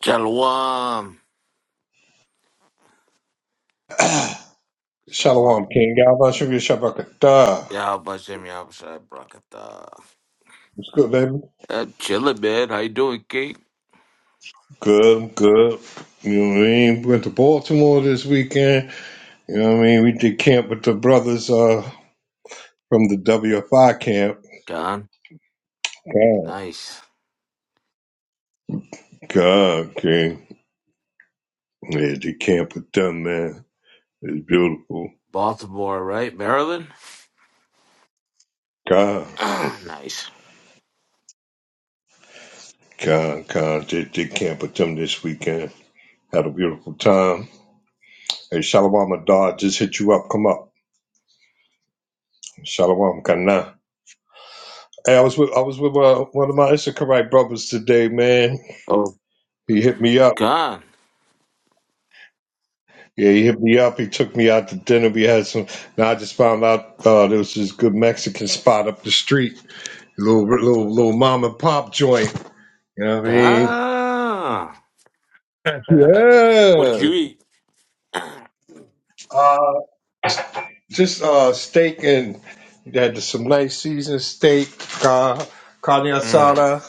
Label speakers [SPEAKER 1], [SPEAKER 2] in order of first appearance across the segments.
[SPEAKER 1] Shalom. Shalom.
[SPEAKER 2] Shalom, King. God bless you. Shabakata.
[SPEAKER 1] Yeah, Bashem Yabshai Brakata.
[SPEAKER 2] What's good, baby?
[SPEAKER 1] Uh, chilling, man. How you doing, King?
[SPEAKER 2] Good, good. You know what I mean? Went to Baltimore this weekend. You know what I mean? We did camp with the brothers uh, from the WFI camp.
[SPEAKER 1] John.
[SPEAKER 2] God,
[SPEAKER 1] Nice.
[SPEAKER 2] God, King. Yeah, did camp with them, man. It's beautiful.
[SPEAKER 1] Baltimore, right? Maryland?
[SPEAKER 2] God,
[SPEAKER 1] nice.
[SPEAKER 2] God, God. Did, did camp with them this weekend. Had a beautiful time. Hey, Shalom Adar, just hit you up. Come up. Shalom Kana. Hey, I was with I was with uh, one of my Issachar brothers today, man.
[SPEAKER 1] Oh,
[SPEAKER 2] He hit me up.
[SPEAKER 1] Con.
[SPEAKER 2] Yeah, he hit me up. He took me out to dinner. We had some. Now I just found out uh, there was this good Mexican spot up the street, little little little mom and pop joint. You know what I mean?
[SPEAKER 1] Con. what did
[SPEAKER 2] Yeah.
[SPEAKER 1] you eat?
[SPEAKER 2] Uh, just uh, steak and they had some nice seasoned steak, uh, carne
[SPEAKER 1] mm,
[SPEAKER 2] asada,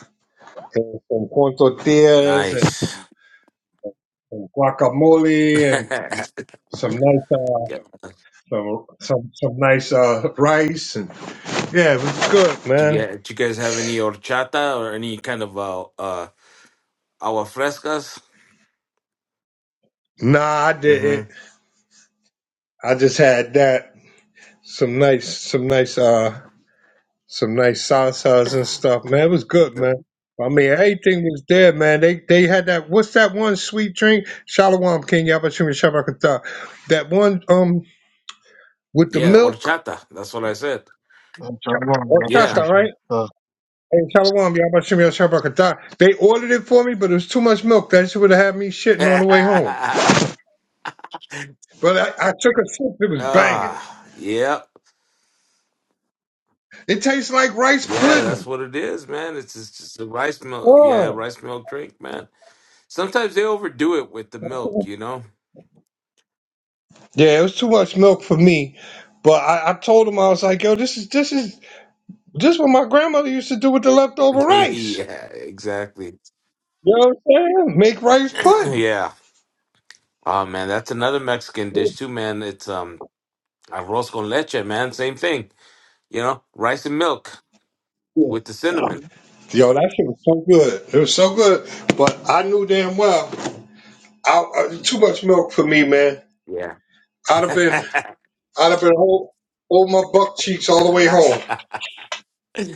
[SPEAKER 2] and some corn tortillas, and
[SPEAKER 1] nice.
[SPEAKER 2] some, some guacamole, and some nice. uh,
[SPEAKER 1] Yeah.
[SPEAKER 2] Some some some nice uh rice and yeah, it was good,
[SPEAKER 1] do, you,
[SPEAKER 2] man.
[SPEAKER 1] do you guys have any horchata or any kind of uh, uh, agua frescas?
[SPEAKER 2] Nah, I
[SPEAKER 1] Mm-hmm.
[SPEAKER 2] didn't. I just had that. Some nice some nice uh some nice salsas and stuff, man. It was good, man. I mean everything was there, man. They they had that what's that one sweet drink? Shalom King Yabashim Shabakata. That one um with the
[SPEAKER 1] Yeah,
[SPEAKER 2] milk
[SPEAKER 1] horchata. That's what I said.
[SPEAKER 3] Shalom,
[SPEAKER 2] or
[SPEAKER 3] Rabbi
[SPEAKER 1] Yeah.
[SPEAKER 2] chata,
[SPEAKER 3] Shimshon.
[SPEAKER 2] right?
[SPEAKER 3] The
[SPEAKER 2] And Shalom Yabashim Shabakata. They ordered it for me, but it was too much milk. That shit would have had me shitting on the way home.
[SPEAKER 1] ah,
[SPEAKER 2] But I, I took a sip. It was banging.
[SPEAKER 1] yep.
[SPEAKER 2] It tastes like rice
[SPEAKER 1] Yeah, that's
[SPEAKER 2] pudding.
[SPEAKER 1] what it is, man. It's just, just a rice milk.
[SPEAKER 2] Oh.
[SPEAKER 1] Yeah, rice milk drink, man. Sometimes they overdo it with the milk, you know?
[SPEAKER 2] Yeah, it was too much milk for me. But I, I told him I was like, yo, this is this is this is what my grandmother used to do with the leftover rice.
[SPEAKER 1] yeah, exactly.
[SPEAKER 2] You know what I'm saying? Make rice pudding.
[SPEAKER 1] yeah. Oh man, that's another Mexican dish too, man. It's um arroz con leche, man. Same thing. You know, rice and milk with the cinnamon.
[SPEAKER 2] Yo, that shit was so good. It was so good. But I knew damn well I, I, too much milk for me, man.
[SPEAKER 1] Yeah.
[SPEAKER 2] I'd have been
[SPEAKER 1] yeah,
[SPEAKER 2] I'd have been hold, hold my buck cheeks all the way home.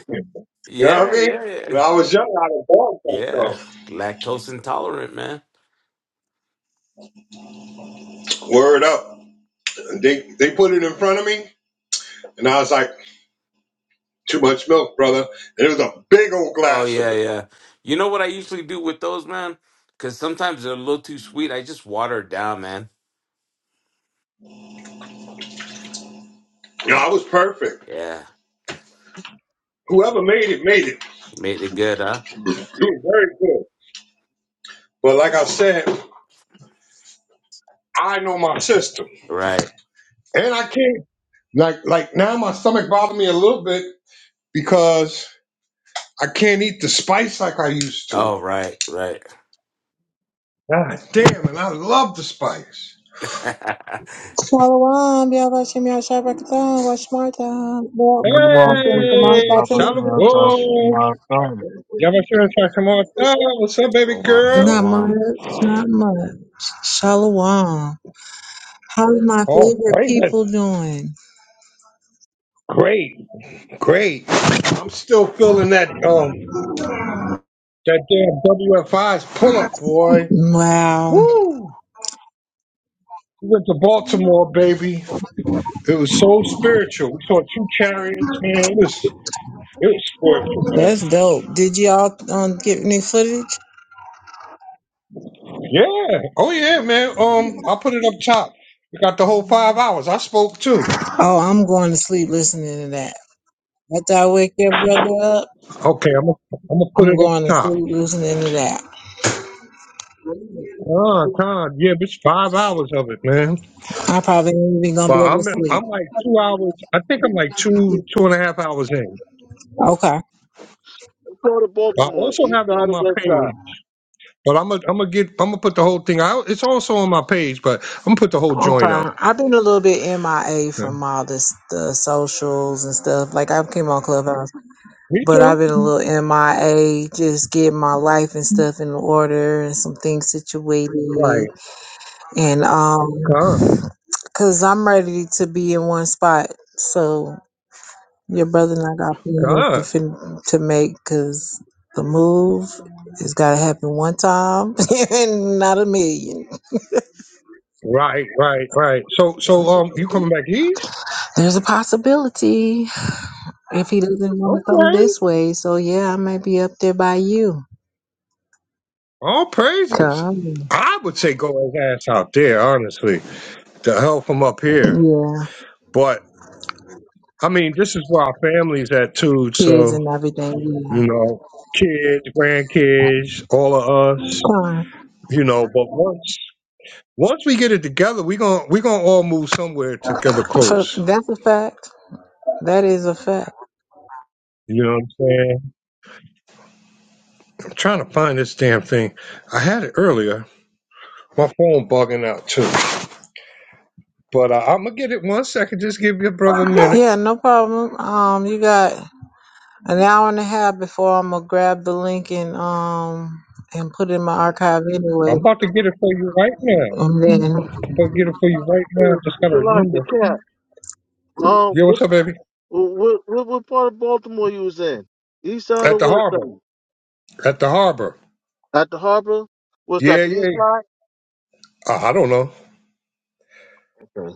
[SPEAKER 2] You know what I
[SPEAKER 1] yeah,
[SPEAKER 2] mean?
[SPEAKER 1] yeah.
[SPEAKER 2] When I was young, I'd have bought that though.
[SPEAKER 1] Yeah. Lactose intolerant, man.
[SPEAKER 2] Word up. They they put it in front of me, and I was like, too much milk, brother. And it was a big old
[SPEAKER 1] Oh
[SPEAKER 2] glass of
[SPEAKER 1] yeah,
[SPEAKER 2] it.
[SPEAKER 1] yeah. You know what I usually do with those, man? Because sometimes they're a little too sweet. I just water it down, man.
[SPEAKER 2] You know, I was perfect.
[SPEAKER 1] Yeah,
[SPEAKER 2] Whoever made it made it.
[SPEAKER 1] made it good, huh?
[SPEAKER 2] It was very good. But like I said, I know my system.
[SPEAKER 1] Right.
[SPEAKER 2] And I can't like like now my stomach bothers me a little bit because I can't eat the spice like I used to.
[SPEAKER 1] Oh, right, right.
[SPEAKER 2] God damn, and I love the spice.
[SPEAKER 4] Shalom, Yavashim Yashabakatan, Washmarta. Well, I'm
[SPEAKER 3] Shalom,
[SPEAKER 4] feeling from
[SPEAKER 3] Shimshon,
[SPEAKER 4] all
[SPEAKER 2] Hey,
[SPEAKER 4] thoughts and my
[SPEAKER 2] shalom.
[SPEAKER 4] feelings.
[SPEAKER 2] Y'all want to share some more Oh, What's up, baby
[SPEAKER 1] Shalom,
[SPEAKER 2] girl?
[SPEAKER 4] Not
[SPEAKER 1] shalom.
[SPEAKER 4] much, not much. Shalom. How's my
[SPEAKER 2] Oh,
[SPEAKER 4] favorite
[SPEAKER 2] praise it.
[SPEAKER 4] people doing?
[SPEAKER 2] Great, great. I'm still feeling that um that damn WFI's pull up, boy.
[SPEAKER 4] Wow,
[SPEAKER 2] Woo! We went to Baltimore, baby. It was so spiritual. We saw two chariots, man. It was it was spiritual,
[SPEAKER 4] that's dope. Did y'all um, get any footage?
[SPEAKER 2] man. Yeah. Oh yeah, man. Um, I'll put it up top. We got the whole five hours. I spoke too.
[SPEAKER 4] Oh, I'm going to sleep listening to that. After I wake your brother up,
[SPEAKER 2] Okay, I'm gonna I'm gonna put
[SPEAKER 4] I'm
[SPEAKER 2] it up
[SPEAKER 4] going to
[SPEAKER 2] top.
[SPEAKER 4] sleep listening to that.
[SPEAKER 2] Oh, God, yeah, but it's five hours of it, man.
[SPEAKER 4] I probably ain't even gonna
[SPEAKER 2] But
[SPEAKER 4] be able to
[SPEAKER 2] I'm
[SPEAKER 4] sleep.
[SPEAKER 2] I'm like two hours. I think I'm like two two and a half hours in.
[SPEAKER 4] Okay.
[SPEAKER 3] You go to
[SPEAKER 2] I
[SPEAKER 3] Baltimore,
[SPEAKER 2] also
[SPEAKER 3] east
[SPEAKER 2] have it
[SPEAKER 3] side
[SPEAKER 2] on
[SPEAKER 3] or
[SPEAKER 2] my
[SPEAKER 3] west
[SPEAKER 2] page,
[SPEAKER 3] side.
[SPEAKER 2] but I'm gonna I'm gonna get I'm gonna put the whole thing out. It's also on my page, but I'm gonna put the whole
[SPEAKER 4] Okay,
[SPEAKER 2] joint up.
[SPEAKER 4] I've been a little bit MIA from all this the socials and stuff. Like I came on Clubhouse,
[SPEAKER 2] Me
[SPEAKER 4] but I've
[SPEAKER 2] too.
[SPEAKER 4] been a little MIA, just getting my life and stuff in order and some things situated.
[SPEAKER 2] Right.
[SPEAKER 4] And um,
[SPEAKER 2] God.
[SPEAKER 4] cause I'm ready to be in one spot. So your brother and I got plans to
[SPEAKER 2] God.
[SPEAKER 4] fin- to make. Cause the move has got to happen one time and not a million.
[SPEAKER 2] Right. Right. Right. So so um, you coming back east?
[SPEAKER 4] There's a possibility. if he doesn't want to come
[SPEAKER 2] Okay.
[SPEAKER 4] this way. So yeah, I might be up there by you.
[SPEAKER 2] All praises.
[SPEAKER 4] Come,
[SPEAKER 2] I would say go his ass out there, honestly, to help him up here.
[SPEAKER 4] yeah,
[SPEAKER 2] But I mean, this is where our family's at too.
[SPEAKER 4] kids
[SPEAKER 2] So.
[SPEAKER 4] and everything. Yeah,
[SPEAKER 2] you know, kids, grandkids, all of us,
[SPEAKER 4] fine.
[SPEAKER 2] you know. But once once we get it together, we gonna we gonna all move somewhere together
[SPEAKER 4] So
[SPEAKER 2] close.
[SPEAKER 4] that's a fact. That is a fact.
[SPEAKER 2] You know what I'm saying? I'm trying to find this damn thing. I had it earlier. My phone bugging out too. But uh, I'm gonna get it one second. Just give your brother a minute.
[SPEAKER 4] Yeah, no problem. Um, you got an hour and a half before I'm gonna grab the link and um and put it in my archive anyway,
[SPEAKER 2] I'm about to get it for you right now.
[SPEAKER 4] and then.
[SPEAKER 2] I'm about to get it for you right now.
[SPEAKER 3] Good
[SPEAKER 2] Just gotta
[SPEAKER 3] luck, the
[SPEAKER 2] remember.
[SPEAKER 3] cat. Um,
[SPEAKER 2] Yo,
[SPEAKER 3] what,
[SPEAKER 2] what's up, baby?
[SPEAKER 3] what, what, what part of Baltimore you was in? East side
[SPEAKER 2] At
[SPEAKER 3] or
[SPEAKER 2] the
[SPEAKER 3] west
[SPEAKER 2] harbor.
[SPEAKER 3] side?
[SPEAKER 2] At the harbor.
[SPEAKER 3] At the harbor? Was that
[SPEAKER 2] Yeah,
[SPEAKER 3] the east
[SPEAKER 2] yeah.
[SPEAKER 3] side?
[SPEAKER 2] Uh, I don't know.
[SPEAKER 3] Okay.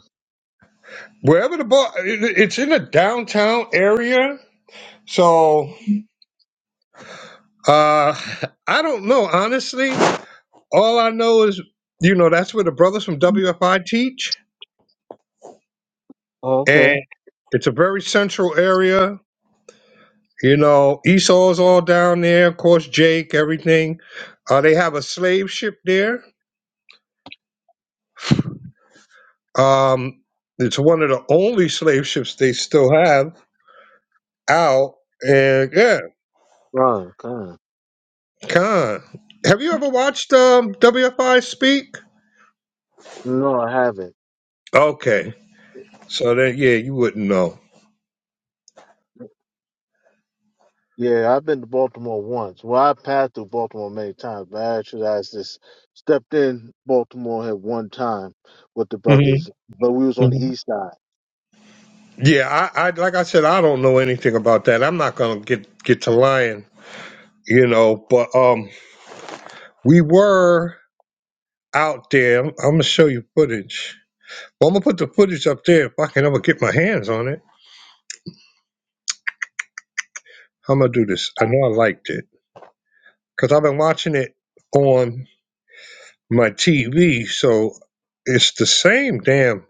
[SPEAKER 2] Wherever the bar, it- it's in a downtown area. So uh, I don't know, honestly. All I know is, you know, that's where the brothers from WFI teach,
[SPEAKER 3] Oh, okay.
[SPEAKER 2] and it's a very central area. You know, Esau's all down there. Of course, Jake, everything. Uh, they have a slave ship there. Um, it's one of the only slave ships they still have out. And yeah,
[SPEAKER 3] Right, kind.
[SPEAKER 2] con. Have you ever watched um, WFI speak?
[SPEAKER 3] No, I haven't.
[SPEAKER 2] Okay. So then, yeah, you wouldn't know.
[SPEAKER 3] Yeah, I've been to Baltimore once. Well, I passed through Baltimore many times, but actually I just stepped in Baltimore at one time with the
[SPEAKER 2] hmm
[SPEAKER 3] brothers, but we was on the
[SPEAKER 2] hmm
[SPEAKER 3] east side.
[SPEAKER 2] Yeah, I, I, like I said, I don't know anything about that. I'm not gonna get get to lying, you know. But um, we were out there. I'm gonna show you footage. Well, I'm gonna put the footage up there if I can ever get my hands on it. I'm gonna do this. I know I liked it because I've been watching it on my TV, so it's the same damn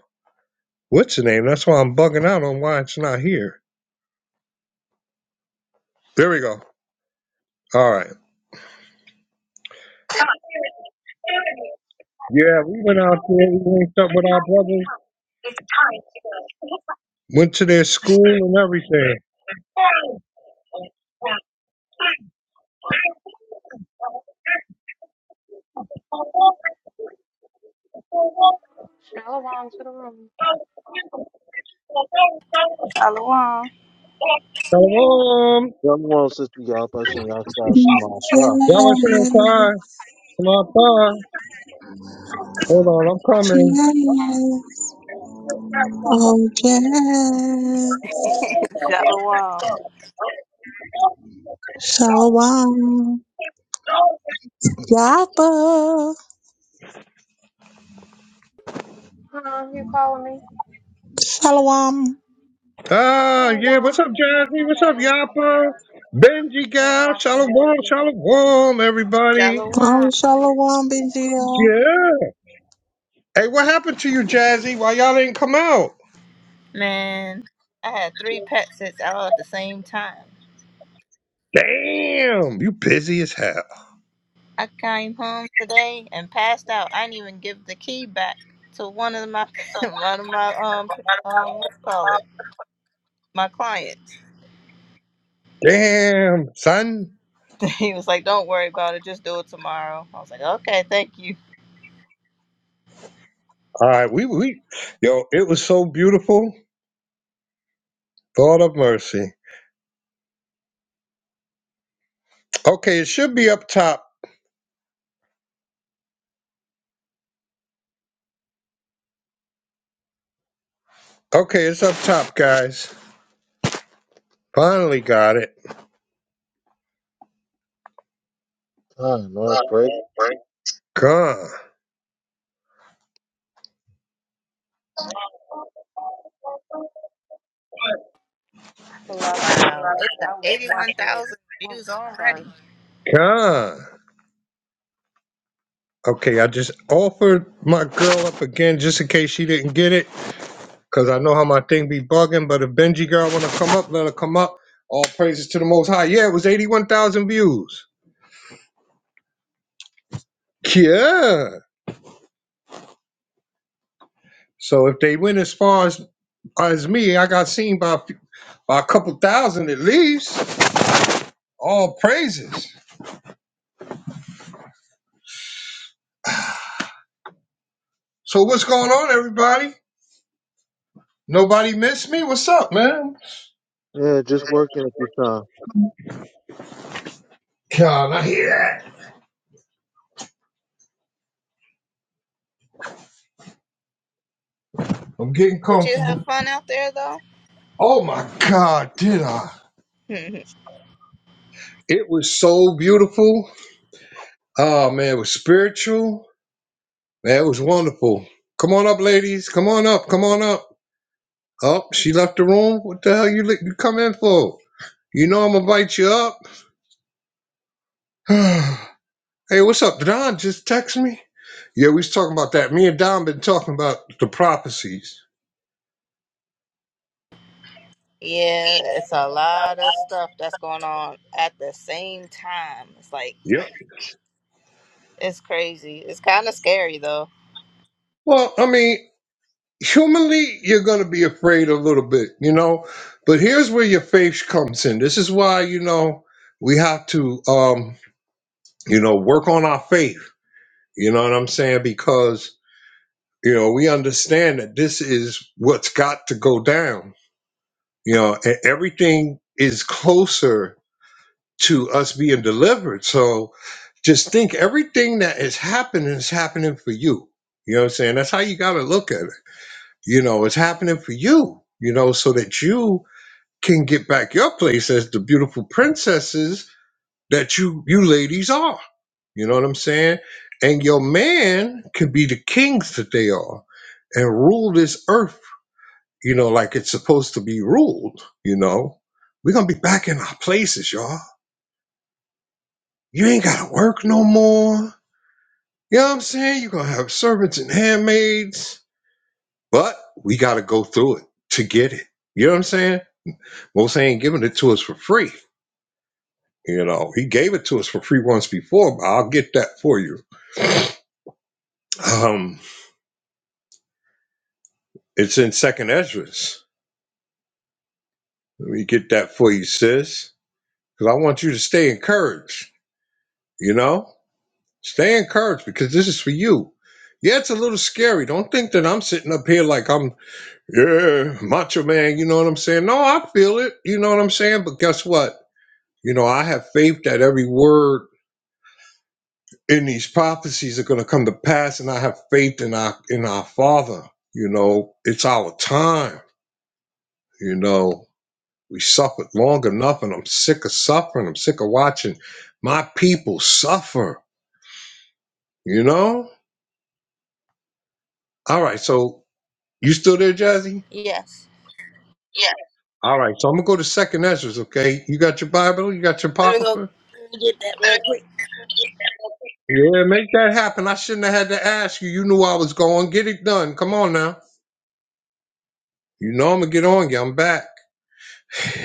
[SPEAKER 2] what's the name. That's why I'm bugging out on why it's not here. There we go. All right. Yeah, we went out there. We linked up with our brothers. Went to their school and everything.
[SPEAKER 5] Shalom to the room.
[SPEAKER 6] Shalom.
[SPEAKER 2] Shalom.
[SPEAKER 3] Young one sister y'all, but she y'all style some more
[SPEAKER 4] Jazz,
[SPEAKER 3] stuff.
[SPEAKER 2] Y'all was saying hi. Shalom. hi. Hold on, I'm coming.
[SPEAKER 4] jazz, oh jazz,
[SPEAKER 6] Shalom.
[SPEAKER 4] shalom, Yapa.
[SPEAKER 5] Huh? You calling me?
[SPEAKER 4] Shalom.
[SPEAKER 2] Ah, yeah. What's
[SPEAKER 5] Shalom.
[SPEAKER 2] up,
[SPEAKER 5] My
[SPEAKER 2] Jazzy? What's
[SPEAKER 5] bad.
[SPEAKER 2] up,
[SPEAKER 5] I'm doing
[SPEAKER 2] Yappa?
[SPEAKER 5] homework
[SPEAKER 2] Benji,
[SPEAKER 5] and
[SPEAKER 2] guys.
[SPEAKER 5] watching a
[SPEAKER 2] Shalom.
[SPEAKER 5] movie.
[SPEAKER 2] Shalom, everybody.
[SPEAKER 6] Shalom.
[SPEAKER 4] Oh, shalom, BGL.
[SPEAKER 2] Yeah. Hey, what happened to you, Jazzy? Why y'all didn't come out?
[SPEAKER 6] Man, I had three pet sits all at the same time.
[SPEAKER 2] Damn, you busy as hell.
[SPEAKER 6] I came home today and passed out. I didn't even give the key back to one of my one of my um um what's it call it my clients.
[SPEAKER 2] Damn, son.
[SPEAKER 6] he was like, "Don't worry about it. Just do it tomorrow." I was like, "Okay, thank you."
[SPEAKER 2] All right, we we yo, it was so beautiful. God of mercy. Okay, it should be up top. Okay, it's up top, guys. Finally got it.
[SPEAKER 3] Fine, all pray.
[SPEAKER 2] Gone.
[SPEAKER 5] Salak, yeah.
[SPEAKER 6] Wow, it's at
[SPEAKER 5] I was
[SPEAKER 6] eighty-one
[SPEAKER 5] watching it.
[SPEAKER 6] thousand
[SPEAKER 5] Oh,
[SPEAKER 6] views
[SPEAKER 5] sorry.
[SPEAKER 6] already.
[SPEAKER 2] Gone. Okay, I just offered my girl up again just in case she didn't get it. Cause I know how my thing be bugging, but if Benji girl wanna come up, let her come up. All praises to the most high. Yeah, it was eighty-one thousand views. Yeah. So if they went as far as as me, I got seen by a few, by a couple thousand at least. All praises. So what's going on, everybody? Nobody miss me? What's up, man?
[SPEAKER 3] Yeah, just working at the time.
[SPEAKER 2] God, I hear that. I'm getting
[SPEAKER 6] Did you have
[SPEAKER 2] comfortable.
[SPEAKER 6] fun out there though?
[SPEAKER 2] Oh my God, did I? It was so beautiful. Oh man, it was spiritual. Man, it was wonderful. Come on up, ladies. Come on up. Come on up. Oh, she left the room. What the hell you li- you come in for? You know I'm gonna bite you up. hey, what's up? Did Don just text me. Yeah, we was talking about that. Me and Don been talking about the prophecies.
[SPEAKER 6] Yeah, it's a lot of stuff that's going on at the same time. It's like
[SPEAKER 2] Yep.
[SPEAKER 6] it's crazy. It's kind of scary though.
[SPEAKER 2] Well, I mean, humanly you're going to be afraid a little bit you know but here's where your faith comes in this is why you know we have to um you know work on our faith you know what i'm saying because you know we understand that this is what's got to go down you know and everything is closer to us being delivered so just think everything that is happening is happening for you you know what i'm saying that's how you got to look at it you know it's happening for you you know so that you can get back your place as the beautiful princesses that you you ladies are you know what i'm saying and your man can be the kings that they are and rule this earth you know like it's supposed to be ruled you know we're gonna be back in our places y'all you ain't gotta work no more you know what i'm saying you're gonna have servants and handmaids but we gotta go through it to get it you know what i'm saying Most ain't giving it to us for free. You know, he gave it to us for free once before, but I'll get that for you. Um, it's in Second Esdras. Let me get that for you, sis, because I want you to stay encouraged. You know, stay encouraged because this is for you. Yeah, it's a little scary. Don't think that I'm sitting up here like I'm, yeah, macho man. You know what I'm saying? No, I feel it. You know what I'm saying? But guess what? You know, I have faith that every word and these prophecies are going to come to pass and i have faith in our in our father you know it's our time you know we suffered long enough and i'm sick of suffering i'm sick of watching my people suffer you know all right so you still there jazzy
[SPEAKER 6] Yes.
[SPEAKER 2] all right so i'm gonna go to second ezra's okay you got your bible you got your
[SPEAKER 6] Let me go
[SPEAKER 2] apocrypha
[SPEAKER 6] let me get that real quick.
[SPEAKER 2] yeah make that happen i shouldn't have had to ask you you knew i was going get it done come on now you know i'm gonna get on you i'm back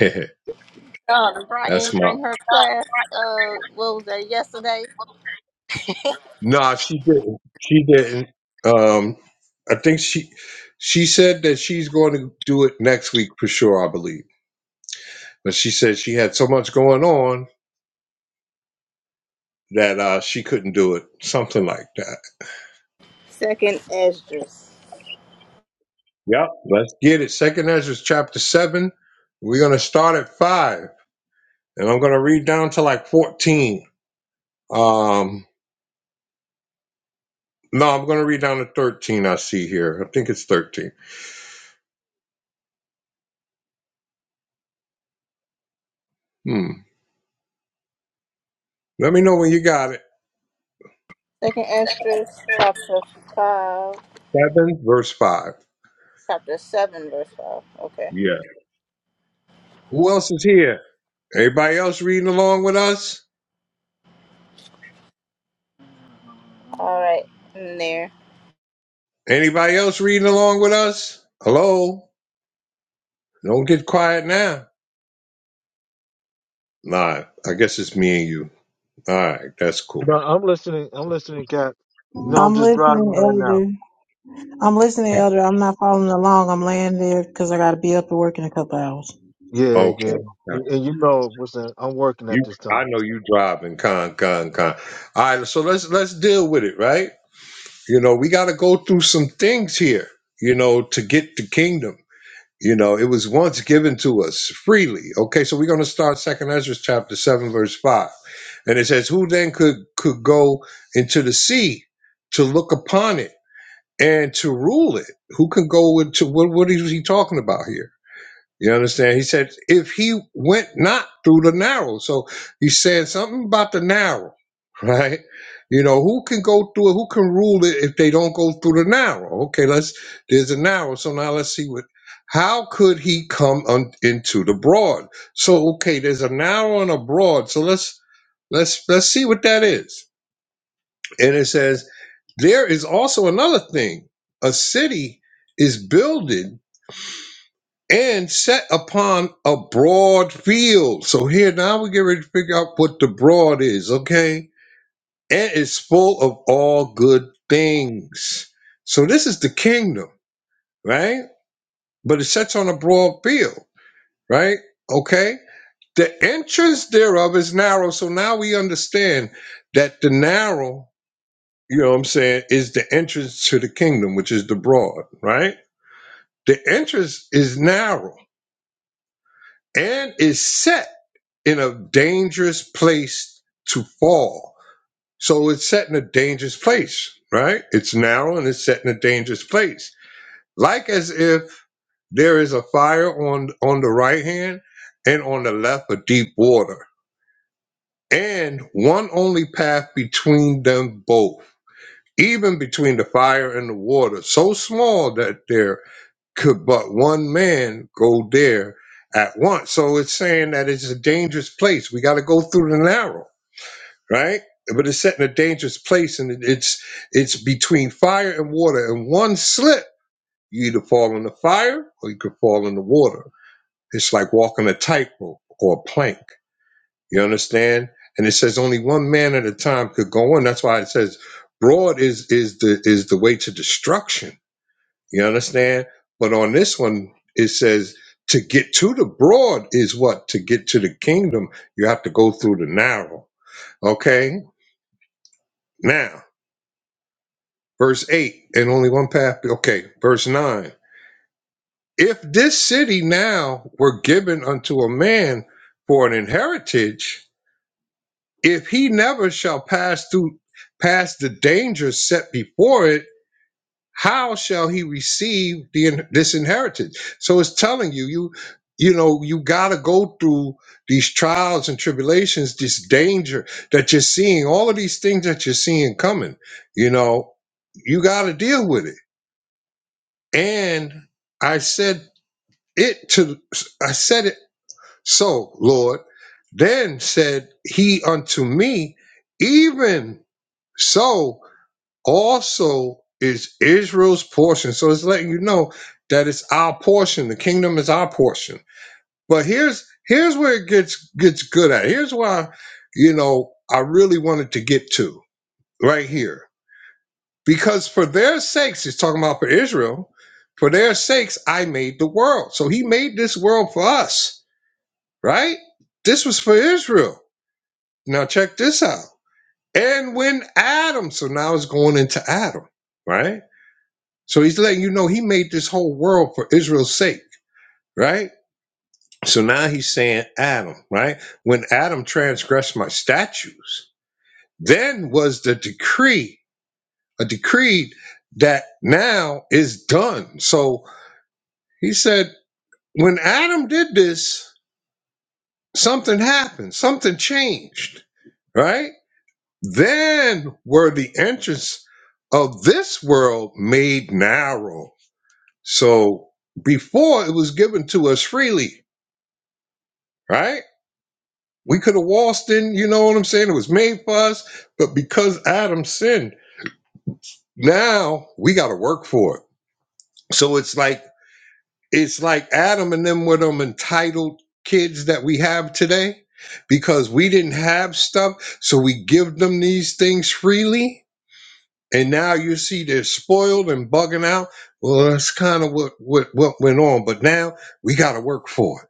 [SPEAKER 6] Um, Brian,
[SPEAKER 2] that's my
[SPEAKER 6] bring her class. Uh, what was that yesterday?
[SPEAKER 2] No, she didn't. She didn't. Um, I think she she said that she's going to do it next week for sure. I believe, but she said she had so much going on that uh, she couldn't do it. Something like that.
[SPEAKER 6] Second Esdras.
[SPEAKER 2] Yep. Let's get it. Second Ezra chapter seven. We're gonna start at five, and I'm gonna read down to like fourteen. Um, no, I'm gonna read down to thirteen. I see here. I think it's thirteen. Hmm. Let me know when you got it.
[SPEAKER 6] Second Esdras, chapter five,
[SPEAKER 2] Seven verse five.
[SPEAKER 6] chapter seven, verse five. Okay.
[SPEAKER 2] Yeah. Who else is here? Everybody else reading along with us?
[SPEAKER 6] All right. In there.
[SPEAKER 2] Anybody else reading along with us? Hello? Don't get quiet now. Nah, I guess it's me and you. All right, that's
[SPEAKER 3] No,
[SPEAKER 2] cool.
[SPEAKER 3] I'm listening. I'm listening, Cap. No, I'm
[SPEAKER 4] I'm
[SPEAKER 3] just driving
[SPEAKER 4] listening,
[SPEAKER 3] right now.
[SPEAKER 4] Elder. I'm listening, Elder. I'm not following along. I'm laying there because I got to be up to work in a couple hours.
[SPEAKER 3] Yeah,
[SPEAKER 2] Okay.
[SPEAKER 3] yeah. And you know, listen, I'm working at
[SPEAKER 2] You,
[SPEAKER 3] this time.
[SPEAKER 2] I know you driving, con, con, con. All right, so let's let's deal with it, right? You know, we got to go through some things here, you know, to get the kingdom. You know, it was once given to us freely. Okay, so we're going to start Second Ezra chapter seven, verse five, and it says, "Who then could could go into the sea to look upon it and to rule it? Who can go into what? What is he talking about here? You understand? He said, if he went not through the narrow. So he's saying something about the narrow, right? You know, who can go through it? Who can rule it if they don't go through the narrow? Okay, let's, there's a narrow. So now let's see what, how could he come on, into the broad? So, okay, there's a narrow and a broad. So let's, let's, let's see what that is. And it says, there is also another thing. A city is builded and set upon a broad field. So here now we get ready to figure out what the broad is, okay? And it's full of all good things. So this is the kingdom, right? But it sets on a broad field, right? Okay. The entrance thereof is narrow. So now we understand that the narrow, you know what I'm saying, is the entrance to the kingdom, which is the broad, right? The entrance is narrow and is set. in a dangerous place to fall. So it's set in a dangerous place, right? It's narrow and it's set in a dangerous place. Like as if there is a fire on on the right hand and on the left a deep water. And one only path between them both, even between the fire and the water, so small that there could but one man go there at once. So it's saying that it's a dangerous place. We got to go through the narrow right? But it's set in a dangerous place, and it- it's it's between fire and water. And one slip, you either fall in the fire or you could fall in the water. It's like walking a tightrope or a plank. You understand? And it says only one man at a time could go in. That's why it says broad is is the is the way to destruction. You understand? But on this one, it says to get to the broad is what to get to the kingdom. You have to go through the narrow. Okay, now. Verse 8, and only one path. Okay, verse 9. If this city now were given unto a man for an inheritance, if he never shall pass through pass the danger set before it, how shall he receive the in- this inheritance? So it's telling you, you you know, you gotta go through these trials and tribulations, this danger that you're seeing, all of these things that you're seeing coming, you know, you gotta deal with it And I said it to, I said it so, Lord. Then said he unto me, Even so also is Israel's portion. So it's letting you know that it's our portion. The kingdom is our portion. But here's here's where it gets gets good at. Here's why, you know, I really wanted to get to right here Because for their sakes, he's talking about for Israel, for their sakes, I made the world. So he made this world for us, right? This was for Israel. Now check this out. And when Adam, so now it's going into Adam, right? So he's letting you know he made this whole world for Israel's sake, right? So now he's saying Adam, right? When Adam transgressed my statutes, then was the decree, a decree that now is done. So He said, when Adam did this, something happened, something changed, right? Then were the entrance of this world made narrow. So before it was given to us freely, right? We could have waltzed in, you know what I'm saying? It was made for us, but because Adam sinned, now we got to work for it. So it's like it's like Adam and them were them entitled kids that we have today because we didn't have stuff, so we give them these things freely, and now you see they're spoiled and bugging out. Well, that's kind of what, what what went on, but now we got to work for it.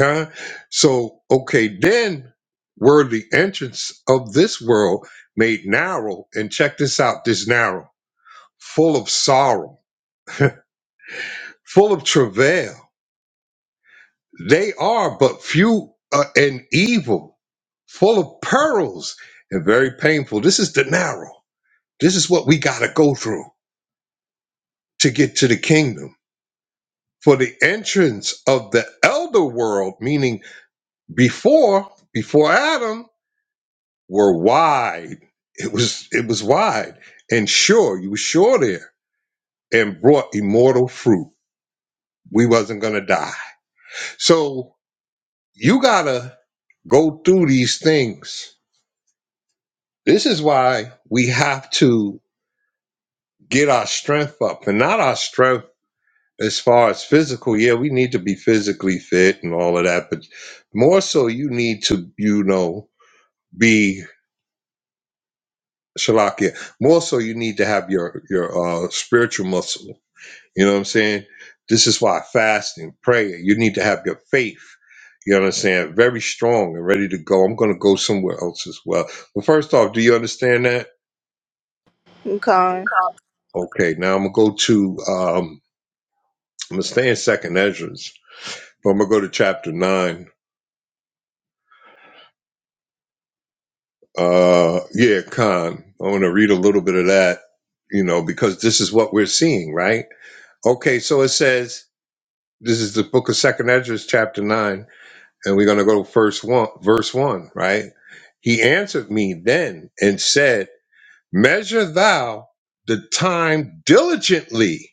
[SPEAKER 2] Okay, so okay, then were the entrance of this world made narrow, and check this out, this narrow, full of sorrow, full of travail They are but few uh, and evil, full of perils and very painful. This is the narrow. This is what we got to go through to get to the kingdom. For the entrance of the elder world, meaning before, before Adam, were wide. It was it was wide and sure. You were sure there and brought immortal fruit. We wasn't gonna die. So you gotta go through these things This is why we have to get our strength up and not our strength as far as physical. Yeah, we need to be physically fit and all of that, but more so you need to, you know, be shalakia. More so you need to have your your uh spiritual muscle. You know what I'm saying? This is why fasting, prayer, you need to have your faith. You understand? Very strong and ready to go. I'm gonna go somewhere else as well. But first off, do you understand that?
[SPEAKER 6] Con,
[SPEAKER 2] Okay, now I'm gonna go to um I'm gonna stay in Second Esdras, but I'm gonna go to chapter nine. Uh, yeah, Khan. I want to read a little bit of that, you know, because this is what we're seeing, right? Okay, so it says this is the book of Second Esdras, chapter nine, and we're gonna go to first one, verse one, right? He answered me then and said, "Measure thou the time diligently."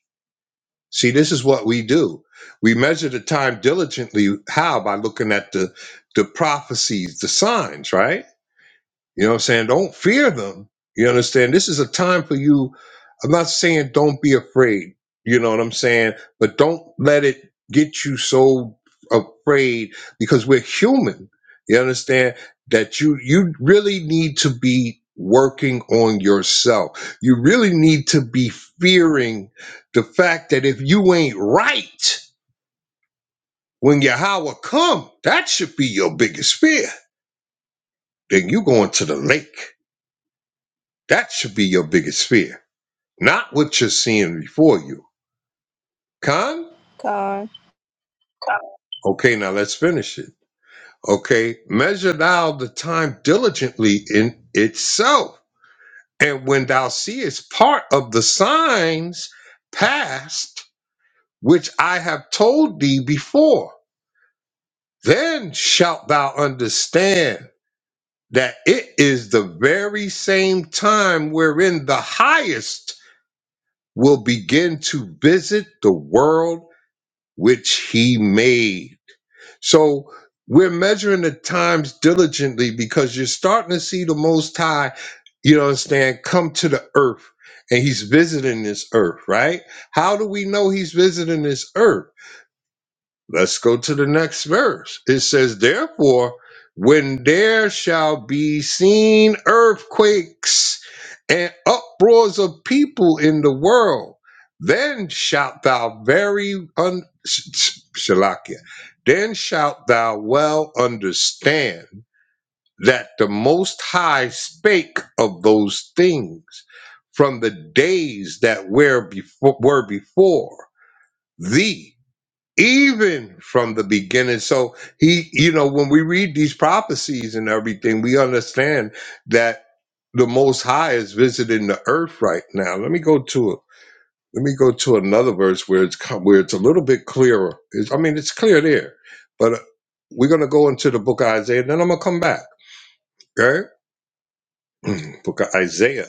[SPEAKER 2] See, this is what we do. We measure the time diligently. How? By looking at the the prophecies, the signs, right? You know what I'm saying? Don't fear them. You understand? This is a time for you. I'm not saying don't be afraid. You know what I'm saying? But don't let it get you so afraid because we're human. You understand that you you really need to be working on yourself. You really need to be fearing the fact that if you ain't right when your hour come, that should be your biggest fear. Then you going to the lake. That should be your biggest fear, not what you're seeing before you. Con?
[SPEAKER 6] con,
[SPEAKER 2] Okay, now let's finish it. Okay, measure thou the time diligently in itself. And when thou seest part of the signs past, which I have told thee before, then shalt thou understand that it is the very same time wherein the highest will begin to visit the world which he made. So we're measuring the times diligently because you're starting to see the Most High, you know, what I'm saying, come to the earth and he's visiting this earth, right? How do we know he's visiting this earth? Let's go to the next verse. It says, Therefore, when there shall be seen earthquakes and uproars of people in the world, then shalt thou very un- sh- sh- Shalakia, then shalt thou well understand that the Most High spake of those things from the days that were before, were before thee even from the beginning. So he, you know, when we read these prophecies and everything, we understand that the Most High is visiting the earth right now. Let me go to it. Let me go to another verse where it's co- where it's a little bit clearer. It's, I mean, it's clear there, but uh, we're gonna go into the book of Isaiah. Then I'm gonna come back. Okay, book of Isaiah.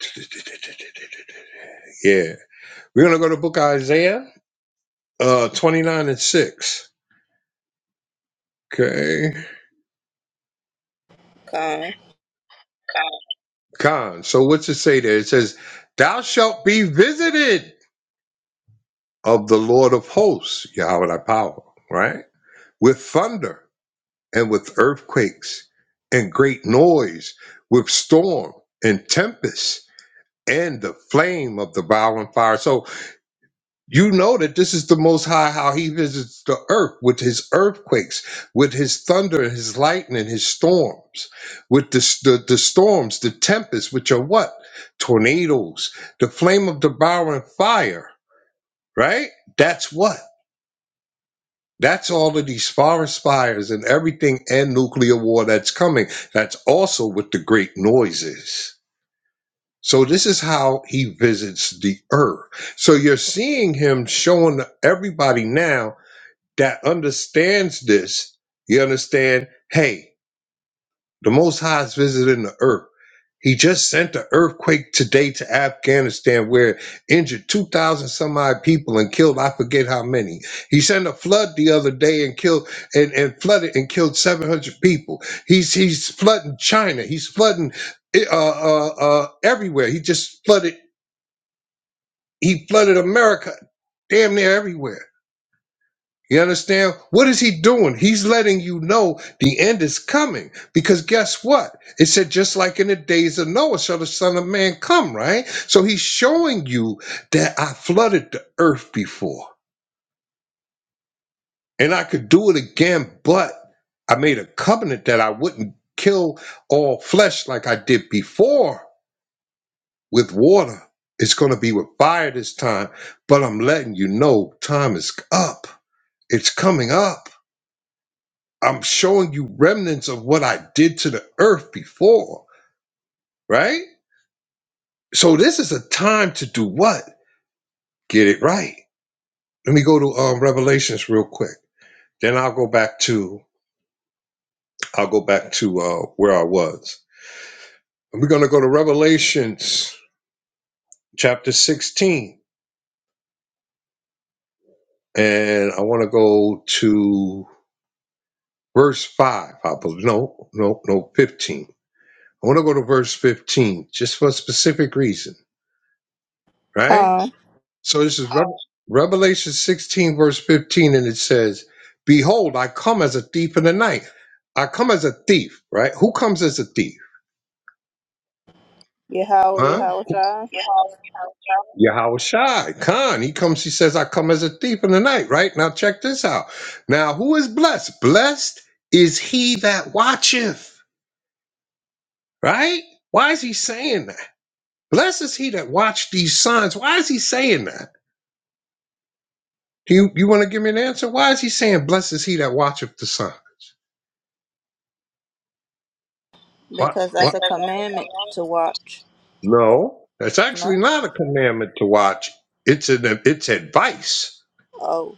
[SPEAKER 2] Yeah, we're gonna go to book of Isaiah, uh, 29 and six. Okay
[SPEAKER 6] con,
[SPEAKER 2] Con. So what's it say there? It says, Thou shalt be visited of the Lord of hosts, Yahweh thy power, right? With thunder and with earthquakes and great noise, with storm and tempest and the flame of the violent fire. So You know that this is the Most High, how He visits the earth with His earthquakes, with His thunder, His lightning, His storms, with the, the, the storms, the tempests, which are what? Tornadoes, the flame of devouring fire, right? That's what? That's all of these forest fires and everything and nuclear war that's coming. That's also what the great noise is. So this is how he visits the earth. So you're seeing him showing everybody now that understands this, you understand, hey, the Most High is visiting the earth. He just sent an earthquake today to Afghanistan where it injured 2,000 some odd people and killed, I forget how many. He sent a flood the other day and killed and, and flooded and killed 700 people. He's, he's flooding China. He's flooding eh, uh, uh, uh, everywhere. He just flooded, he flooded America damn near everywhere You understand? What is he doing? He's letting you know the end is coming. Because guess what? It said, just like in the days of Noah, shall the Son of Man come, right? So he's showing you that I flooded the earth before and I could do it again, but I made a covenant that I wouldn't kill all flesh like I did before with water. It's going to be with fire this time, but I'm letting you know time is up. It's coming up. I'm showing you remnants of what I did to the earth before, right? So this is a time to do what? Get it right. Let me go to um, Revelations real quick. Then I'll go back to I'll go back to uh, where I was. And We're gonna go to Revelations chapter 16, and I want to go to verse five. I believe no, no, no, 15. I want to go to verse 15 just for a specific reason, right?
[SPEAKER 6] con.
[SPEAKER 2] So this is Rev- Revelation 16, verse 15, and it says, Behold, I come as a thief in the night. I come as a thief, right? Who comes as a thief?
[SPEAKER 6] Yahweh,
[SPEAKER 2] Huh?
[SPEAKER 6] Yahweh
[SPEAKER 2] Yahweh Shai, Khan. He comes, he says, I come as a thief in the night, right? Now check this out. Now, who is blessed? Blessed is he that watcheth, right? Why is he saying that? Blessed is he that watch these signs. Why is he saying that? Do you, you want to give me an answer? Why is he saying, Blessed is he that watcheth the sun? What?
[SPEAKER 6] because that's
[SPEAKER 2] What?
[SPEAKER 6] a commandment
[SPEAKER 2] command?
[SPEAKER 6] to watch.
[SPEAKER 2] No, that's actually
[SPEAKER 6] No?
[SPEAKER 2] not a commandment to watch. It's an it's advice.
[SPEAKER 6] Oh,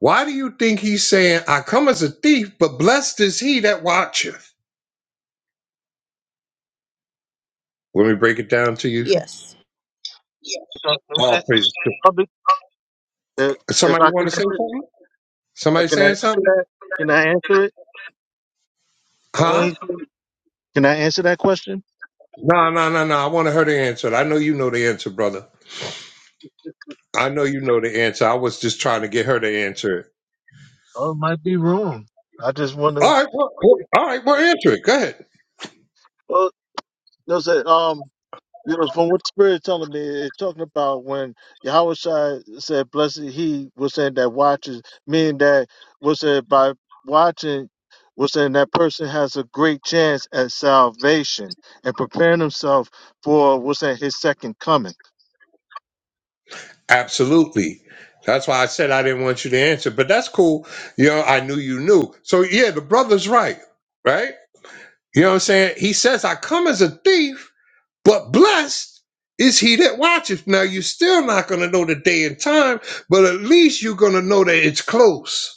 [SPEAKER 2] Why do you think he's saying, "I come as a thief, but blessed is he that watcheth"? Let me break it down to you.
[SPEAKER 6] yes.
[SPEAKER 3] Uh, okay.
[SPEAKER 2] All praise to-
[SPEAKER 3] Public, uh, If
[SPEAKER 2] Somebody
[SPEAKER 3] I
[SPEAKER 2] want
[SPEAKER 3] can
[SPEAKER 2] to say
[SPEAKER 3] answer,
[SPEAKER 2] something?
[SPEAKER 3] uh,
[SPEAKER 2] Somebody
[SPEAKER 3] can I
[SPEAKER 2] saying
[SPEAKER 3] answer
[SPEAKER 2] something?
[SPEAKER 3] that? Can I answer
[SPEAKER 2] Huh?
[SPEAKER 3] it? Can I answer that question?
[SPEAKER 2] No, no, no, no. I wanted her to answer it. I know you know the answer, brother. I know you know the answer. I was just trying to get her to answer it.
[SPEAKER 3] Oh, it might be wrong. I just want
[SPEAKER 2] All
[SPEAKER 3] to.
[SPEAKER 2] right, well, well, all right, well, answer it. Go ahead.
[SPEAKER 3] Well, no, sir. Um, you know, from what the Spirit telling me, it's talking about when Yahweh Shai said, "Blessed he was saying that watches," meaning that was said by watching was saying that person has a great chance at salvation and preparing himself for what's saying his second coming.
[SPEAKER 2] Absolutely. That's why I said I didn't want you to answer, but that's cool. You know, I knew you knew. So yeah, the brother's right, right? You know what I'm saying? He says, I come as a thief, but blessed is he that watches. Now you're still not gonna know the day and time, but at least you're gonna know that it's close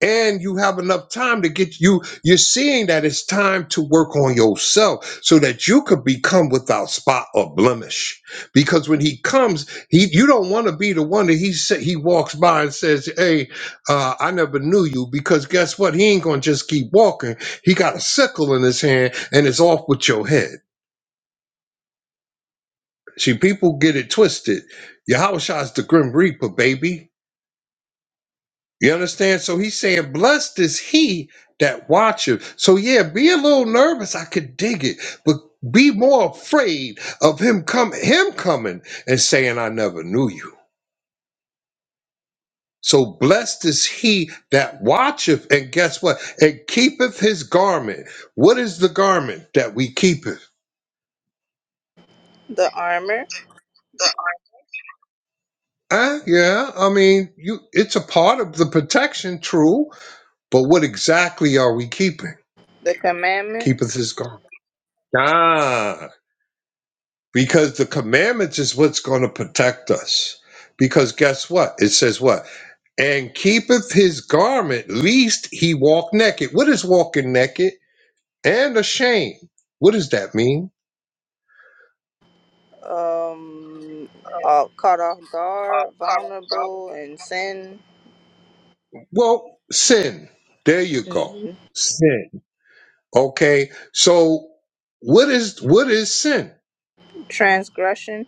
[SPEAKER 2] and you have enough time to get you you're seeing that it's time to work on yourself so that you could become without spot or blemish because when he comes he you don't want to be the one that he sa- he walks by and says hey uh, i never knew you because guess what he ain't gonna just keep walking he got a sickle in his hand and it's off with your head see people get it twisted Yahushua's the grim reaper baby You understand? So he's saying, Blessed is he that watcheth. So yeah, be a little nervous. I could dig it, but be more afraid of him come him coming and saying, I never knew you. So blessed is he that watcheth, and guess what? And keepeth his garment. What is the garment that we keepeth?
[SPEAKER 6] The armor,
[SPEAKER 2] Uh, yeah, I mean, you it's a part of the protection, true, but what exactly are we keeping?
[SPEAKER 6] the
[SPEAKER 2] Keepeth
[SPEAKER 6] commandments,
[SPEAKER 2] his garment. Ah. because the commandments is what's going to protect us. Because guess what? It says what? And keepeth his garment, least he walk naked. What is walking naked? And ashamed. What does that mean?
[SPEAKER 6] um, uh, caught off guard, vulnerable, and sin,
[SPEAKER 2] Well, sin. There you go.
[SPEAKER 6] hmm
[SPEAKER 2] Sin. Okay. So what is what is sin?
[SPEAKER 6] transgression,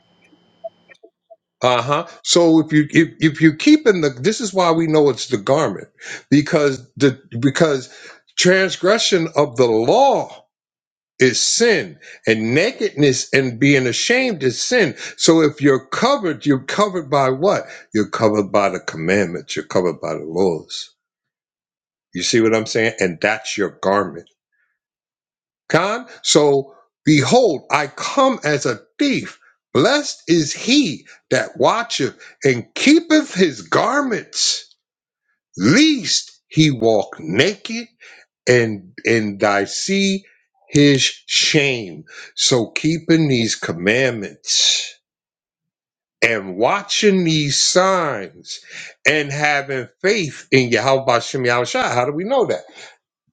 [SPEAKER 2] Uh-huh. So if you if, if you keep in the this is why we know it's the garment. Because the because transgression of the law is sin and nakedness and being ashamed is sin so if you're covered you're covered by what you're covered by the commandments you're covered by the laws you see what i'm saying and that's your garment con so behold i come as a thief blessed is he that watcheth and keepeth his garments lest he walk naked and and I see his shame. So keeping these commandments and watching these signs and having faith in Yahweh Bashem Yahushua. How do we know that?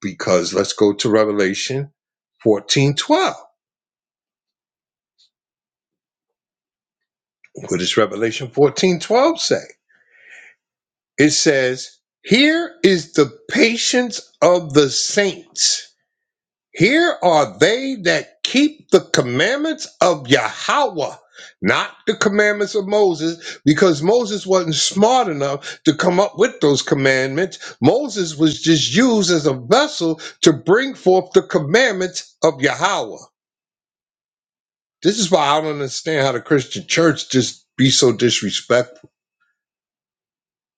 [SPEAKER 2] Because let's go to Revelation 14 12. What does Revelation 14 12 say? It says, Here is the patience of the saints Here are they that keep the commandments of Yahweh, not the commandments of Moses, because Moses wasn't smart enough to come up with those commandments. Moses was just used as a vessel to bring forth the commandments of Yahweh. This is why I don't understand how the Christian church just be so disrespectful.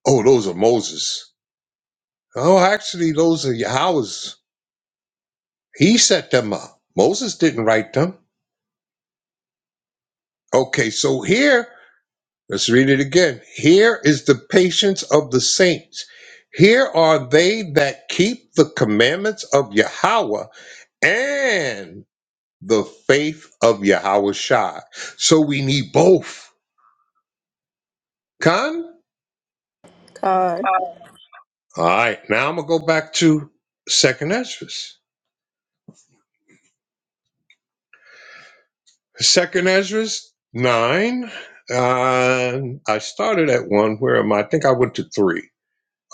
[SPEAKER 2] Oh, those are Moses. Oh, actually, those are Yahweh's. He set them up. Moses didn't write them. Okay, so here Let's read it again. Here is the patience of the saints. Here are they that keep the commandments of Yahweh and the faith of Yahweh Shai. So we need both. Con?
[SPEAKER 6] con,
[SPEAKER 2] All right, now I'm going to go back to 2nd Ezra. 2nd Ezra 9. Uh, I started at 1. Where am I? I think I went to 3.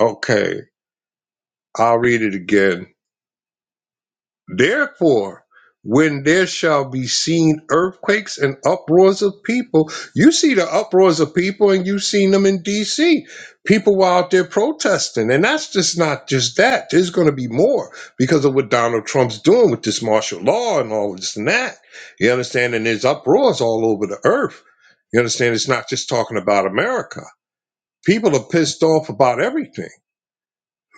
[SPEAKER 2] Okay, I'll read it again. Therefore, when there shall be seen earthquakes and uproars of people, you see the uproars of people, and you've seen them in D.C. People were out there protesting, and that's just not just that. There's going to be more because of what Donald Trump's doing with this martial law and all this and that. You understand? And there's uproars all over the earth. You understand? It's not just talking about America. People are pissed off about everything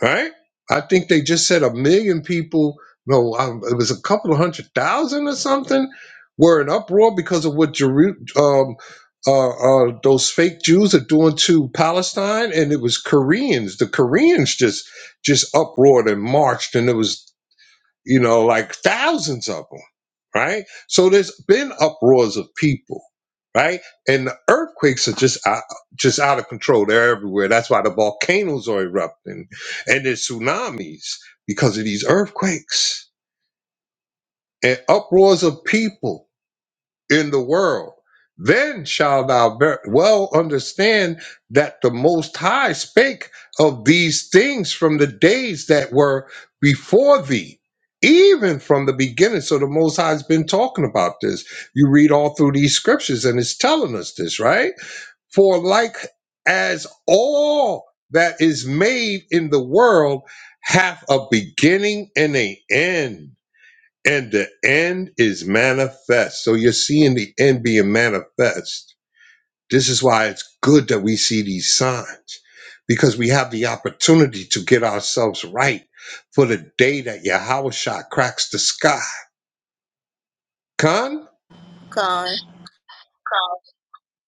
[SPEAKER 2] right? I think they just said a million people, no, um, it was a couple of hundred thousand or something, were in uproar because of what Jeru- um, uh, uh, those fake Jews are doing to Palestine, and it was Koreans. The Koreans just just uproared and marched, and it was you know, like thousands of them, right? So there's been uproars of people, right? And the earthquakes are just out, just out of control. They're everywhere. That's why the volcanoes are erupting, and there's tsunamis because of these earthquakes and uproars of people in the world. Then shalt thou ver- well understand that the Most High spake of these things from the days that were before thee, even from the beginning. So the Most High has been talking about this. You read all through these scriptures and it's telling us this, right? For like as all that is made in the world hath a beginning and an end and the end is manifest. So you're seeing the end being manifest. This is why it's good that we see these signs because we have the opportunity to get ourselves right for the day that Yahweh Shah cracks the sky. Con,
[SPEAKER 6] con,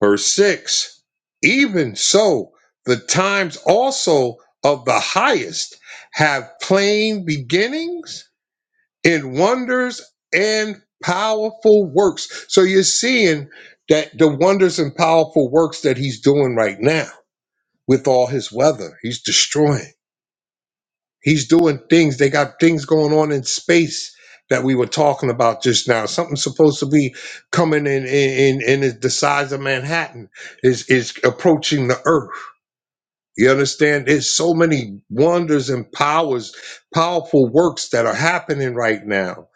[SPEAKER 2] verse 6 Even so, the times also of the highest have plain beginnings in wonders and powerful works. So you're seeing that the wonders and powerful works that he's doing right now with all his weather, he's destroying. He's doing things. They got things going on in space that we were talking about just now. Something supposed to be coming in in in, in the size of Manhattan is is approaching the Earth you understand? There's so many wonders and powers, powerful works that are happening right now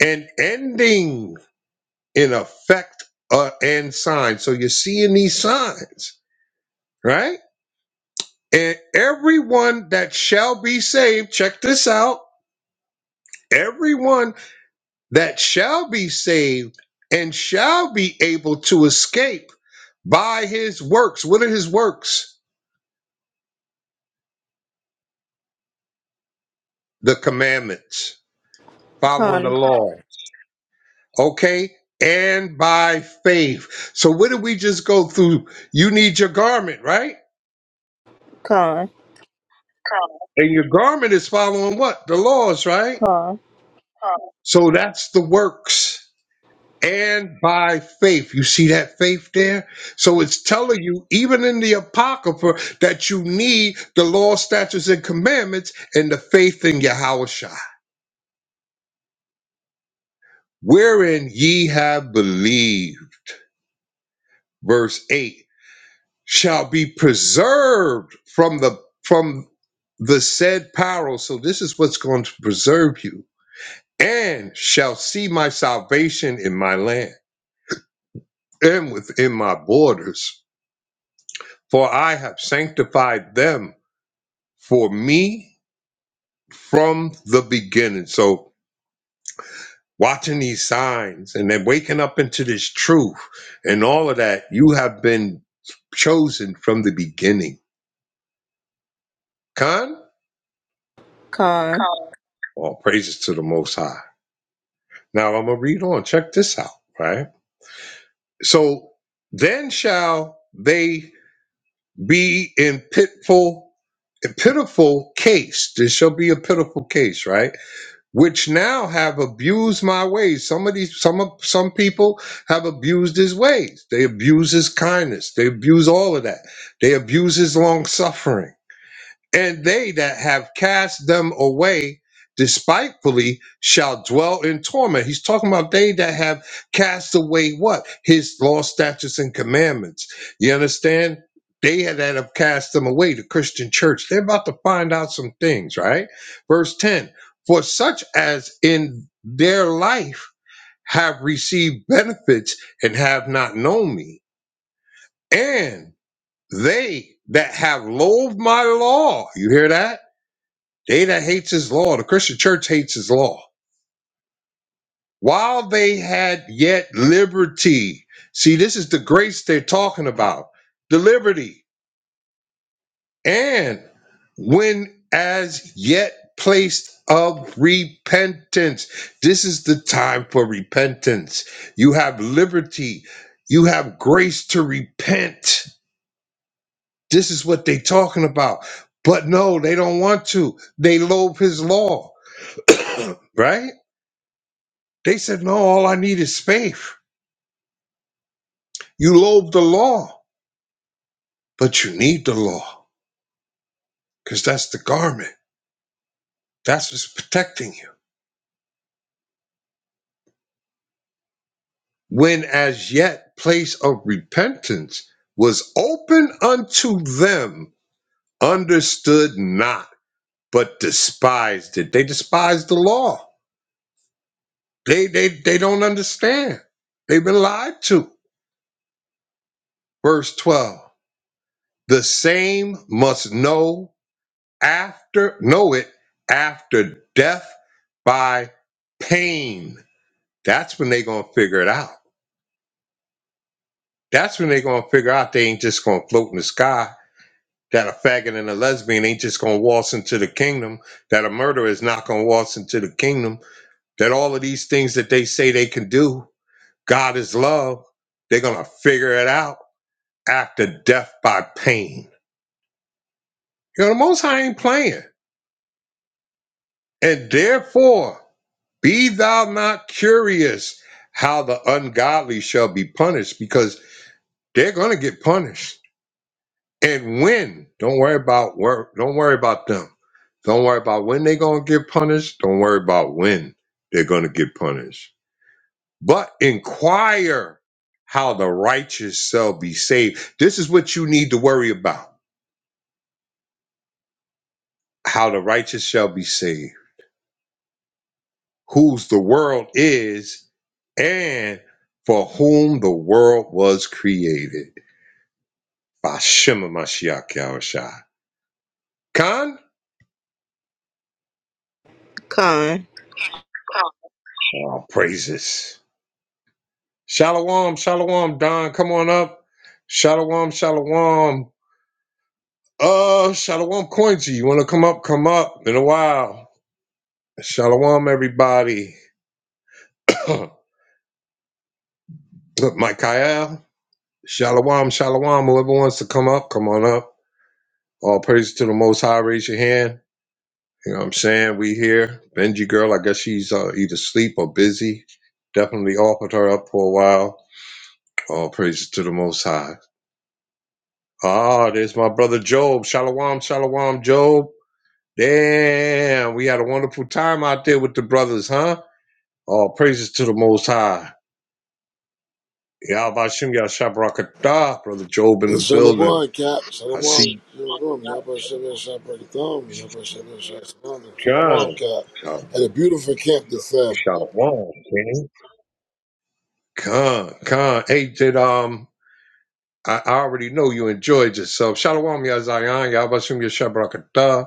[SPEAKER 2] and ending in effect uh, and signs. So you're seeing these signs, right? And everyone that shall be saved, check this out. Everyone that shall be saved and shall be able to escape by his works. What are his works? The commandments, following the
[SPEAKER 6] con,
[SPEAKER 2] law. okay? And by faith. So what did we just go through? You need your garment, right?
[SPEAKER 6] con,
[SPEAKER 2] And your garment is following what? The laws, right?
[SPEAKER 6] con,
[SPEAKER 2] So that's the works. And by faith. You see that faith there? So it's telling you, even in the Apocrypha, that you need the law, statutes, and commandments and the faith in Yahweh Wherein ye have believed. Verse 8 shall be preserved from the from the said peril. So this is what's going to preserve you, and shall see my salvation in my land and within my borders. For I have sanctified them for me from the beginning. So watching these signs and then waking up into this truth and all of that, you have been chosen from the beginning. Con,
[SPEAKER 6] con,
[SPEAKER 2] all praises to the Most High. Now I'm going to read on. Check this out, right? So then shall they be in pitful, a pitiful case. This shall be a pitiful case, right? Which now have abused my ways. Some of these, some of, some people have abused his ways. They abuse his kindness. They abuse all of that. They abuse his long suffering and they that have cast them away despitefully shall dwell in torment. He's talking about they that have cast away what? His law, statutes, and commandments. You understand? They that have cast them away, the Christian church, they're about to find out some things, right? Verse 10 For such as in their life have received benefits and have not known me, and they that have loathed my law, you hear that? They that hates his law, the Christian church hates his law. While they had yet liberty. See, this is the grace they're talking about. The liberty. And when as yet placed of repentance. This is the time for repentance. You have liberty. You have grace to repent. This is what they're talking about. But no, they don't want to. They loathe his law, right? They said, no, all I need is faith. You loathe the law, but you need the law because that's the garment. That's what's protecting you. When as yet place of repentance was open unto them, understood not, but despised it. They despise the law. They, they, they don't understand. They've been lied to. Verse 12. The same must know after know it after death by pain that's when they gonna figure it out that's when they gonna figure out they ain't just gonna float in the sky that a faggot and a lesbian ain't just gonna waltz into the kingdom that a murderer is not gonna waltz into the kingdom that all of these things that they say they can do god is love they're gonna figure it out after death by pain you know the most high ain't playing and therefore Be thou not curious how the ungodly shall be punished, because they're going to get punished. And when? Don't worry about where. Don't worry about them. Don't worry about when they're going to get punished. Don't worry about when they're going to get punished. But inquire how the righteous shall be saved. This is what you need to worry about: how the righteous shall be saved. Whose the world is, and for whom the world was created Bashim Mashiach Yahushua. Khan?
[SPEAKER 6] con.
[SPEAKER 2] Oh, praises. Shalom, shalom, Don. Come on up. Shalom, shalom. Uh, shalom, Coinzy. You want to come up? Come up. Been a while. Shalom, everybody. Michael. Shalom, shalom. Whoever wants to come up, come on up. All praise to the Most High. Raise your hand. You know what I'm saying? We here. Benji girl, I guess she's uh, either asleep or busy. Definitely offered her up for a while. All praises to the Most High. Ah, there's my brother Job. Shalom, shalom, Job. Damn, we had a wonderful time out there with the brothers, huh? All praises to the Most High. Yahbashim Yashabrakatah, brother Job in the building.
[SPEAKER 7] Shalom, Cat.
[SPEAKER 2] I
[SPEAKER 7] Shalom,
[SPEAKER 2] see
[SPEAKER 7] your room. Yabba Shabbat Shabbatom. Yabba Shabbat Shabbatom.
[SPEAKER 2] Khan.
[SPEAKER 7] Shalom, Cat.
[SPEAKER 2] Oh,
[SPEAKER 7] At a beautiful camp this Sabbath.
[SPEAKER 2] Shalom, King. Khan, Khan. Hey, did, um, I, I already know you enjoyed yourself. Shalom, Ya Zion. Yahbashim Yashabrakatah.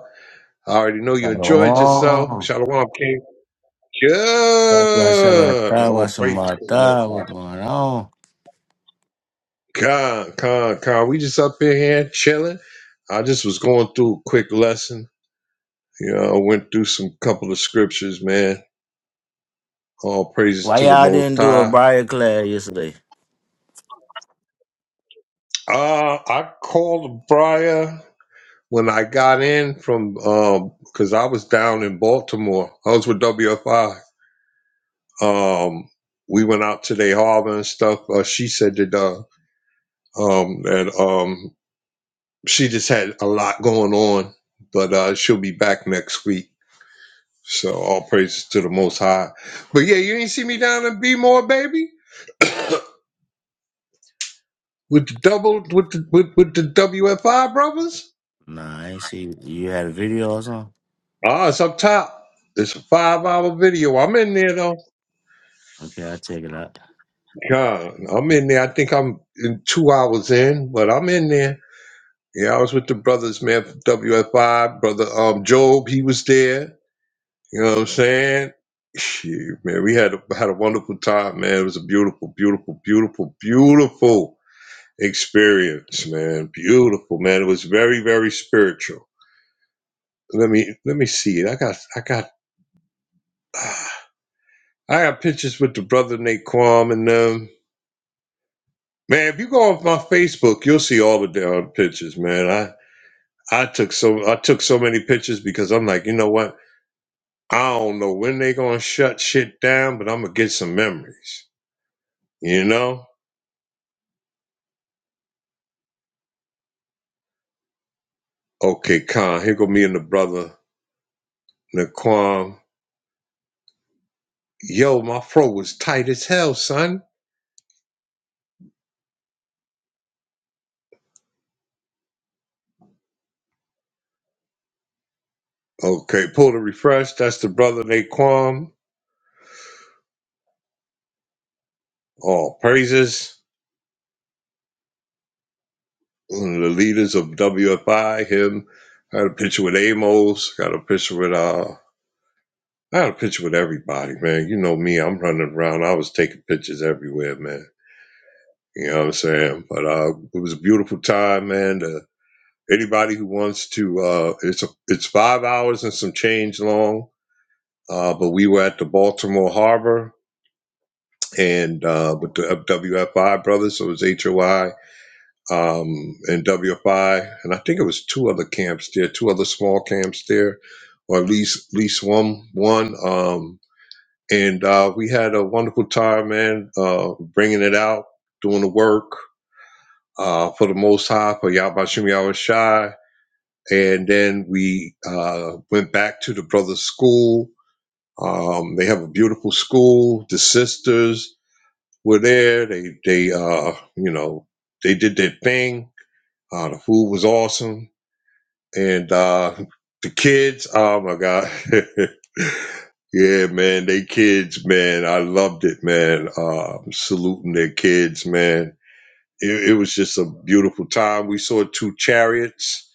[SPEAKER 2] I already know you enjoyed yourself.
[SPEAKER 8] Oh,
[SPEAKER 2] Shalom, King.
[SPEAKER 8] God bless everybody.
[SPEAKER 2] Good.
[SPEAKER 8] I
[SPEAKER 2] Oh,
[SPEAKER 8] was some
[SPEAKER 2] praise
[SPEAKER 8] more
[SPEAKER 2] the Lord.
[SPEAKER 8] thought. What's going on?
[SPEAKER 2] God, God, God. We just up in here chilling. I just was going through a quick lesson. You know, I went through some couple of scriptures, man. All praises
[SPEAKER 8] Why
[SPEAKER 2] to the
[SPEAKER 8] y'all
[SPEAKER 2] Most
[SPEAKER 8] didn't do a
[SPEAKER 2] High.
[SPEAKER 8] Briar class yesterday?
[SPEAKER 2] Uh, I called Briar when I got in from um because I was down in Baltimore. I was with WFI. Um, we went out to their harbor and stuff. Uh, she said that uh, um, that um, she just had a lot going on, but uh, she'll be back next week. So all praises to the Most High. But yeah, you ain't see me down in Be more, baby, with the double with the with, with the WFI brothers.
[SPEAKER 8] Nah, I ain't see you had a video or something.
[SPEAKER 2] Ah, it's up top. It's a five hour video. I'm in there though.
[SPEAKER 8] Okay, I'll check it out.
[SPEAKER 2] God, I'm in there. I think I'm in two hours in, but I'm in there. Yeah, I was with the brothers, man. from WFI brother um Job, he was there. You know what I'm saying? Shoot, man, we had a, had a wonderful time, man. It was a beautiful, beautiful, beautiful, beautiful experience, man. Beautiful, man. It was very, very spiritual. Let me let me see it. I got I got ah, I got pictures with the brother Naquam and um man, if you go off my Facebook, you'll see all the damn pictures, man. I I took so I took so many pictures because I'm like, you know what? I don't know when they gonna shut shit down, but I'm gonna get some memories. You know? Okay, Con, here go me and the brother Naquan. Yo, my fro was tight as hell, son. Okay, pull the refresh. That's the brother Naquan. All praises. One of the leaders of WFI, him. I had a picture with Amos. Got a picture with uh I had a picture with everybody, man. You know me, I'm running around. I was taking pictures everywhere, man. You know what I'm saying? But uh it was a beautiful time, man. Uh, anybody who wants to uh it's a, it's five hours and some change long uh, but we were at the Baltimore Harbor and uh, with the WFI brothers, so it was HOI um, and WFI, and I think it was two other camps there, two other small camps there, or at least at least one one. Um, and uh, we had a wonderful time, man, uh, bringing it out, doing the work uh, for the Most High, for Yahbashim Shai. And then we uh, went back to the brothers' school Um, they have a beautiful school. The sisters were there. They they uh you know they did their thing. Uh, the food was awesome, and uh, the kids. Oh my god. Yeah, man, they kids, man. I loved it, man. Uh, saluting their kids, man. It, it was just a beautiful time. We saw two chariots.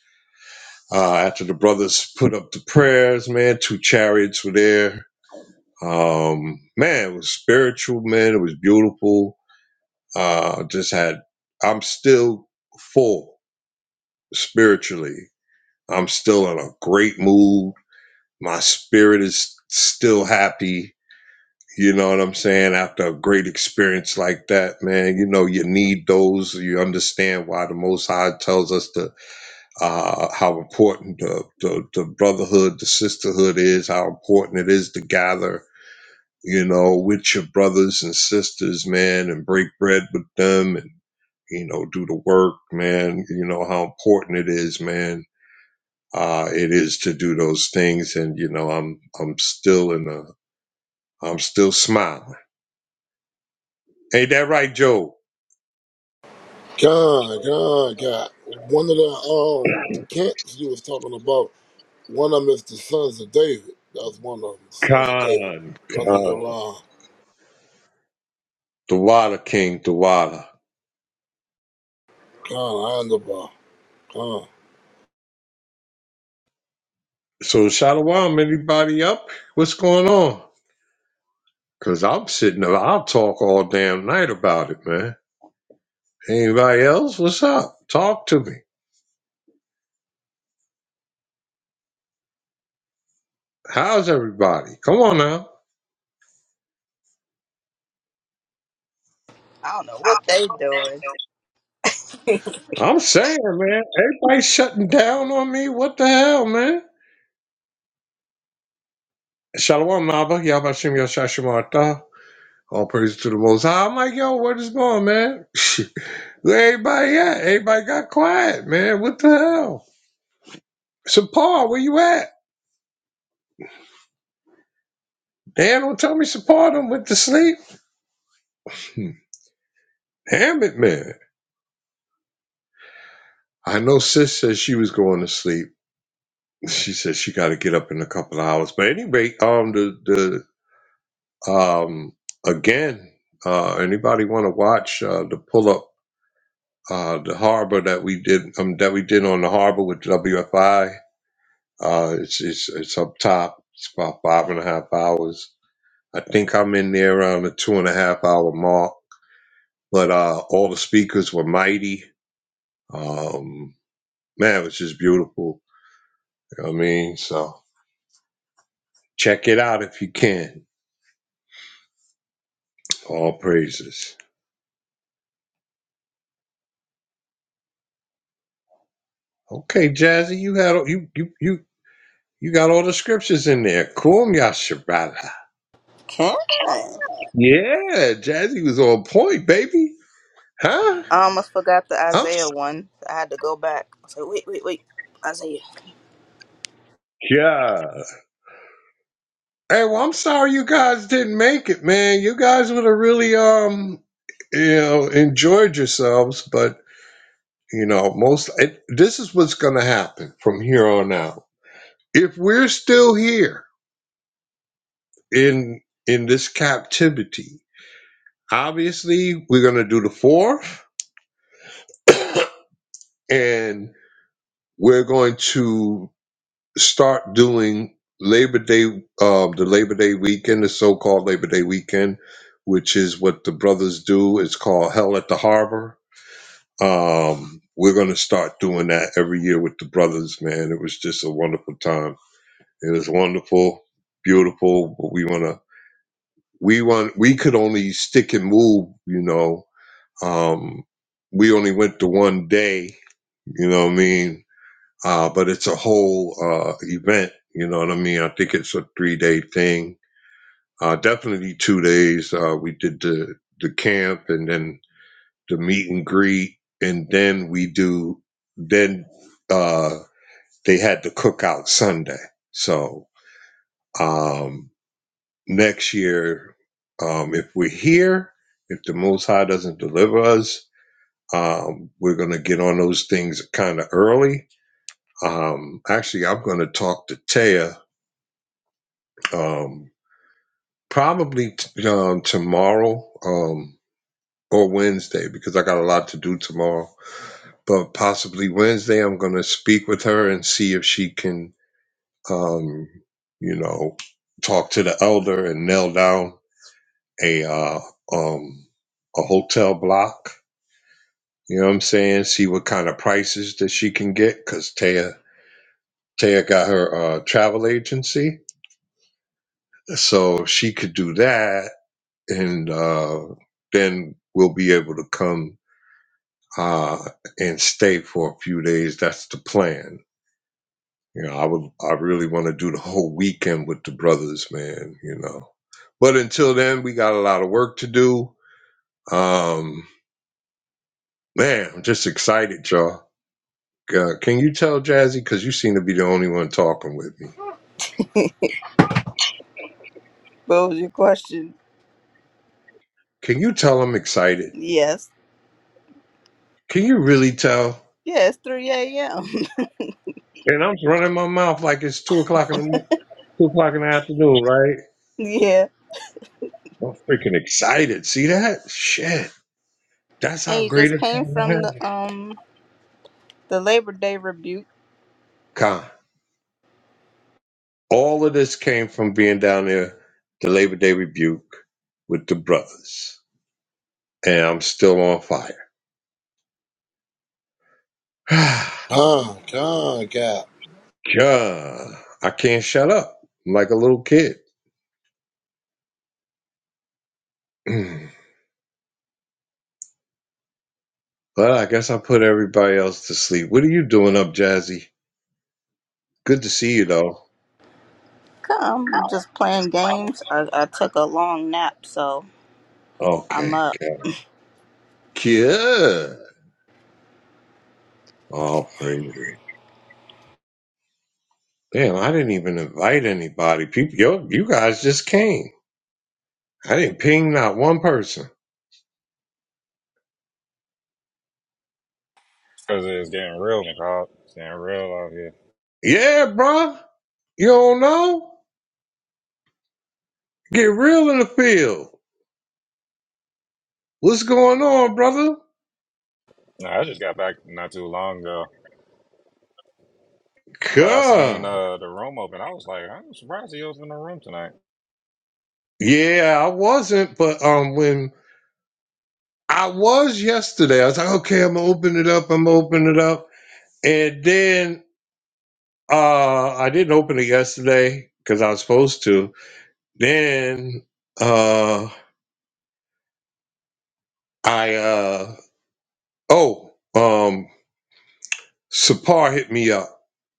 [SPEAKER 2] Uh, after the brothers put up the prayers, man, two chariots were there Um, man, it was spiritual, man. It was beautiful. Uh, just had, I'm still full spiritually. I'm still in a great mood. My spirit is still happy. You know what I'm saying? After a great experience like that, man, you know, you need those. You understand why the Most High tells us to, uh, how important the, the, the brotherhood, the sisterhood is, how important it is to gather you know, with your brothers and sisters, man, and break bread with them and, you know, do the work, man. You know how important it is, man. Uh, it is to do those things. And, you know, I'm, I'm still in a, I'm still smiling. Ain't that right, Joe?
[SPEAKER 7] God, God, God. One of the um, camps you was talking about, one of them is the Sons of David. That was one of them, the Sons of David.
[SPEAKER 2] Khan,
[SPEAKER 7] Brother
[SPEAKER 2] Khan,
[SPEAKER 7] Yolan.
[SPEAKER 2] Dawada King, Dawada.
[SPEAKER 7] God, Andaba. God,
[SPEAKER 2] So, Shalawam, anybody up? What's going on? Cause I'm sitting there, I'll talk all damn night about it, man. Anybody else? What's up? Talk to me. How's everybody? Come on now.
[SPEAKER 6] I don't know what they doing.
[SPEAKER 2] I'm saying, man, everybody's shutting down on me. What the hell, man? Shalom, Naba. Yabashim Yashashimata. All praise to the Most High. I'm like, yo, where this going, man? Where everybody at? Everybody got quiet, man. What the hell? Sapar, where you at? Dan, don't tell me Sapar done went to sleep. Hmm. Damn it, man. I know sis said she was going to sleep. She said she got to get up in a couple of hours. But anyway, um, the the Um, again, uh, anybody want to watch uh, the pull up uh, the harbor that we did um, that we did on the harbor with WFI? Uh, it's, it's it's up top. It's about five and a half hours. I think I'm in there around the two and a half hour mark. But uh, all the speakers were mighty. Um, man, it was just beautiful. You know what I mean, so check it out if you can. All praises. Okay, Jazzy, you had you you you You got all the scriptures in there. Kum Yashabala.
[SPEAKER 6] Can I?
[SPEAKER 2] Yeah, Jazzy was on point, baby. Huh?
[SPEAKER 6] I almost forgot the
[SPEAKER 2] I'm
[SPEAKER 6] Isaiah one. I had to go back. I said, wait, wait, wait. Isaiah.
[SPEAKER 2] sure. Hey, well, I'm sorry you guys didn't make it, man. You guys would have really um you know enjoyed yourselves, but you know, most it, this is what's gonna happen from here on out. If we're still here in in this captivity, obviously we're gonna do the fourth and we're going to start doing Labor Day, uh, the Labor Day weekend, the so-called Labor Day weekend, which is what the brothers do. It's called Hell at the Harbor. Um, we're going to start doing that every year with the brothers, man. It was just a wonderful time. It was wonderful, beautiful. But we want to, we want, we could only stick and move, you know. Um, we only went to one day, you know what I mean? uh, but it's a whole uh, event. You know what I mean? I think it's a three day thing. Uh, definitely two days. Uh, we did the the camp and then the meet and greet, and then we do. Then uh, they had the cookout Sunday. So um, next year, um, if we're here, if the Most High doesn't deliver us, um, we're gonna get on those things kind of early. Um, actually, I'm gonna talk to Taya Um, probably t- um, tomorrow um, or Wednesday because I got a lot to do tomorrow. But possibly Wednesday, I'm going to speak with her and see if she can, um, you know, talk to the elder and nail down a uh, um, a hotel block. You know what I'm saying? See what kind of prices that she can get because Taya Taya got her uh, travel agency, so if she could do that and uh, then we'll be able to come uh, and stay for a few days. That's the plan. You know, I would, I really want to do the whole weekend with the brothers, man. You know, but until then, we got a lot of work to do. Um, man, I'm just excited, y'all. Uh, can you tell Jazzy? Because you seem to be the only one talking with me.
[SPEAKER 6] What was your question?
[SPEAKER 2] Can you tell I'm excited?
[SPEAKER 6] Yes.
[SPEAKER 2] Can you really tell?
[SPEAKER 6] Yeah, it's 3 a.m.
[SPEAKER 2] And I'm running my mouth like it's two o'clock in the mo- two o'clock in the afternoon, right?
[SPEAKER 6] yeah.
[SPEAKER 2] I'm freaking excited. See that? Shit. That's
[SPEAKER 6] And
[SPEAKER 2] how
[SPEAKER 6] you
[SPEAKER 2] great
[SPEAKER 6] just
[SPEAKER 2] it's
[SPEAKER 6] came
[SPEAKER 2] going to
[SPEAKER 6] from
[SPEAKER 2] have.
[SPEAKER 6] the um the Labor Day rebuke.
[SPEAKER 2] Con. All of this came from being down there, the Labor Day rebuke with the brothers. And I'm still on fire.
[SPEAKER 7] God, God, God.
[SPEAKER 2] John, I can't shut up. I'm like a little kid. Mm. Well, I guess I put everybody else to sleep. What are you doing up, Jazzy? Good to see you, though.
[SPEAKER 6] Come, just playing games. I, I took a long nap, so I'm
[SPEAKER 2] Okay.
[SPEAKER 6] up.
[SPEAKER 2] good. Yeah. Oh, praise. Damn, I didn't even invite anybody. People, yo, you guys just came. I didn't ping not one person.
[SPEAKER 9] Cause it's getting real, McCall. It's getting real out here.
[SPEAKER 2] Yeah, bro. You don't know? Get real in the field. What's going on, brother?
[SPEAKER 9] Nah, I just got back not too long ago, but I seen
[SPEAKER 2] God.
[SPEAKER 9] uh, the room open. I was like, I'm surprised he opened the room tonight.
[SPEAKER 2] Yeah, I wasn't, but um, when I was yesterday, I was like, okay, I'm gonna open it up. I'm gonna open it up, and then uh, I didn't open it yesterday because I was supposed to. Then uh, I uh, oh um Sapar hit me up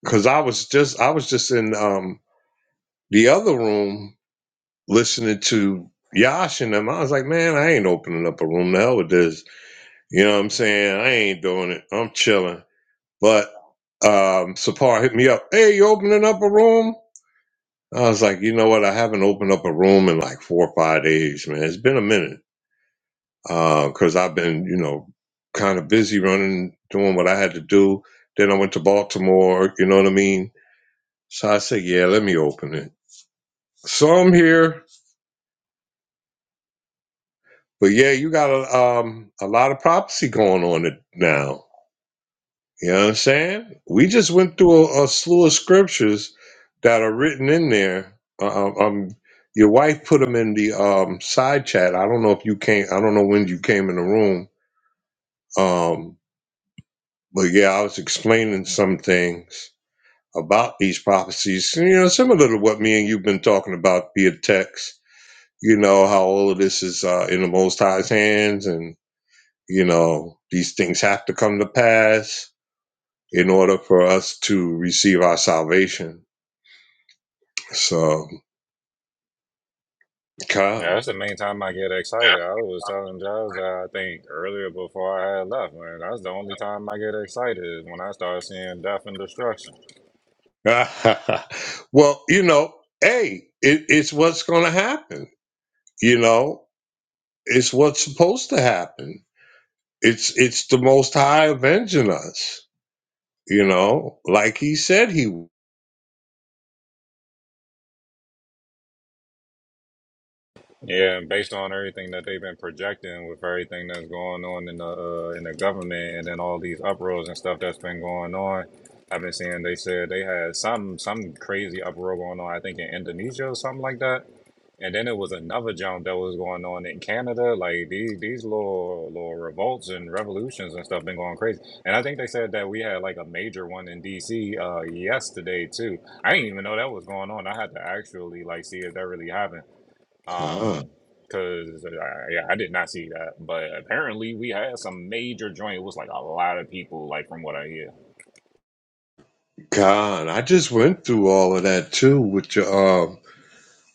[SPEAKER 2] because I was just I was just in um the other room listening to Yash and them. I was like, man, I ain't opening up a room. The hell with this. You know what I'm saying? I ain't doing it. I'm chilling. But um Sapar hit me up. Hey, you opening up a room? I was like, you know what? I haven't opened up a room in like four or five days, man. It's been a minute. Uh, cause I've been, you know, kind of busy running, doing what I had to do. Then I went to Baltimore, you know what I mean? So I said, yeah, let me open it. So I'm here. But yeah, you got a, um, a lot of prophecy going on it now. You know what I'm saying? We just went through a, a slew of scriptures that are written in there. Uh, um, um, your wife put them in the um, side chat. I don't know if you came. I don't know when you came in the room. Um, but yeah, I was explaining some things about these prophecies. You know, similar to what me and you've been talking about via text you know how all of this is uh, in the most high's hands and you know these things have to come to pass in order for us to receive our salvation so God,
[SPEAKER 9] Yeah, that's the main time I get excited. I was telling Giles that I think earlier before I had left, man. That's the only time I get excited is when I start seeing death and destruction.
[SPEAKER 2] well you know hey it, it's what's gonna happen you know it's what's supposed to happen it's it's the most high avenging us you know like he said he would.
[SPEAKER 9] Yeah, and based on everything that they've been projecting with everything that's going on in the uh, in the government and then all these uproars and stuff that's been going on, I've been seeing they said they had some some crazy uproar going on. I think in Indonesia or something like that. And then it was another jump that was going on in Canada. Like these these little little revolts and revolutions and stuff been going crazy. And I think they said that we had like a major one in DC uh, yesterday too. I didn't even know that was going on. I had to actually like see if that really happened. Um,
[SPEAKER 2] God,
[SPEAKER 9] because I, yeah, I did not see that, but apparently we had some major joint. It was like a lot of people, like from what I hear.
[SPEAKER 2] God, I just went through all of that too with your um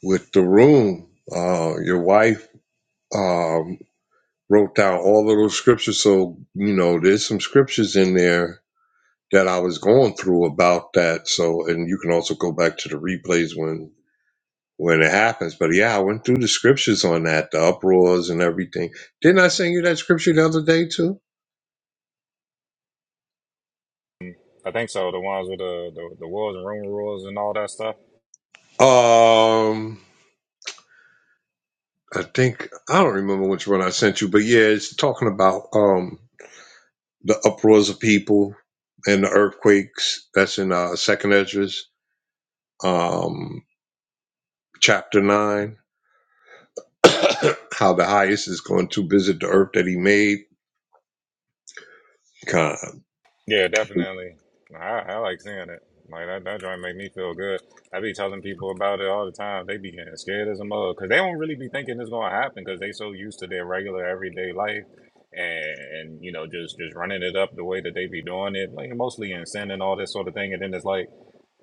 [SPEAKER 2] with the room. Uh, your wife um, wrote down all of those scriptures. So, you know, there's some scriptures in there that I was going through about that. So, and you can also go back to the replays when when it happens. But yeah, I went through the scriptures on that, the uproars and everything. Didn't I send you that scripture the other day too?
[SPEAKER 9] I think so. The ones with the the, the walls and room rules and all that stuff.
[SPEAKER 2] Um, I think I don't remember which one I sent you, but yeah, it's talking about um the uproars of people and the earthquakes. That's in uh, Second Esdras, um, chapter nine. How the highest is going to visit the earth that he made. Con.
[SPEAKER 9] Yeah, definitely. I, I like seeing it. Like that, that joint make me feel good. I be telling people about it all the time. They be getting scared as a mug because they don't really be thinking it's gonna happen because they so used to their regular everyday life and and you know just just running it up the way that they be doing it, like mostly in sin and all this sort of thing. And then it's like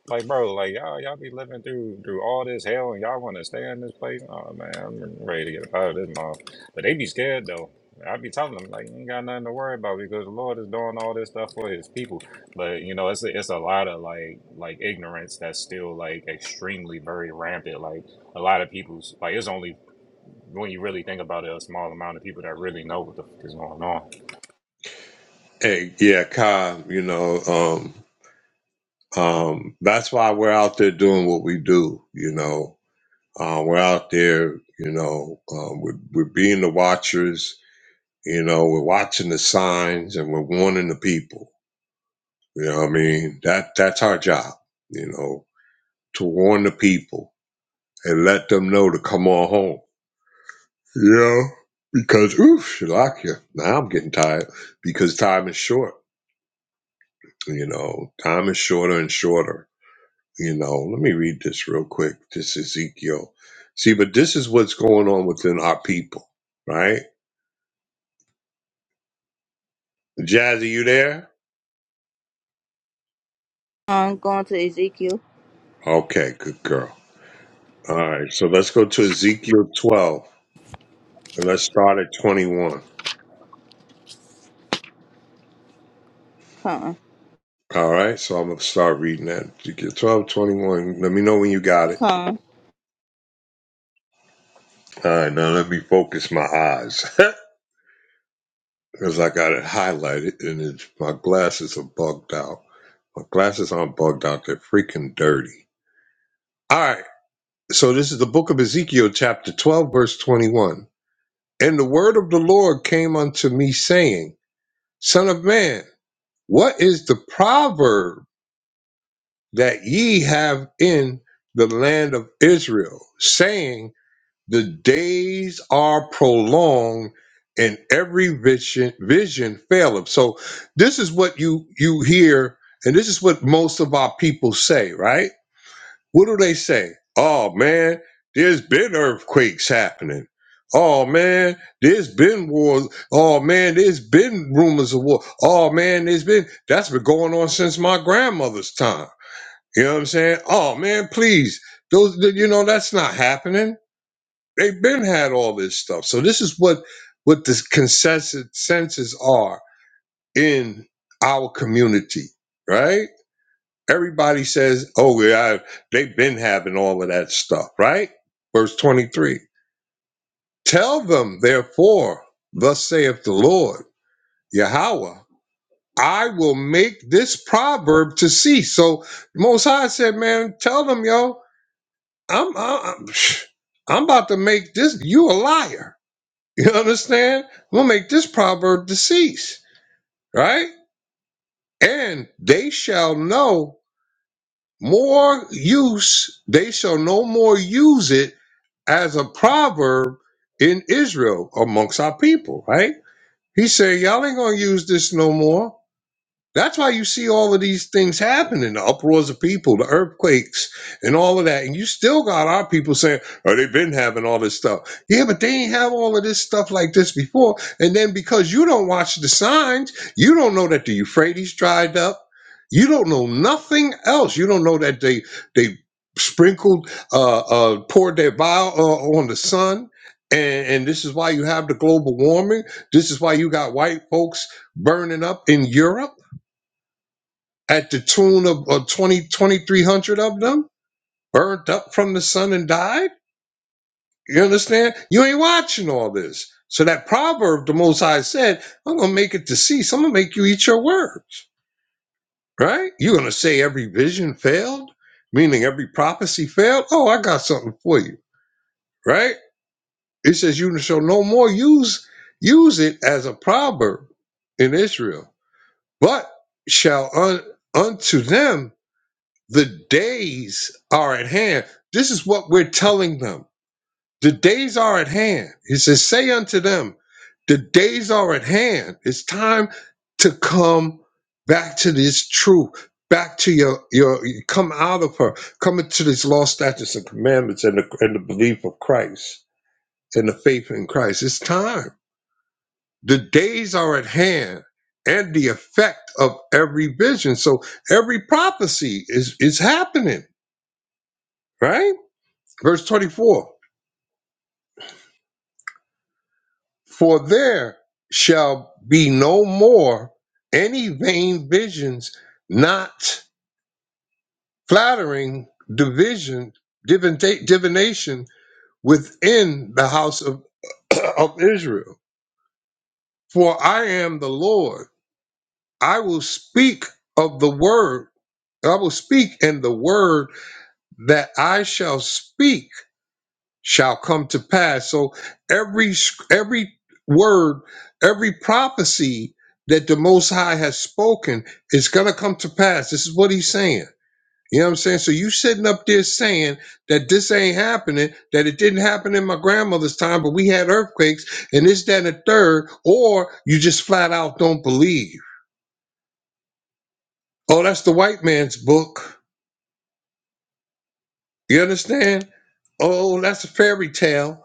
[SPEAKER 9] Like, bro, like y'all, y'all be living through through all this hell, and y'all want to stay in this place. Oh man, I'm ready to get out of this mom. But they be scared though. I be telling them like, you ain't got nothing to worry about because the Lord is doing all this stuff for His people. But you know, it's a, it's a lot of like like ignorance that's still like extremely very rampant. Like a lot of people's like it's only when you really think about it, a small amount of people that really know what the fuck is going on.
[SPEAKER 2] Hey, yeah, Con, you know, um, um, that's why we're out there doing what we do, you know. Uh, we're out there, you know, um, we're, we're being the watchers, you know, we're watching the signs and we're warning the people. You know what I mean? That that's our job, you know to warn the people and let them know to come on home. You know, because oof, Shalakia, now I'm getting tired because time is short. You know, time is shorter and shorter. You know, let me read this real quick. This is Ezekiel. See, but this is what's going on within our people, right? Jazzy, you there?
[SPEAKER 6] I'm going to Ezekiel.
[SPEAKER 2] Okay, good girl. All right, so let's go to Ezekiel 12 and let's start at 21.
[SPEAKER 6] Con,
[SPEAKER 2] All right, so I'm going to start reading that. Ezekiel 12:21. Let me know when you got it.
[SPEAKER 6] con,
[SPEAKER 2] All right, now let me focus my eyes because I got it highlighted and it's, my glasses are bugged out. My glasses aren't bugged out, they're freaking dirty. All right, so this is the book of Ezekiel, chapter 12, verse 21. And the word of the Lord came unto me, saying, Son of man, what is the proverb that ye have in the land of Israel, saying, The days are prolonged and every vision vision faileth. So this is what you you hear, and this is what most of our people say, right? What do they say? Oh man, there's been earthquakes happening. Oh man, there's been wars. Oh man, there's been rumors of war. Oh man, there's been that's been going on since my grandmother's time. You know what I'm saying? Oh man, please. Those you know that's not happening They've been had all this stuff. So this is what what the consensus senses are in our community, right? Everybody says, "Oh, yeah, they've been having all of that stuff," right? Verse twenty-three. Tell them, therefore, thus saith the Lord, Yahweh, I will make this proverb to cease. So Most High said, man, tell them, yo, I'm, I'm, I'm about to make this. You a liar You understand? We'll make this proverb deceased, right? And they shall know more use, they shall no more use it as a proverb in Israel amongst our people, right? He said, Y'all ain't gonna use this no more. That's why you see all of these things happening, the uproars of people, the earthquakes, and all of that. And you still got our people saying, oh, they've been having all this stuff. Yeah, but they ain't have all of this stuff like this before. And then because you don't watch the signs, you don't know that the Euphrates dried up. You don't know nothing else. You don't know that they they sprinkled, uh, uh, poured their bile uh, on the sun. And, and this is why you have the global warming. This is why you got white folks burning up in Europe at the tune of uh, 20, twenty-three hundred of them burnt up from the sun and died. You understand? You ain't watching all this. So that proverb the Most High said, I'm going to make it to cease. I'm going to make you eat your words, right? You're going to say every vision failed, meaning every prophecy failed. Oh, I got something for you, right? It says you shall no more use use it as a proverb in Israel, but shall un, unto them The days are at hand. This is what we're telling them. The days are at hand. He says, Say unto them, the days are at hand. It's time to come back to this truth, back to your, your you come out of her, come into these law, statutes, and commandments and the, and the belief of Christ and the faith in Christ. It's time. The days are at hand and the effect of every vision. So every prophecy is, is happening, right? Verse 24 For there shall be no more any vain visions, not flattering division, divina- divination within the house of, of Israel. For I am the Lord. I will speak of the word. I will speak, and the word that I shall speak shall come to pass. So every every word, every prophecy that the Most High has spoken is going to come to pass. This is what He's saying. You know what I'm saying? So you sitting up there saying that this ain't happening, that it didn't happen in my grandmother's time, but we had earthquakes and this, that, and a third, or you just flat out don't believe. Oh, that's the white man's book. You understand? Oh, that's a fairy tale.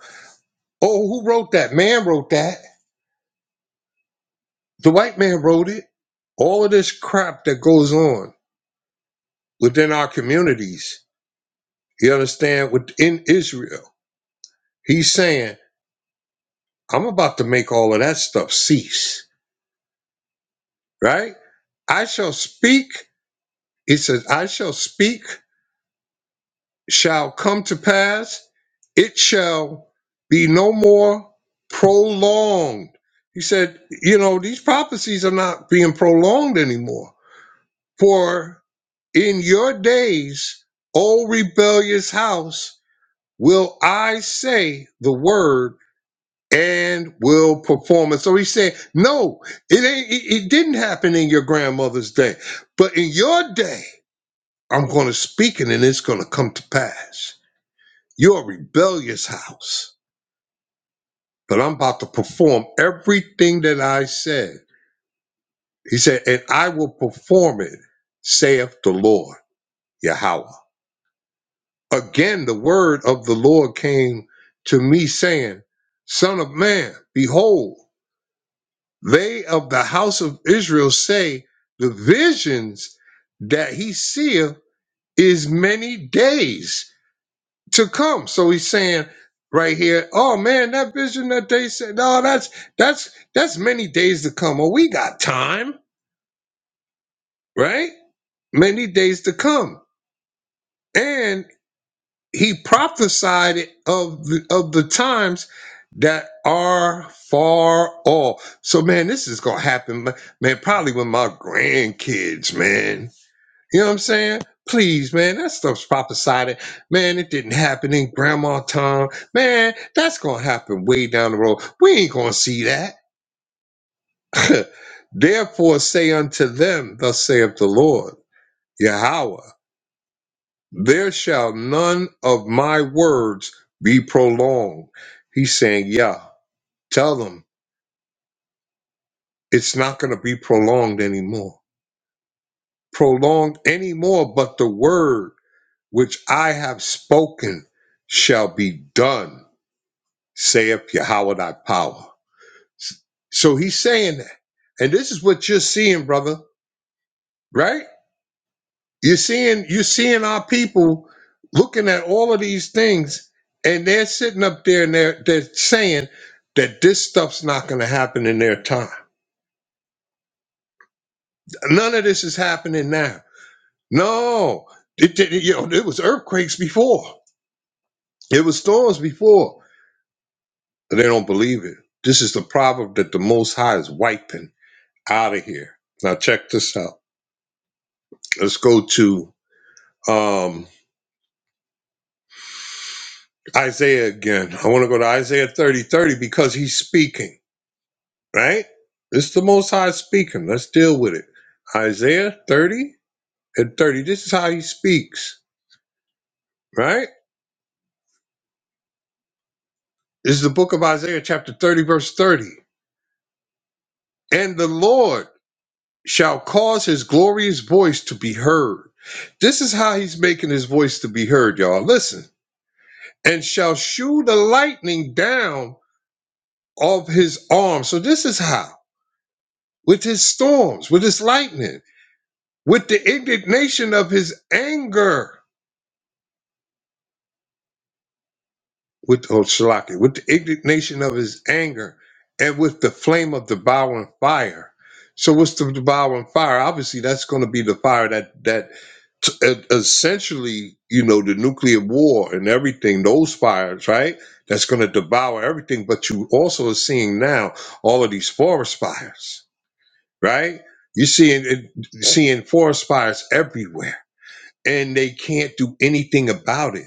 [SPEAKER 2] Oh, who wrote that? Man wrote that. The white man wrote it. All of this crap that goes on within our communities, you understand, within Israel, he's saying, I'm about to make all of that stuff cease, right? I shall speak. It says, I shall speak, shall come to pass. It shall be no more prolonged. He said, you know, these prophecies are not being prolonged anymore. For In your days, O rebellious house, will I say the word and will perform it. So he said, No, it ain't it, it didn't happen in your grandmother's day. But in your day, I'm gonna speak it and it's gonna come to pass. You're a rebellious house, but I'm about to perform everything that I said. He said, and I will perform it, saith the Lord Yahweh. Again, the word of the Lord came to me, saying, Son of man, behold, they of the house of Israel say, The visions that he seeth is many days to come. So he's saying right here, Oh man, that vision that they said, no, that's that's that's many days to come. Oh, we got time, right? Many days to come. and." he prophesied of the, of the times that are far off. So man, this is gonna happen, ma- man. Probably with my grandkids, man. You know what I'm saying? Please, man, that stuff's prophesied. Man, it didn't happen in grandma time. Man, that's gonna happen way down the road. We ain't gonna see that. Therefore, say unto them, Thus saith the Lord, Yahweh. There shall none of my words be prolonged. He's saying, yeah, tell them it's not going to be prolonged anymore. Prolonged anymore, but the word which I have spoken shall be done, saith Yahweh thy power. So he's saying that. And this is what you're seeing, brother, right? You're seeing you're seeing our people looking at all of these things, and they're sitting up there and they're they're saying that this stuff's not going to happen in their time. None of this is happening now. No, it, it, you know, it was earthquakes before. It was storms before. But they don't believe it. This is the proverb that the Most High is wiping out of here. Now check this out. Let's go to um, Isaiah again. I want to go to Isaiah 30 30 because he's speaking. right? It's the Most High speaking. Let's deal with it. Isaiah 30 and 30. This is how he speaks, right? This is the book of Isaiah, chapter 30, verse 30. And the Lord shall cause his glorious voice to be heard. This is how he's making his voice to be heard, y'all. Listen. And shall shew the lightning down of his arm. So this is how. With his storms, with his lightning, with the indignation of his anger with oh, Shalaki, with the indignation of his anger and with the flame of devouring fire. So what's the devouring fire? Obviously, that's going to be the fire that that t- e- essentially, you know, the nuclear war and everything, those fires, right? That's going to devour everything. But you also are seeing now all of these forest fires, right? You're seeing it- seeing forest fires everywhere, and they can't do anything about it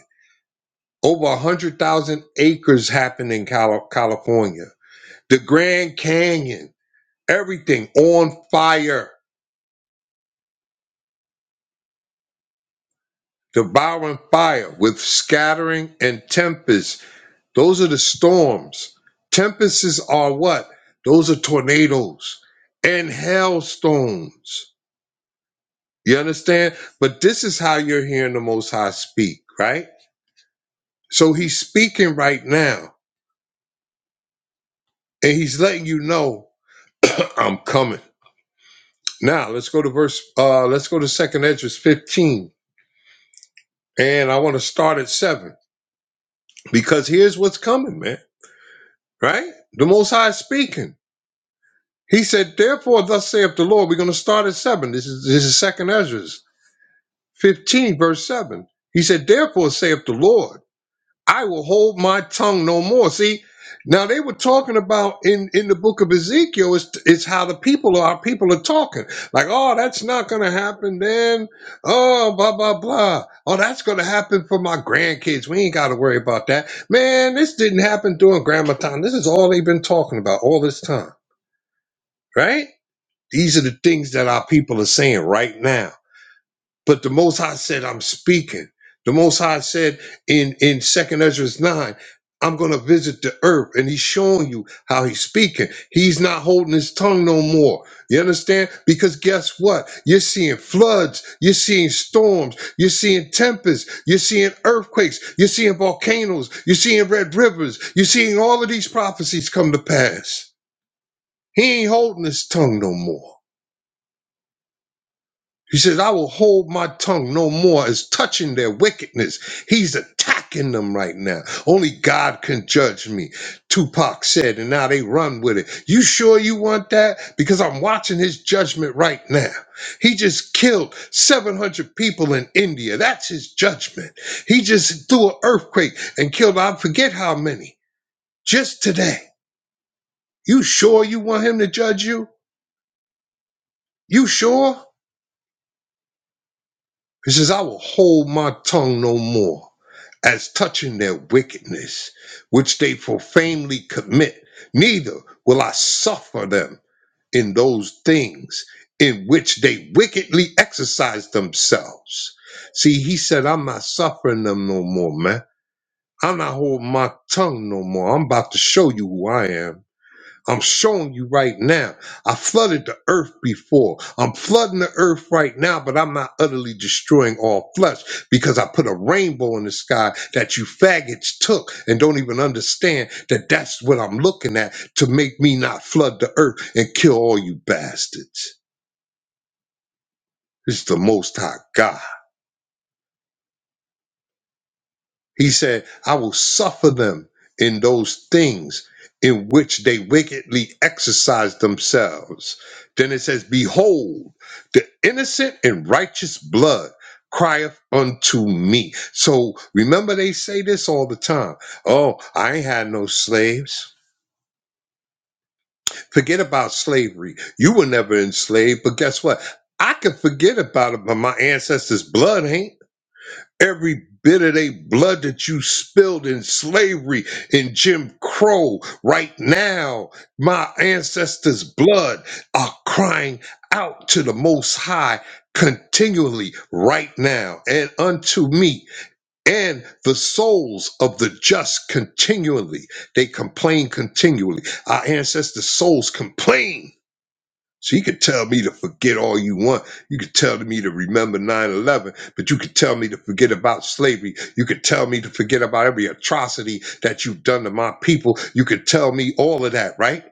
[SPEAKER 2] over 100,000 acres happened in Cali- California. The Grand Canyon, everything on fire, devouring fire with scattering and tempest. Those are the storms. Tempests are what? Those are tornadoes and hailstones. You understand? But this is how you're hearing the Most High speak, right? So he's speaking right now, and he's letting you know, I'm coming. Now let's go to verse. Uh, let's go to Second Edges fifteen, and I want to start at seven because here's what's coming, man. Right? The Most High is speaking. He said, "Therefore, thus saith the Lord." We're going to start at seven. This is this is Second Ezra's fifteen, verse seven. He said, "Therefore, saith the Lord." I will hold my tongue no more. See, now they were talking about in, in the book of Ezekiel is is how the people are people are talking like, oh, that's not going to happen. Then, oh, blah blah blah. Oh, that's going to happen for my grandkids. We ain't got to worry about that. Man, this didn't happen during grandma time. This is all they've been talking about all this time, right? These are the things that our people are saying right now but the Most High said, I'm speaking. The Most High said in, in 2nd Ezra 9, I'm going to visit the earth. And he's showing you how he's speaking. He's not holding his tongue no more. You understand? Because guess what? You're seeing floods. You're seeing storms. You're seeing tempests. You're seeing earthquakes. You're seeing volcanoes. You're seeing red rivers. You're seeing all of these prophecies come to pass. He ain't holding his tongue no more. He says, I will hold my tongue no more as touching their wickedness. He's attacking them right now. Only God can judge me. Tupac said, and now they run with it. You sure you want that? Because I'm watching his judgment right now. He just killed 700 people in India. That's his judgment. He just threw an earthquake and killed, I forget how many, just today. You sure you want him to judge you? You sure? He says, I will hold my tongue no more as touching their wickedness, which they profanely commit, neither will I suffer them in those things in which they wickedly exercise themselves. See, he said, I'm not suffering them no more, man. I'm not holding my tongue no more. I'm about to show you who I am. I'm showing you right now. I flooded the earth before. I'm flooding the earth right now, but I'm not utterly destroying all flesh because I put a rainbow in the sky that you faggots took and don't even understand that that's what I'm looking at to make me not flood the earth and kill all you bastards. It's the Most High God. He said, I will suffer them in those things in which they wickedly exercise themselves. Then it says, Behold, the innocent and righteous blood crieth unto me. So remember, they say this all the time Oh, I ain't had no slaves. Forget about slavery. You were never enslaved, but guess what? I can forget about it, but my ancestors' blood ain't every bit of they blood that you spilled in slavery in Jim Crow right now. My ancestors' blood are crying out to the Most High continually right now and unto me and the souls of the just continually they complain continually our ancestors souls complain so you could tell me to forget all you want. You could tell me to remember 9-11, but you could tell me to forget about slavery. You could tell me to forget about every atrocity that you've done to my people. You could tell me all of that, right?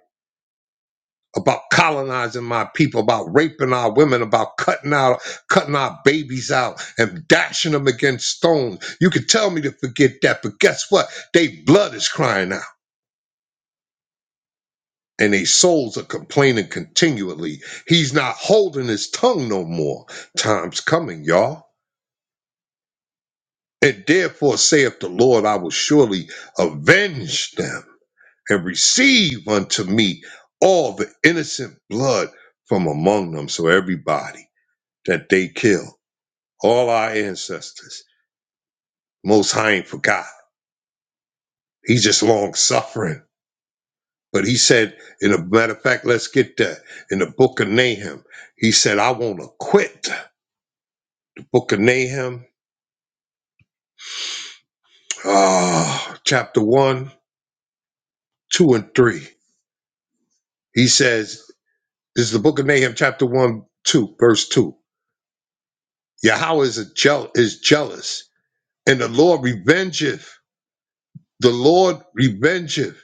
[SPEAKER 2] About colonizing my people, about raping our women, about cutting out, cutting our babies out and dashing them against stones. You could tell me to forget that, but guess what? They blood is crying out. and they souls are complaining continually. He's not holding his tongue no more. Time's coming, y'all. And therefore saith the Lord, I will surely avenge them and receive unto me all the innocent blood from among them. So everybody that they kill, all our ancestors, most high ain't forgot. He's just long suffering. But he said, in a matter of fact, let's get that. In the book of Nahum, he said, I want to quit. Book of Nahum, ah, chapter 1, 2, and 3. He says, this is the book of Nahum, chapter 1, 2, verse 2. Yahweh is, a jeal- is jealous, and the Lord revengeth. The Lord revengeth,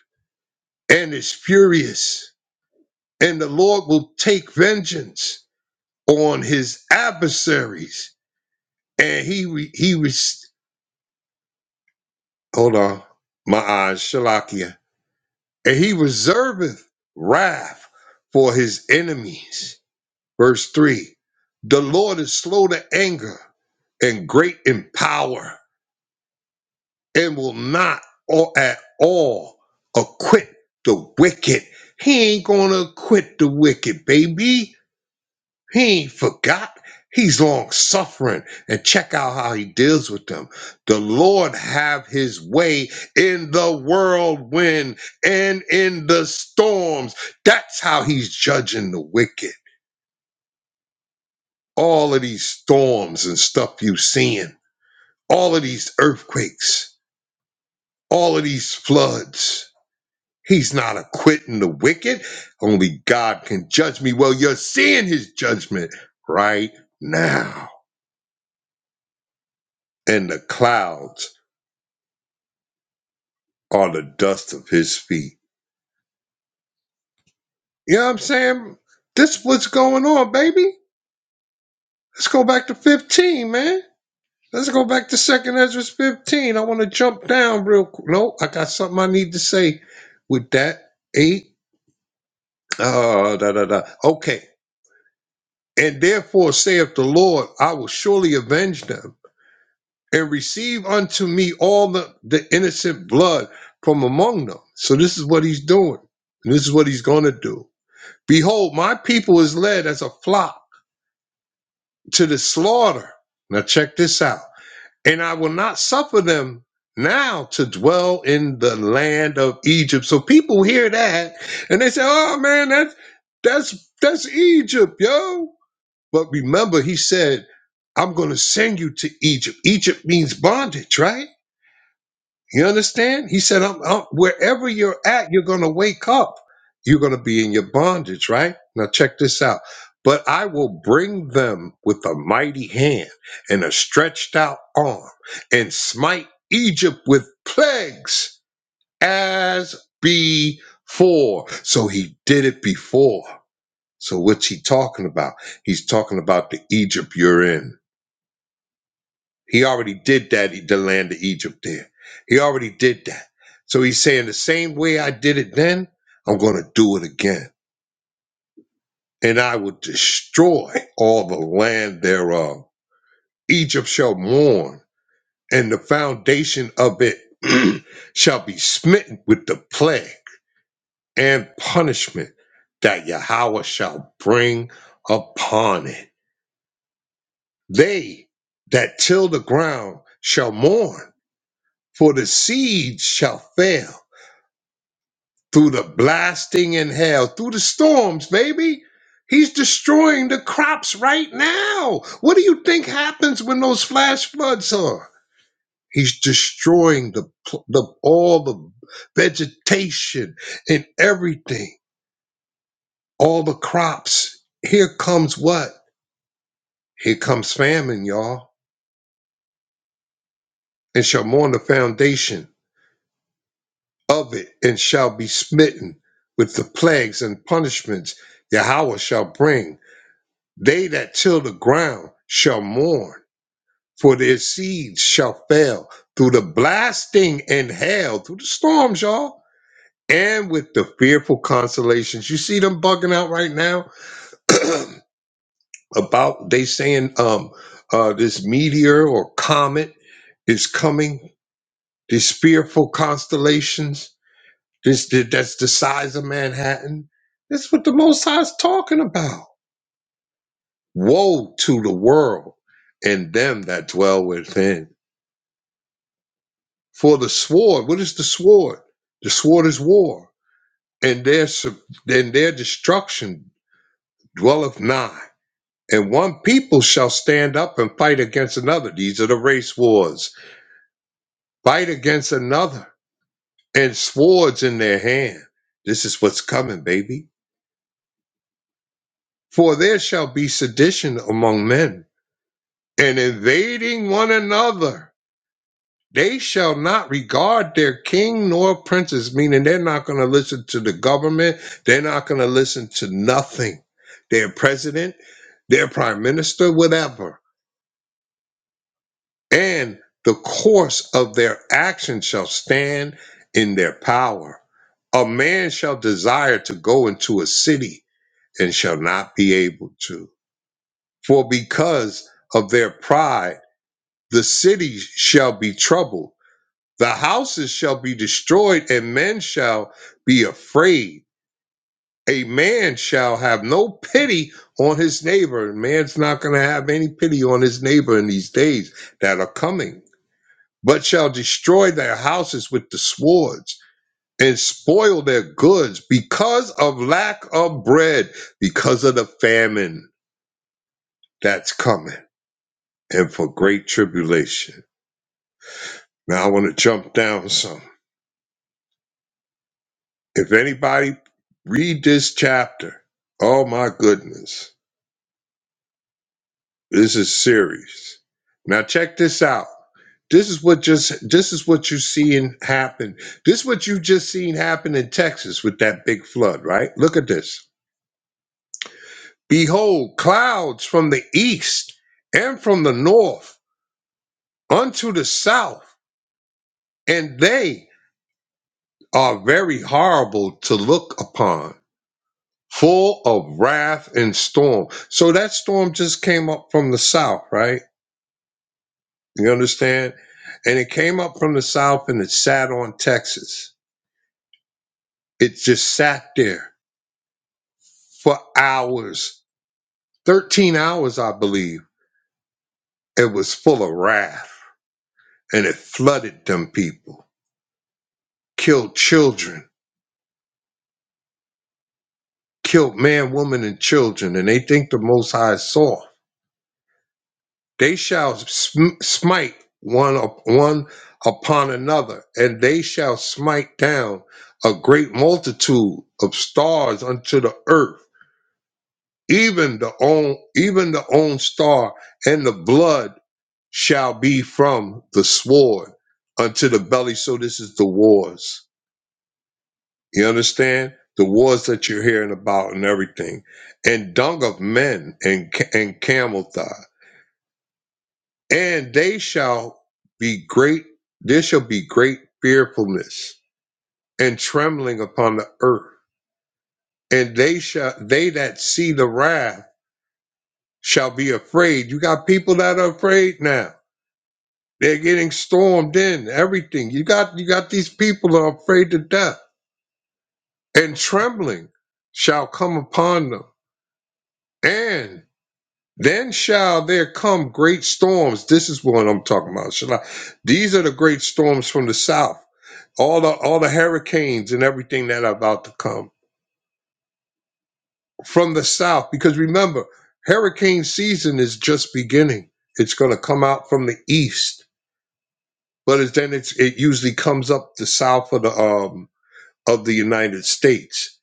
[SPEAKER 2] and is furious. And the Lord will take vengeance on his adversaries. And he, re- he res. hold on, my eyes, Shalakia. And he reserveth wrath for his enemies Verse 3 The Lord is slow to anger and great in power, and will not or at all acquit the wicked. He ain't gonna acquit the wicked, baby. He ain't forgot. He's long suffering. And check out how he deals with them. The Lord have his way in the whirlwind and in the storms. That's how he's judging the wicked. all of these storms and stuff you seeing, all of these earthquakes, all of these floods. He's not acquitting the wicked. Only God can judge me. Well, you're seeing his judgment right now. And the clouds are the dust of his feet. You know what I'm saying? This is what's going on, baby. Let's go back to 15, man. Let's go back to Second Ezra 15. I want to jump down real quick. No, I got something I need to say with that. 8 Ah, da, da, da. Okay. And therefore saith the Lord, I will surely avenge them, and receive unto me all the, the innocent blood from among them. So this is what he's doing, and this is what he's going to do. Behold, my people is led as a flock to the slaughter. Now check this out. And I will not suffer them now to dwell in the land of Egypt. So people hear that and they say, Oh man, that's that's that's Egypt, yo But remember, he said, I'm going to send you to Egypt. Egypt means bondage, right? You understand? He said, I'm, I'm, wherever you're at, you're going to wake up. You're going to be in your bondage, right? Now, check this out. But I will bring them with a mighty hand and a stretched out arm and smite Egypt with plagues as before. So he did it before. So what's he talking about? He's talking about the Egypt you're in. He already did that, the land of Egypt there. He already did that. So he's saying the same way I did it then, I'm going to do it again. And I will destroy all the land thereof. Egypt shall mourn, and the foundation of it shall be smitten with the plague and punishment that Yahweh shall bring upon it. They that till the ground shall mourn, for the seed shall fail through the blasting and hail, through the storms, baby. He's destroying the crops right now. What do you think happens when those flash floods are? He's destroying the, pl- the all the vegetation and everything, all the crops. Here comes what? Here comes famine, y'all, and shall mourn the foundation of it and shall be smitten with the plagues and punishments Yahweh shall bring. They that till the ground shall mourn, for their seeds shall fail through the blasting and hail, through the storms, y'all, and with the fearful consolations. You see them bugging out right now about they saying um uh this meteor or comet is coming, these fearful constellations This that's the size of Manhattan. That's what the Most High's talking about. Woe to the world and them that dwell within. For the sword, what is the sword? The sword is war, and their sub- and their destruction dwelleth nigh. And one people shall stand up and fight against another. These are the race wars. Fight against another, and swords in their hand. This is what's coming, baby. For there shall be sedition among men and invading one another. They shall not regard their king nor princes, meaning they're not going to listen to the government. They're not going to listen to nothing. Their president, their prime minister, whatever. And the course of their action shall stand in their power. A man shall desire to go into a city and shall not be able to. For because of their pride, the city shall be troubled The houses shall be destroyed, and men shall be afraid. A man shall have no pity on his neighbor. Man's not going to have any pity on his neighbor in these days that are coming, but shall destroy their houses with the swords and spoil their goods because of lack of bread, because of the famine that's coming, and for great tribulation. Now I want to jump down some. If anybody read this chapter, oh my goodness, this is serious. Now check this out. This is what just this is what you seeing happen. This is what you just seen happen in Texas with that big flood, right? Look at this. Behold, clouds from the east and from the north unto the south, and they are very horrible to look upon. full of wrath and storm. So that storm just came up from the south, right? You understand? And it came up from the south and it sat on Texas. It just sat there for hours, 13 hours, I believe. It was full of wrath and it flooded them people, killed children, killed man, woman, and children. And they think the Most High saw. They shall sm- smite one up, one upon another, and they shall smite down a great multitude of stars unto the earth, even the own even the own star, and the blood shall be from the sword unto the belly. So this is the wars. You understand the wars that you're hearing about and everything, and dung of men and ca- and camel thigh. and they shall be great there shall be great fearfulness and trembling upon the earth and they shall they that see the wrath shall be afraid you got people that are afraid now they're getting stormed in everything you got you got these people that are afraid to death and trembling shall come upon them and then shall there come great storms this is what i'm talking about Shall I- these are the great storms from the south all the all the hurricanes and everything that are about to come from the south because remember hurricane season is just beginning it's going to come out from the east but it's, then it's it usually comes up the south of the um of the united states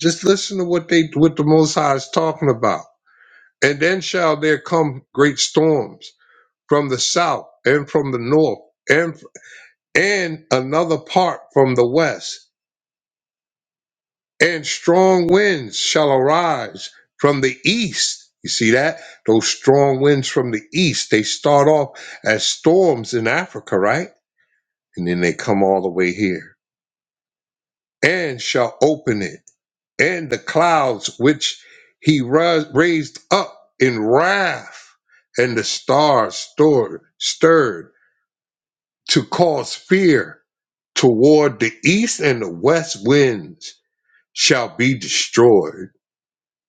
[SPEAKER 2] just listen to what they what the most high is talking about and then shall there come great storms from the south and from the north and and another part from the west and strong winds shall arise from the east. You see that? Those strong winds from the east, they start off as storms in Africa, right? And then they come all the way here and shall open it. And the clouds which he ra- raised up in wrath, and the stars stirred, stirred to cause fear toward the east and the west winds shall be destroyed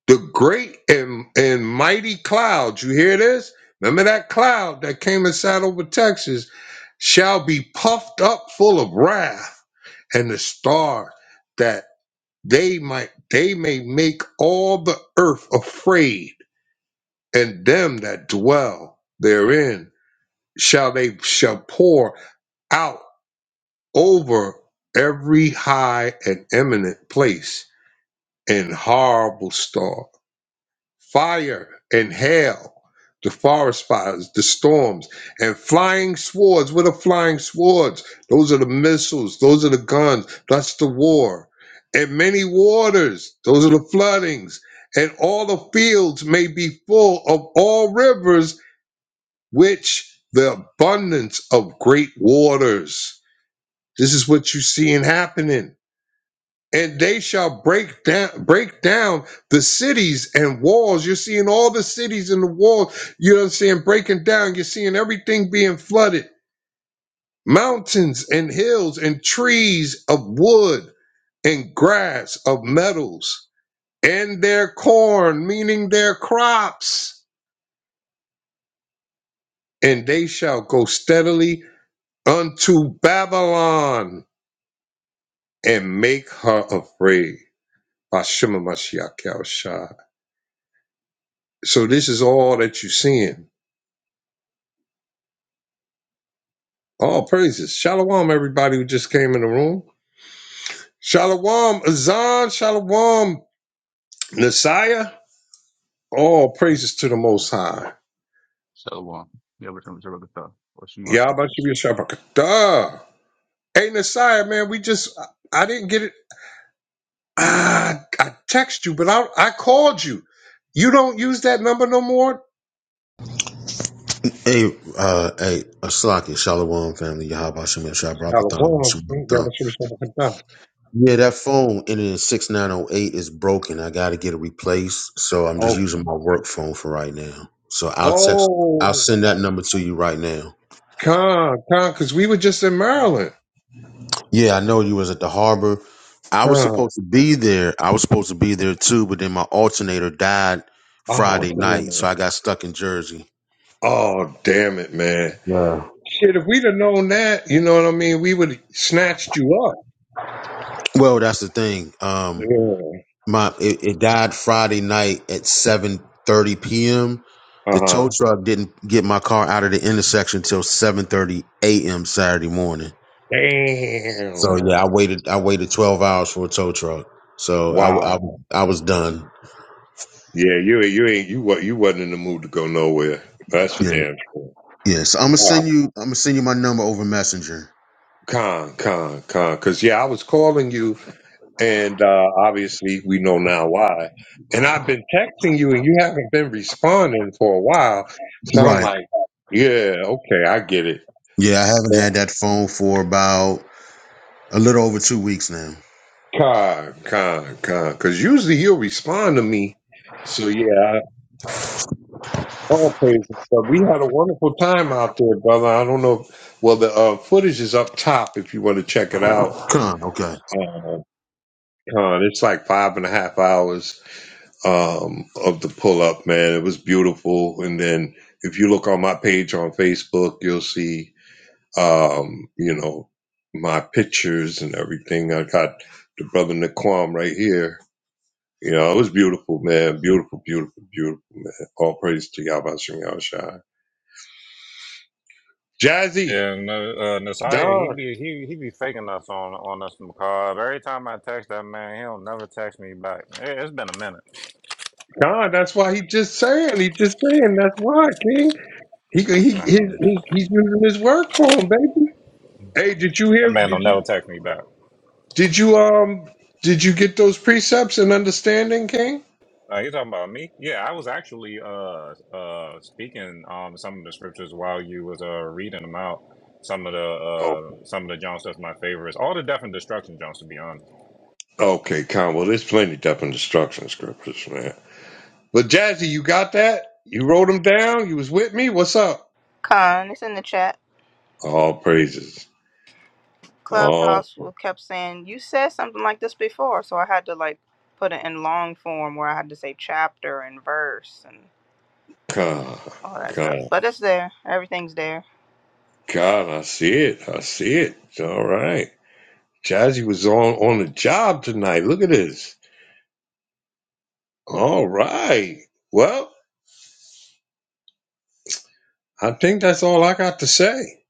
[SPEAKER 2] the great and, and mighty cloud. You hear this? Remember that cloud that came and sat over Texas shall be puffed up full of wrath, and the star that they might they may make all the earth afraid, and them that dwell therein shall they shall pour out over every high and eminent place in horrible storm fire and hail, the forest fires, the storms, and flying swords. What are flying swords? Those are the missiles, those are the guns, that's the war. And many waters, those are the floodings, and all the fields may be full of all rivers, which the abundance of great waters. This is what you're seeing happening and they shall break down break down the cities and walls. You're seeing all the cities and the walls, you know what I'm saying, breaking down. You're seeing everything being flooded. Mountains and hills and trees of wood and grass of metals and their corn, meaning their crops, and they shall go steadily unto Babylon and make her afraid. Hashem Mashiach Shah. So this is all that you're seeing All praises. Shalom, everybody who just came in the room. Shalom, Azan. Shalom, Nasiah. All praises to the Most High.
[SPEAKER 10] Shalom. Yeah, we're talking about the Or some like that.
[SPEAKER 2] Yahweh Shua Shabbatah. Hey, Nasiah, man, we just, I didn't get it. Ah, I text you, but I, I called you. You don't use that number no more?
[SPEAKER 11] Hey, uh, hey, Aslaki, Shalom family, Yahab Hashem Yashai
[SPEAKER 2] Shalom.
[SPEAKER 11] Barakathon, Shalom Thon.
[SPEAKER 2] Yahweh Shua Shabbatah.
[SPEAKER 11] Yeah, that phone ending in 6908 is broken. I got to get it replaced. So I'm just
[SPEAKER 2] Oh,
[SPEAKER 11] using my work phone for right now. So I'll text, I'll send that
[SPEAKER 2] oh,
[SPEAKER 11] number to you right now.
[SPEAKER 2] con, con, because we were just in Maryland.
[SPEAKER 11] Yeah, I know you was at the harbor. I was
[SPEAKER 2] Con.
[SPEAKER 11] supposed to be there. I was supposed to be there too, but then my alternator died
[SPEAKER 2] Oh,
[SPEAKER 11] Friday night.
[SPEAKER 2] damn
[SPEAKER 11] So
[SPEAKER 2] it.
[SPEAKER 11] I got stuck in Jersey.
[SPEAKER 2] Oh, damn it, man.
[SPEAKER 11] Yeah.
[SPEAKER 2] Shit, if we'd have known that, you know what I mean, we would have snatched you up.
[SPEAKER 11] Well, that's the thing. Um,
[SPEAKER 2] Yeah.
[SPEAKER 11] My it, it died Friday night at seven thirty p.m. The
[SPEAKER 2] Uh
[SPEAKER 11] tow
[SPEAKER 2] huh.
[SPEAKER 11] truck didn't get my car out of the intersection till seven thirty a.m. Saturday morning. So
[SPEAKER 2] Damn.
[SPEAKER 11] yeah, I waited. I waited twelve hours for a tow truck. So I, w- I,
[SPEAKER 2] Wow.
[SPEAKER 11] w- I was done.
[SPEAKER 2] Yeah, you ain't- you ain't you what you wasn't in the mood to go nowhere. That's for
[SPEAKER 11] Yeah,
[SPEAKER 2] damn sure.
[SPEAKER 11] yeah. So I'm gonna send
[SPEAKER 2] Wow.
[SPEAKER 11] you. I'm gonna send you my number over Messenger.
[SPEAKER 2] Con, con, con. Cause yeah, I was calling you and uh obviously we know now why. And I've been texting you and you haven't been responding for a while. So I'm
[SPEAKER 11] Right.
[SPEAKER 2] like, Yeah, okay, I get it.
[SPEAKER 11] Yeah, I haven't had that phone for about a little over two weeks now.
[SPEAKER 2] Con, con, con. Because usually he'll respond to me. So yeah, I, all praises. But we had a wonderful time out there, brother. I don't know. If, well, the uh, footage is up top if you want to check it out.
[SPEAKER 11] Come. Okay.
[SPEAKER 2] Um, con, it's like five and a half hours um, of the pull up, man. It was beautiful. And then if you look on my page on Facebook, you'll see, um, you know, my pictures and everything. I got the brother Naquam right here You know, it was beautiful, man. Beautiful, beautiful, beautiful, man. All praise to Yahweh Shem Shai. Jazzy,
[SPEAKER 9] Yeah, no, uh, Nasiah, he
[SPEAKER 2] Don,
[SPEAKER 9] be he he be faking us on on us from McCall. Every time I text that man, he don't never text me back. It, has been a minute.
[SPEAKER 2] Don. That's why he just saying. He just saying. That's why, King. He he his,
[SPEAKER 9] Mm.
[SPEAKER 2] he he's using his work for him, baby. Hey, did you
[SPEAKER 9] That
[SPEAKER 2] hear?
[SPEAKER 9] man
[SPEAKER 2] Did
[SPEAKER 9] don't never
[SPEAKER 2] you
[SPEAKER 9] text me back.
[SPEAKER 2] did you um did you get those precepts and understanding, King?
[SPEAKER 9] Uh, you talking about me? Yeah, I was actually uh uh speaking um some of the scriptures while you was uh reading them out. Some of the
[SPEAKER 2] Oh,
[SPEAKER 9] uh some of the John stuff's my favorites. All the death and destruction Johns, to be honest.
[SPEAKER 2] okay, Con. Well, there's plenty depth and destruction scriptures, man. But Jazzy, you got that? You wrote them down. You was with me. What's up?
[SPEAKER 6] con. It's in the chat.
[SPEAKER 2] All praises.
[SPEAKER 6] Clubhouse will kept saying you said something like this before, so I had to like put it in long form where I had to say chapter and verse and
[SPEAKER 2] God,
[SPEAKER 6] all that
[SPEAKER 2] God,
[SPEAKER 6] stuff. But it's there. Everything's there.
[SPEAKER 2] God, I see it. I see it. All right. Jazzy was on, on the job tonight. Look at this. All right. Well, I think that's all I got to say.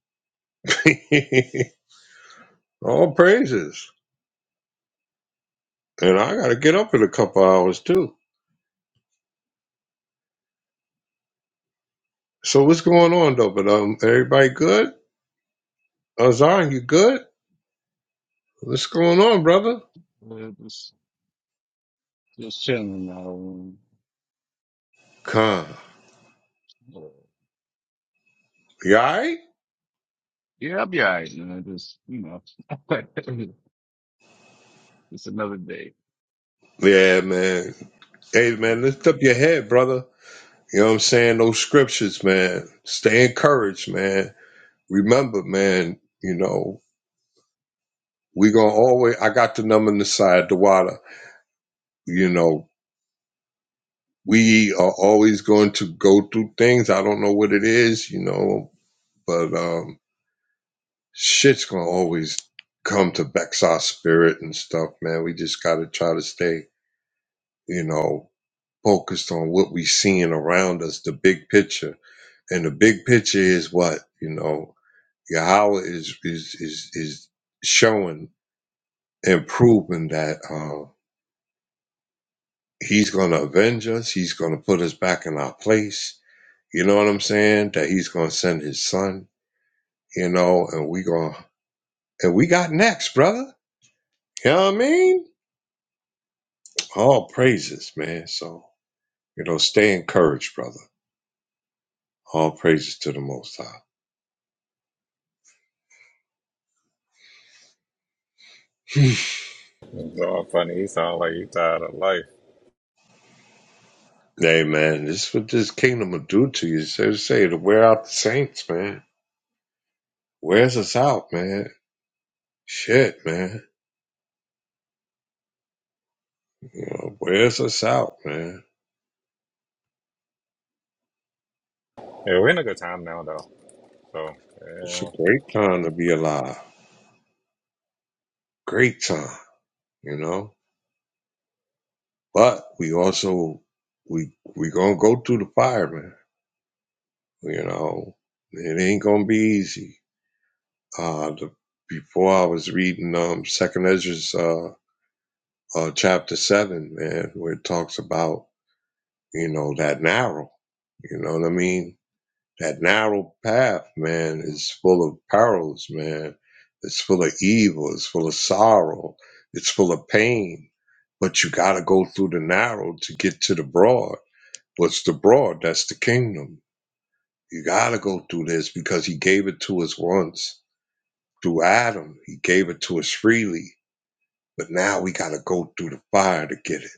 [SPEAKER 2] all praises. And I got to get up in a couple hours, too. So what's going on, though? But um, everybody good? Azan, you good? What's going on, brother?
[SPEAKER 10] Uh, Just, just chilling now.
[SPEAKER 2] Come.
[SPEAKER 10] Uh,
[SPEAKER 2] You all right?
[SPEAKER 10] Yeah, I'll be alright. You know, just you know, it's another day.
[SPEAKER 2] Yeah, man. Hey, man, lift up your head, brother. You know what I'm saying? Those scriptures, man. Stay encouraged, man. Remember, man, you know, we gonna always I got the number on the side, the water. You know, we are always going to go through things. I don't know what it is, you know, but um shit's gonna always come to vex our spirit and stuff, man. We just gotta try to stay, you know, focused on what we seeing around us, the big picture. And the big picture is what, you know, Yahweh is is is is showing and proving that uh, he's going to avenge us. He's going to put us back in our place. You know what I'm saying? That he's going to send his son. You know, and we going to and we got next, brother. You know what I mean? All praises, man. So you know, stay encouraged, brother. All praises to the Most High.
[SPEAKER 9] It's all funny. He sound like he tired of life.
[SPEAKER 2] hey, man, this is what this kingdom will do to you. So to say to wear out the saints, man. Wears us out, man. Shit, man. You know, wears us out, man.
[SPEAKER 9] Yeah, we're in a good time now though. So
[SPEAKER 2] It's
[SPEAKER 9] yeah.
[SPEAKER 2] a great time to be alive. Great time, you know. But we also we we gonna go through the fire, man. You know, it ain't gonna be easy. Uh, the, before I was reading um Second Ezra's uh, uh chapter seven, man, where it talks about you know that narrow. You know what I mean? That narrow path, man, is full of perils, man. It's full of evil. It's full of sorrow. It's full of pain. But you got to go through the narrow to get to the broad. What's the broad? That's the kingdom. You got to go through this because he gave it to us once through Adam. He gave it to us freely. But now we got to go through the fire to get it.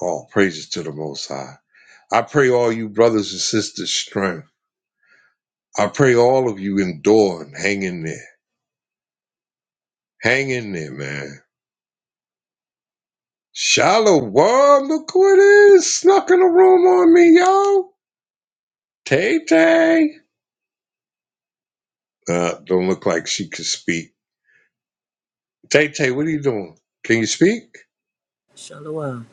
[SPEAKER 2] All praises to the Most High. I pray all you brothers and sisters strength. I pray all of you endure and hang in there. Hang in there, man. Shalom, look who it is. Snuck in the room on me, yo. Tay Tay. Uh, don't look like she could speak. Tay Tay, what are you doing? Can you speak?
[SPEAKER 12] Shalom.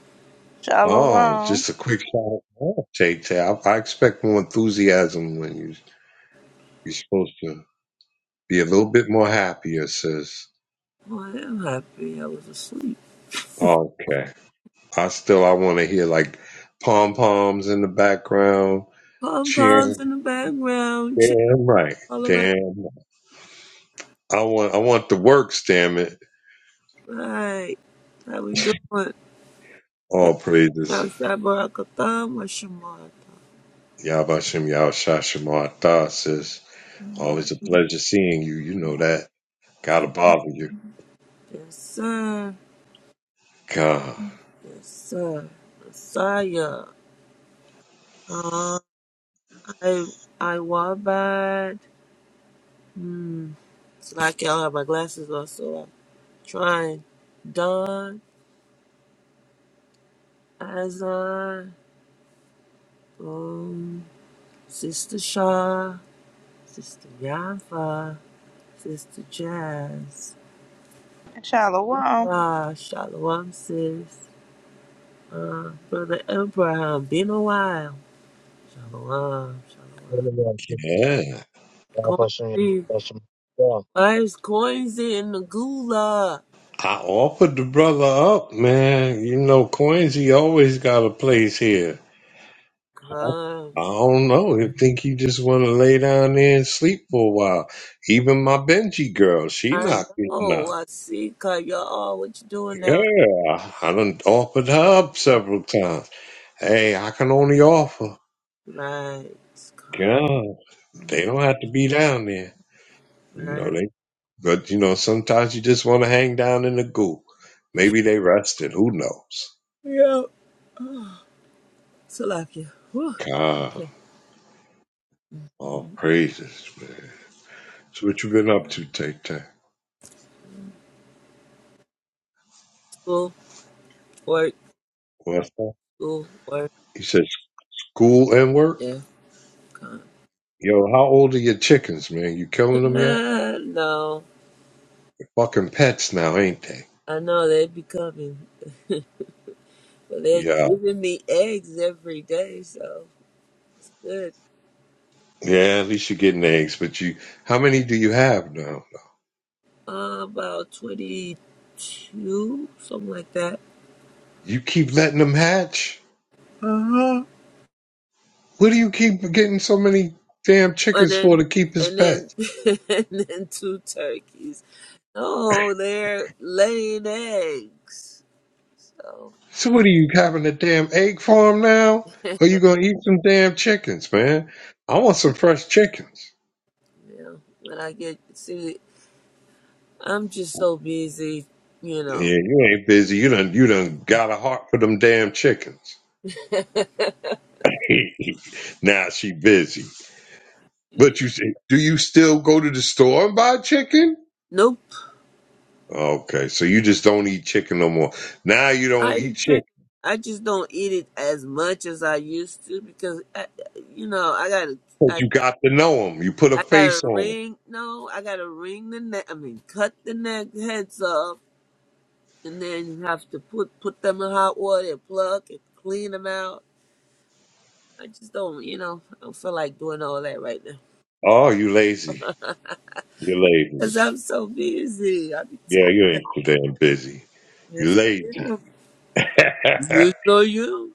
[SPEAKER 2] Oh,
[SPEAKER 6] Shalom.
[SPEAKER 2] just a quick shout out. Oh, Tay Tay, I, I expect more enthusiasm when you, you're supposed to be a little bit more happier, sis.
[SPEAKER 12] Oh, I am happy. I was asleep.
[SPEAKER 2] Okay. I still, I want to hear like pom poms in the background
[SPEAKER 12] Pom poms
[SPEAKER 2] cheering.
[SPEAKER 12] in the background. Chill
[SPEAKER 2] Damn right.
[SPEAKER 12] all around.
[SPEAKER 2] Damn I want I want the works, damn it.
[SPEAKER 12] Right. How we doing?
[SPEAKER 2] All
[SPEAKER 12] Yep. Now,
[SPEAKER 2] praises.
[SPEAKER 12] Shabbarakatam. Washamata.
[SPEAKER 2] Yabashim Yahshashimata says, always a pleasure seeing you. You know that. Gotta bother you.
[SPEAKER 12] Yes, sir.
[SPEAKER 2] God.
[SPEAKER 12] Yes, sir. Messiah. Uh, I, I Wabad. Hmm. It's like I have my glasses on, so I'm trying. Don, Azan, um, Sister Shah, Sister Yafa. Sister Jazz.
[SPEAKER 6] Shalom.
[SPEAKER 12] Ah, Shalom, sis. Uh, Brother Abraham, been a while. Shalom, shalom.
[SPEAKER 2] Yeah.
[SPEAKER 12] Coinsy. Why is Coinsy in the gulag?
[SPEAKER 2] I offered the brother up, man. You know, Coinsy always got a place here.
[SPEAKER 12] Come.
[SPEAKER 2] I don't know. I think he just want to lay down there and sleep for a while. Even my Benji girl, she
[SPEAKER 12] I
[SPEAKER 2] not getting
[SPEAKER 12] know,
[SPEAKER 2] up.
[SPEAKER 12] I see, Ka, y'all. What you doing now?
[SPEAKER 2] Yeah, I done offered her up several times. Hey, I can only offer.
[SPEAKER 12] Right, Ka,
[SPEAKER 2] God, they don't have to be down there. You know,
[SPEAKER 12] right.
[SPEAKER 2] they, but you know, sometimes you just want to hang down in the goo. Maybe they rested. Who knows?
[SPEAKER 12] Yeah. Oh, Salakia. Whew.
[SPEAKER 2] God,
[SPEAKER 12] Okay.
[SPEAKER 2] all
[SPEAKER 12] Mhm.
[SPEAKER 2] praises, man. So what you been up to, Tay Tay?
[SPEAKER 12] School, work,
[SPEAKER 2] What's up?
[SPEAKER 12] school, work.
[SPEAKER 2] You said school and work?
[SPEAKER 12] Yeah, Ka.
[SPEAKER 2] Yo, how old are your chickens, man? You killing them yet?
[SPEAKER 12] no.
[SPEAKER 2] Fucking pets now, ain't they?
[SPEAKER 12] I know they be coming. But they're
[SPEAKER 2] Yeah.
[SPEAKER 12] giving me eggs every day, so good.
[SPEAKER 2] Yeah, at least you're getting eggs, but you, how many do you have now?
[SPEAKER 12] Uh, about 22, something like that.
[SPEAKER 2] You keep letting them hatch?
[SPEAKER 12] Uh-huh.
[SPEAKER 2] What do you keep getting so many damn
[SPEAKER 12] And
[SPEAKER 2] chickens for
[SPEAKER 12] then,
[SPEAKER 2] to keep as
[SPEAKER 12] and then,
[SPEAKER 2] pets?
[SPEAKER 12] and then two turkeys. Oh, they're laying eggs. So,
[SPEAKER 2] So what are you having a damn egg farm now? Or you gonna eat some damn chickens, man? I want some fresh chickens.
[SPEAKER 12] yeah, when I get, see, I'm just so busy, you
[SPEAKER 2] Yeah,
[SPEAKER 12] know.
[SPEAKER 2] you ain't busy. You done you done got a heart for them damn chickens. now she busy. But you say- do you still go to the store and buy chicken?
[SPEAKER 12] Nope.
[SPEAKER 2] Okay, so you just don't eat chicken no more. Now you
[SPEAKER 12] I
[SPEAKER 2] don't eat
[SPEAKER 12] eat
[SPEAKER 2] chicken
[SPEAKER 12] chicken. I just don't eat it as much as I used to because I, you know, I got to.
[SPEAKER 2] because you got to know them. You put a
[SPEAKER 12] I gotta
[SPEAKER 2] face on them.
[SPEAKER 12] ring. No, I gotta wring the neck. I mean, cut the neck heads off, and then you have to put put them in hot water and plug and clean them out. I just don't, you know, I don't feel like doing all that right now
[SPEAKER 2] Oh, you lazy. You're lazy.
[SPEAKER 12] because I'm so busy. I be
[SPEAKER 2] Yeah,
[SPEAKER 12] tired.
[SPEAKER 2] you ain't too damn busy. You
[SPEAKER 12] Yes,
[SPEAKER 2] lazy.
[SPEAKER 12] yeah. You know you.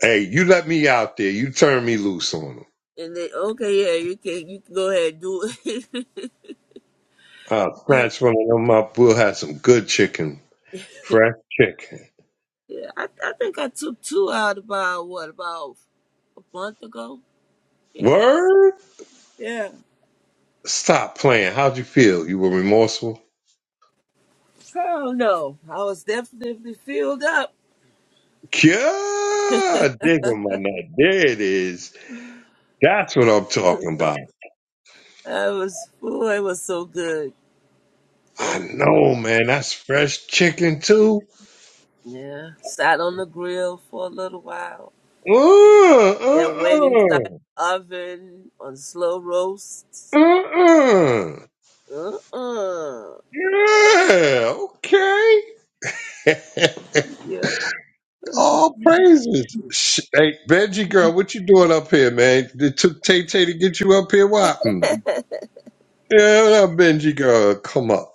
[SPEAKER 2] hey, you let me out there. You turn me loose on them.
[SPEAKER 12] And they okay, yeah, you can you can go ahead and do it.
[SPEAKER 2] I'll
[SPEAKER 12] Like,
[SPEAKER 2] snatch one of them up. We'll have some good chicken, fresh chicken.
[SPEAKER 12] yeah, I I think I took two out about what about a month ago. Yeah,
[SPEAKER 2] Word?
[SPEAKER 12] yeah.
[SPEAKER 2] Stop playing. How'd you feel? You were remorseful?
[SPEAKER 12] I don't know. I was definitely filled up.
[SPEAKER 2] Yeah, dig 'em, my nut. There it is. That's what I'm talking about.
[SPEAKER 12] I was, oh, it was so good. It
[SPEAKER 2] I
[SPEAKER 12] was, so,
[SPEAKER 2] know, man. That's fresh chicken too.
[SPEAKER 12] yeah. Sat on the grill for a little while.
[SPEAKER 2] Uh, uh,
[SPEAKER 12] Then went inside the
[SPEAKER 2] uh,
[SPEAKER 12] oven on slow
[SPEAKER 2] uh,
[SPEAKER 12] roast.
[SPEAKER 2] uh.
[SPEAKER 12] Uh-uh.
[SPEAKER 2] Yeah. Okay.
[SPEAKER 12] Yeah.
[SPEAKER 2] All praises. Sh- Hey, Benji girl, what you doing up here, man? It took Tay Tay to get you up here. Why? Mm. Yeah, what up, Benji girl, come up.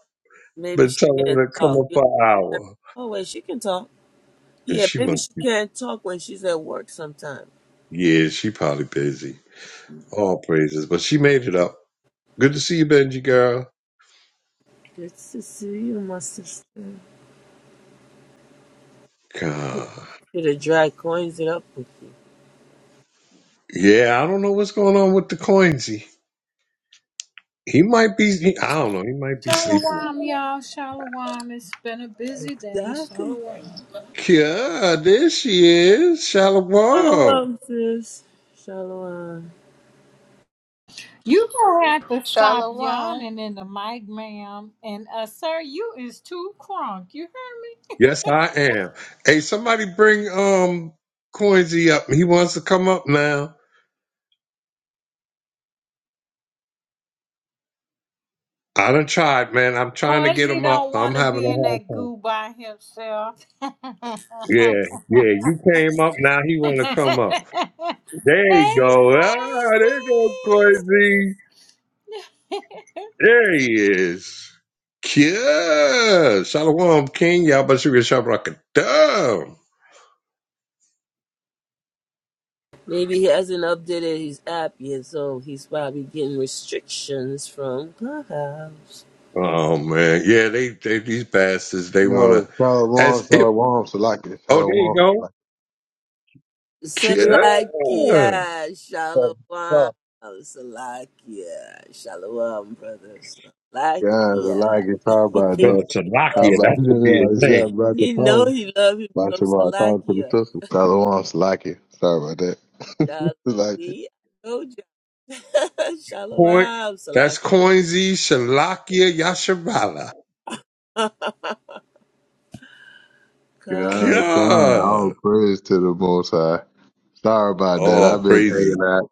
[SPEAKER 12] maybe
[SPEAKER 2] Been
[SPEAKER 12] she
[SPEAKER 2] telling
[SPEAKER 12] can't
[SPEAKER 2] her to come
[SPEAKER 12] talk.
[SPEAKER 2] up
[SPEAKER 12] You
[SPEAKER 2] for an
[SPEAKER 12] know?
[SPEAKER 2] hour.
[SPEAKER 12] Oh, wait, she can talk.
[SPEAKER 2] And
[SPEAKER 12] Yeah,
[SPEAKER 2] she
[SPEAKER 12] maybe
[SPEAKER 2] must
[SPEAKER 12] she
[SPEAKER 2] be,
[SPEAKER 12] can't talk when she's at work sometime.
[SPEAKER 2] yeah, she probably busy. All praises, but she made it up. Good to see you, Benji girl.
[SPEAKER 12] Good to see you, my sister. Should
[SPEAKER 2] God.
[SPEAKER 12] have dry coins it up.
[SPEAKER 2] Yeah, I don't know what's going on with the coinsy. He might be, he- I don't know, he might be sleeping.
[SPEAKER 13] Shalom, y'all. Shalom. It's been a busy day.
[SPEAKER 12] Exactly.
[SPEAKER 13] Shalom.
[SPEAKER 2] Yeah, there she is, Shalom.
[SPEAKER 12] Shalom, sis. Shalom.
[SPEAKER 13] You gonna have to stop
[SPEAKER 6] Shalom.
[SPEAKER 13] yawning in the mic, ma'am. And uh, sir, you is too crunk. You heard me?
[SPEAKER 2] Yes, I am. Hey, somebody bring um Coinsy up. He wants to come up now. I done tried, man. I'm trying to get
[SPEAKER 13] Quincy
[SPEAKER 2] him up.
[SPEAKER 13] don't
[SPEAKER 2] I'm
[SPEAKER 13] want to
[SPEAKER 2] having
[SPEAKER 13] be
[SPEAKER 2] a
[SPEAKER 13] in
[SPEAKER 2] hard
[SPEAKER 13] that
[SPEAKER 2] time.
[SPEAKER 13] goo by himself. hey,
[SPEAKER 2] Yeah, yeah. You came up now. He want to come up. There you go. Ah,
[SPEAKER 13] Quincy.
[SPEAKER 2] there go Coinsy. There he is. Yeah. Shalom, King. Y'all better Yabashua Shabrakadam.
[SPEAKER 12] Maybe he hasn't updated his app yet, so he's probably getting restrictions from Clubhouse.
[SPEAKER 2] Oh man, yeah. They, they these bastards. They want to,
[SPEAKER 14] No, Shalom,
[SPEAKER 2] as if.
[SPEAKER 14] Shalom, Salakia,
[SPEAKER 2] Oh, there you
[SPEAKER 14] Shalom,
[SPEAKER 2] go.
[SPEAKER 14] Salakia.
[SPEAKER 12] Salakia,
[SPEAKER 2] Yeah.
[SPEAKER 12] Shalom. Salakia, Shalom, brother.
[SPEAKER 14] Yeah,
[SPEAKER 12] Salakia.
[SPEAKER 14] Salakia, how about
[SPEAKER 2] Brother
[SPEAKER 14] that? How
[SPEAKER 2] Salakia,
[SPEAKER 14] about
[SPEAKER 2] that should be
[SPEAKER 14] that?
[SPEAKER 2] his
[SPEAKER 14] It's
[SPEAKER 2] name.
[SPEAKER 14] that brother
[SPEAKER 12] he, know, he know
[SPEAKER 14] Paul.
[SPEAKER 12] he love him
[SPEAKER 14] My
[SPEAKER 12] from
[SPEAKER 14] Shabbat, talk to the
[SPEAKER 12] Salakia.
[SPEAKER 14] sister. Shalom, Salakia. Sorry about that.
[SPEAKER 12] Shalom.
[SPEAKER 14] Salakia.
[SPEAKER 12] See, I told you.
[SPEAKER 2] Coin,
[SPEAKER 12] Shalom,
[SPEAKER 2] that's
[SPEAKER 12] Salakia.
[SPEAKER 2] Coinsy Shalakia Yashabala.
[SPEAKER 14] God, God,
[SPEAKER 12] God,
[SPEAKER 2] God.
[SPEAKER 14] all praise to the Most High. Sorry about that. I've
[SPEAKER 2] Oh,
[SPEAKER 14] been
[SPEAKER 2] praises.
[SPEAKER 14] hanging out,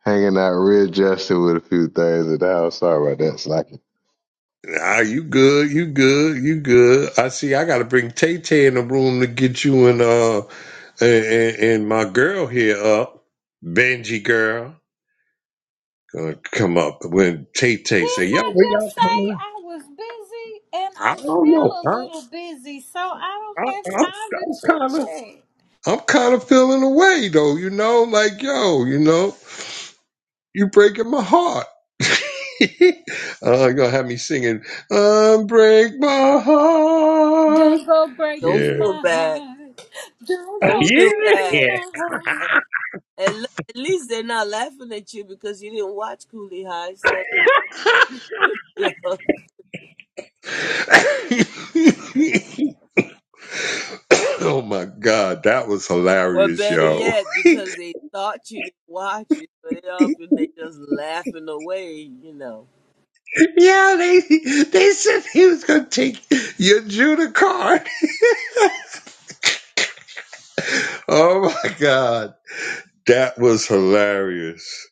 [SPEAKER 14] hanging out, readjusting with a few things at the house. Sorry about that, Salakia.
[SPEAKER 2] Ah, you good, you good, you good. I see I gotta bring Tay Tay in the room to get you and uh and, and, and my girl here up, Benji girl, gonna come up when Tay Tay say,
[SPEAKER 13] Didn't
[SPEAKER 2] "Yo,
[SPEAKER 13] I
[SPEAKER 2] where
[SPEAKER 13] just
[SPEAKER 2] y'all
[SPEAKER 13] say
[SPEAKER 2] coming?"
[SPEAKER 13] I was busy and
[SPEAKER 2] I
[SPEAKER 13] I'm
[SPEAKER 2] don't
[SPEAKER 13] still
[SPEAKER 2] know.
[SPEAKER 13] a little busy, so I
[SPEAKER 2] I, I,
[SPEAKER 13] don't have
[SPEAKER 2] I'm,
[SPEAKER 13] time to
[SPEAKER 2] I'm
[SPEAKER 13] chit
[SPEAKER 2] kind of,
[SPEAKER 13] chat.
[SPEAKER 2] I'm kind of feeling away though. You know, like yo, you know. you breaking my heart. uh, you're gonna have me singing, unbreak my heart.
[SPEAKER 13] Don't go
[SPEAKER 12] don't
[SPEAKER 13] breaking
[SPEAKER 2] Yeah.
[SPEAKER 12] feel
[SPEAKER 13] my
[SPEAKER 12] bad.
[SPEAKER 13] heart. Don't
[SPEAKER 12] Don't
[SPEAKER 13] go
[SPEAKER 12] feel
[SPEAKER 13] breaking
[SPEAKER 12] bad.
[SPEAKER 13] my heart.
[SPEAKER 12] At, at le- at least they're not laughing at you because you didn't watch Coolie High. So, um, yeah.
[SPEAKER 2] oh my god, that was
[SPEAKER 12] or
[SPEAKER 2] hilarious,
[SPEAKER 12] better
[SPEAKER 2] yo.
[SPEAKER 12] yet, because they thought you didn't watch it, but they often they just laughing away. You know
[SPEAKER 2] yeah, they they said he was gonna take your Judah card. Oh my god, that was hilarious.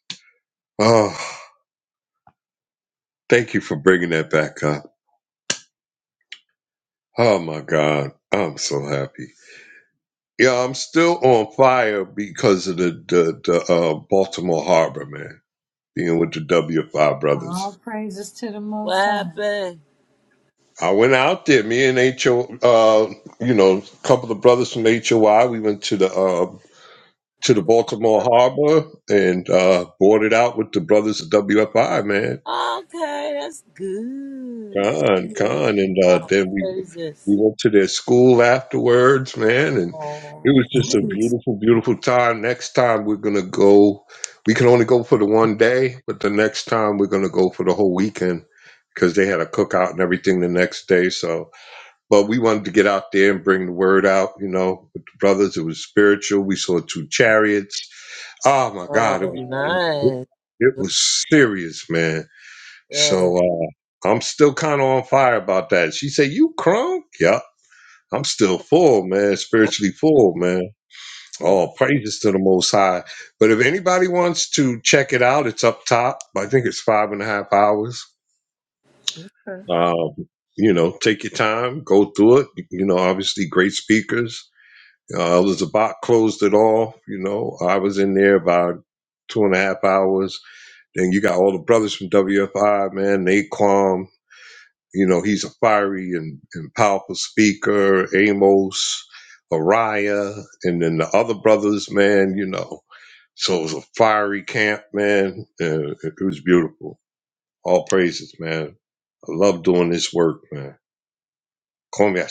[SPEAKER 2] Oh, thank you for bringing that back up. Oh my god, I'm so happy. Yeah, I'm still on fire because of the the, the uh, Baltimore Harbor man being with the W5
[SPEAKER 13] All
[SPEAKER 2] brothers.
[SPEAKER 13] praises to the
[SPEAKER 12] what
[SPEAKER 13] Most High.
[SPEAKER 12] happened?
[SPEAKER 2] I went out there, me and HO, uh, you know, a couple of brothers from HOI. We went to the uh, to the Baltimore Harbor and uh, boarded out with the brothers of WFI, man.
[SPEAKER 12] Okay, that's good.
[SPEAKER 2] Con,
[SPEAKER 12] Yeah.
[SPEAKER 2] con, and uh,
[SPEAKER 12] Oh,
[SPEAKER 2] then we
[SPEAKER 12] praises.
[SPEAKER 2] we went to their school afterwards, man, and
[SPEAKER 12] Oh,
[SPEAKER 2] it was just a
[SPEAKER 12] nice.
[SPEAKER 2] beautiful, beautiful time. Next time we're gonna go. We can only go for the one day, but the next time we're gonna go for the whole weekend because they had a cookout and everything the next day. So, but we wanted to get out there and bring the word out, you know, with the brothers. It was spiritual. We saw two chariots. Oh my God, it
[SPEAKER 12] Oh,
[SPEAKER 2] was it,
[SPEAKER 12] nice.
[SPEAKER 2] it was serious, man so
[SPEAKER 12] Yeah.
[SPEAKER 2] uh, I'm still kind of on fire about that. She said, "You crunk? Yeah, I'm still full, man. Spiritually full, man. All praises to the Most High." But if anybody wants to check it out, it's up top. I think it's five and a half hours. Um, you know, take your time, go through it. You know, obviously great speakers. Uh, Elizabeth closed it off. You know, I was in there about two and a half hours. Then you got all the brothers from WFI, man, Naquan. You know, he's a fiery and, and powerful speaker, Amos, Ariah, and then the other brothers, man, you know. So it was a fiery camp, man. And it was beautiful. All praises, man. I love doing this work, man. Come here,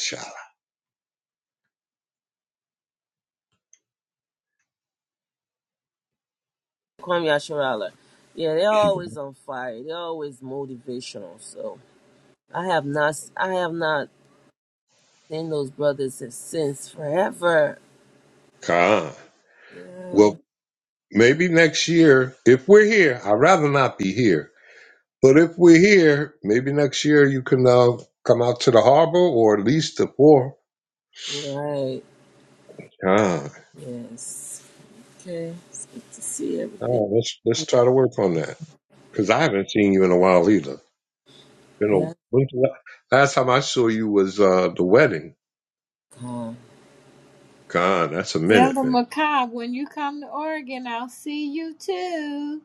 [SPEAKER 12] Kwame Asharala. Yeah, they're always on fire. They're always motivational. So I have not, I have not seen those brothers since, forever. Yeah,
[SPEAKER 2] Well, maybe next year, if we're here, I'd rather not be here. But if we're here, maybe next year you can uh, come out to the harbor or at least the port.
[SPEAKER 12] right.
[SPEAKER 2] Khan.
[SPEAKER 12] Yes. Okay. It's good to see everything.
[SPEAKER 2] Oh, let's let's try to work on that. because I haven't seen you in a while either. You
[SPEAKER 12] Yeah.
[SPEAKER 2] know, when's the la- last time I saw you was uh, the wedding.
[SPEAKER 12] Calm.
[SPEAKER 2] God, that's a minute,
[SPEAKER 13] Elder
[SPEAKER 2] man.
[SPEAKER 13] Macabre, when you come to Oregon, I'll see you too.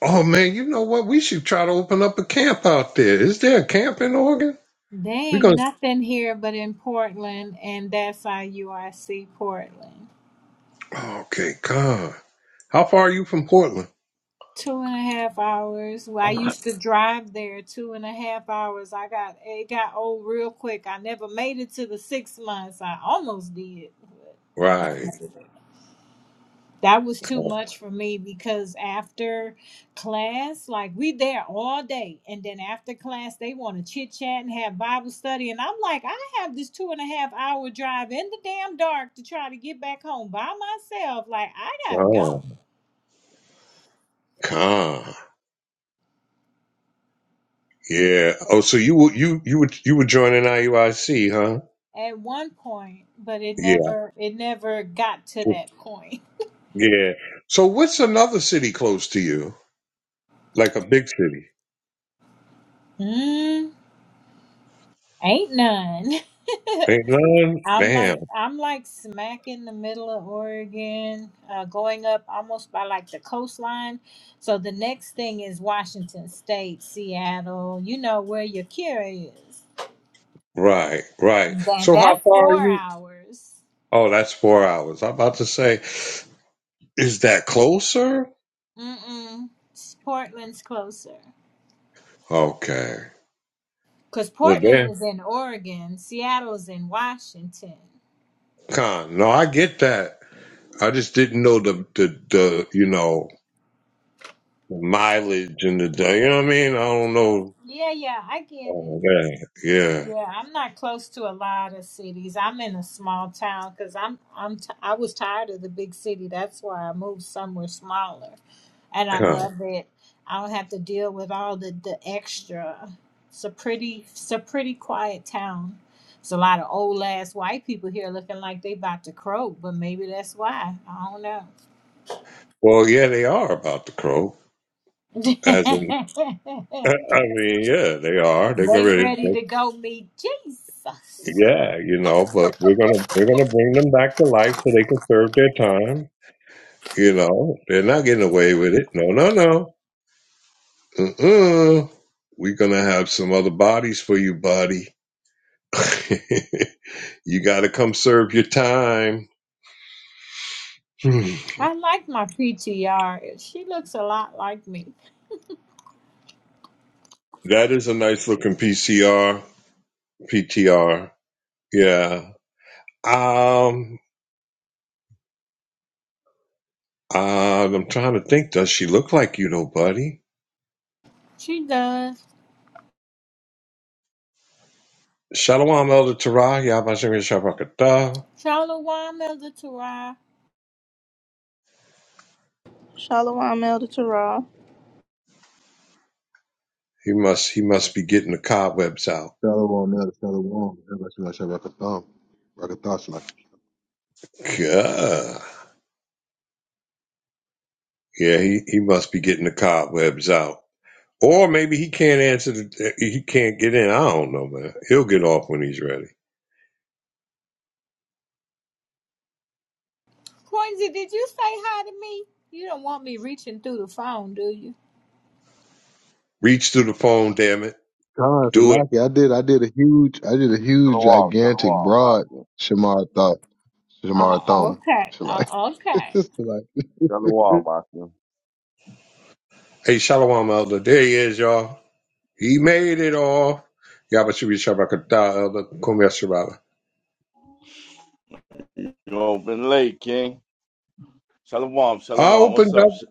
[SPEAKER 2] Oh man, you know what? We should try to open up a camp out there. Is there a camp in Oregon?
[SPEAKER 13] They
[SPEAKER 2] We're
[SPEAKER 13] ain't
[SPEAKER 2] gonna.
[SPEAKER 13] nothing here but in Portland, and that's IUIC Portland.
[SPEAKER 2] Oh, okay, God. How far are you from Portland?
[SPEAKER 13] Two and a half hours. Well, I used to drive there two and a half hours. I got it got old real quick. I never made it to the six months. I almost did, but I never
[SPEAKER 2] Right.
[SPEAKER 13] made it. that was too much for me because after class, like we there all day, and then after class they want to chit chat and have Bible study, and I'm like, I have this two and a half hour drive in the damn dark to try to get back home by myself. Like I gotta
[SPEAKER 2] God.
[SPEAKER 13] go
[SPEAKER 2] God. Yeah. Oh, so you were you you were you were joining IUIC, huh?
[SPEAKER 13] at one point, but it
[SPEAKER 2] Yeah.
[SPEAKER 13] never it never got to that point.
[SPEAKER 2] Yeah. So what's another city close to you? Like a big city?
[SPEAKER 13] Mm, ain't none.
[SPEAKER 2] Ain't none.
[SPEAKER 13] I'm
[SPEAKER 2] Damn.
[SPEAKER 13] like I'm like smack in the middle of Oregon, uh, going up almost by like the coastline. So the next thing is Washington State, Seattle. You know where your cure is.
[SPEAKER 2] Right, right.
[SPEAKER 13] Then
[SPEAKER 2] So how
[SPEAKER 13] that's
[SPEAKER 2] far are
[SPEAKER 13] four
[SPEAKER 2] you?
[SPEAKER 13] hours.
[SPEAKER 2] Oh, that's four hours. I'm about to say, is that closer?
[SPEAKER 13] Mm-mm. S- Portland's closer
[SPEAKER 2] Okay.
[SPEAKER 13] because
[SPEAKER 2] Well
[SPEAKER 13] Portland
[SPEAKER 2] then,
[SPEAKER 13] is in Oregon. Seattle's in Washington.
[SPEAKER 2] con. No, I get that. I just didn't know the the the you know mileage and the day. You know what I mean? I don't know.
[SPEAKER 13] Yeah, yeah, I get it.
[SPEAKER 2] Oh man, yeah,
[SPEAKER 13] Yeah, I'm not close to a lot of cities. I'm in a small town because I'm I'm t- I was tired of the big city. That's why I moved somewhere smaller, and I
[SPEAKER 2] con.
[SPEAKER 13] love it. I don't have to deal with all the the extra. It's a pretty it's a pretty quiet town. It's a lot of old ass white people here looking like they about to croak, but maybe that's why. I don't know.
[SPEAKER 2] Well, yeah, they are about to crow. As in, I mean, yeah, they are. They're
[SPEAKER 13] they
[SPEAKER 2] gonna,
[SPEAKER 13] ready to go meet Jesus.
[SPEAKER 2] yeah, you know. But we're gonna we're gonna bring them back to life so they can serve their time You know, they're not getting away with it. No, no, no. Mm-mm. We're going to have some other bodies for you, buddy. you got to come serve your time. Hmm.
[SPEAKER 13] I like my PTR. She looks a lot like me.
[SPEAKER 2] that is a nice looking PCR, PTR. Yeah. Um, uh, I'm trying to think. Does she look like you, though, buddy?
[SPEAKER 13] She does.
[SPEAKER 2] Shalom, Elder Terah. Yabba Shem Yashar Rakatah.
[SPEAKER 13] Shalom, Elder Tarai.
[SPEAKER 6] Shalom, Elder Terah.
[SPEAKER 2] He must, he must be getting the cobwebs out.
[SPEAKER 14] Shalom, man. Shalom. Shabbat, Shabbat, Shabbat, Shabbat, Shabbat, Shabbat, Shabbat,
[SPEAKER 2] Gah. Yeah, he, he must be getting the cobwebs out. Or maybe he can't answer the eh, he can't get in. I don't know, man. He'll get off when he's ready.
[SPEAKER 13] Quincy, did you say hi to me? You don't want me reaching through the phone, do you?
[SPEAKER 2] Reach through the phone, damn it.
[SPEAKER 14] God,
[SPEAKER 2] Do it.
[SPEAKER 14] lucky. I did. I did a huge. I did a huge,
[SPEAKER 15] Shalom,
[SPEAKER 14] gigantic,
[SPEAKER 15] shalom,
[SPEAKER 14] broad
[SPEAKER 15] Master.
[SPEAKER 14] Shamar thought. Shamar
[SPEAKER 13] Oh,
[SPEAKER 14] thumb.
[SPEAKER 13] okay.
[SPEAKER 14] Shalaki.
[SPEAKER 13] Oh,
[SPEAKER 14] Shalaki.
[SPEAKER 13] okay.
[SPEAKER 15] Shalom, Master.
[SPEAKER 2] Hey, Shalom Elder. There he is, y'all. He made it all. Yabashibi Shabakata Elder Kumyashabala.
[SPEAKER 15] Yo, been late, King. Shalom, shalom.
[SPEAKER 2] I
[SPEAKER 15] What's
[SPEAKER 2] opened
[SPEAKER 15] up? Sh-
[SPEAKER 2] up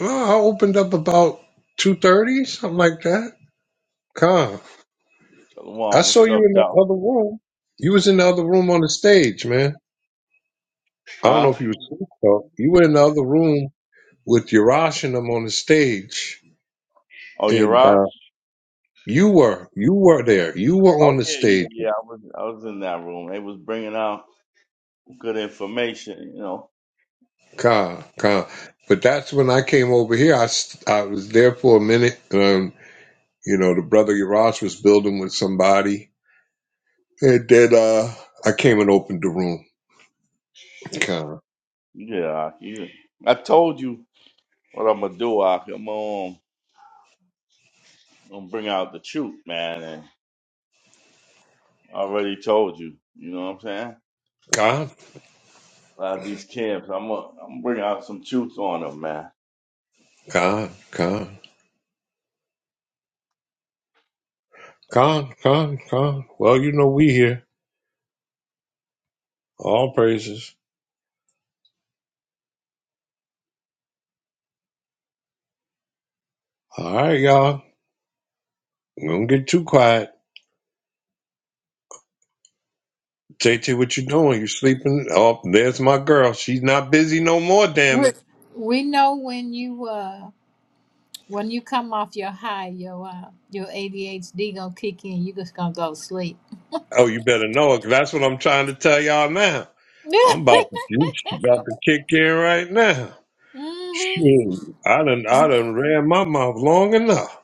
[SPEAKER 2] uh, I opened up about two thirty, something like that. Come. I
[SPEAKER 15] Shalom,
[SPEAKER 2] saw
[SPEAKER 15] what's
[SPEAKER 2] you
[SPEAKER 15] up,
[SPEAKER 2] in
[SPEAKER 15] y'all?
[SPEAKER 2] the other room. You was in the other room on the stage, man. I don't
[SPEAKER 15] Huh?
[SPEAKER 2] know if you was asleep, though. You were in the other room with Yarash and them on the stage.
[SPEAKER 15] Oh, you're
[SPEAKER 2] And uh,
[SPEAKER 15] right.
[SPEAKER 2] You were, you were there. You were
[SPEAKER 15] Oh
[SPEAKER 2] on the
[SPEAKER 15] yeah,
[SPEAKER 2] stage,
[SPEAKER 15] yeah, yeah. I was, I was in that room. They was bringing out good information. You know.
[SPEAKER 2] Khan, Khan. But that's when I came over here. I, s- I was there for a minute. Um, you know, the brother Yarash was building with somebody, and then uh, I came and opened the room. Khan,
[SPEAKER 15] Yeah, Ak, yeah. I told you what I'm gonna do, Ak. I'm gonna, um, I'm gonna bring out the truth, man. And I already told you. You know what I'm saying?
[SPEAKER 2] Khan,
[SPEAKER 15] A lot of these camps, I'm gonna, I'm gonna bring out some truth on them, man.
[SPEAKER 2] Khan, Khan, Khan, Khan, Khan. Well, you know we here. All praises. All right, y'all. Don't get too quiet. JT, what you doing? You sleeping? Oh, there's my girl. She's not busy no more. Damn it.
[SPEAKER 13] We we know when you uh when you come off your high, your uh your ADHD gonna kick in. You just gonna go to sleep.
[SPEAKER 2] Oh, you better know it. 'cause That's what I'm trying to tell y'all now. I'm about to, you about to kick in right now.
[SPEAKER 13] mhm.
[SPEAKER 2] Shoot, I done, I done ran my mouth long enough.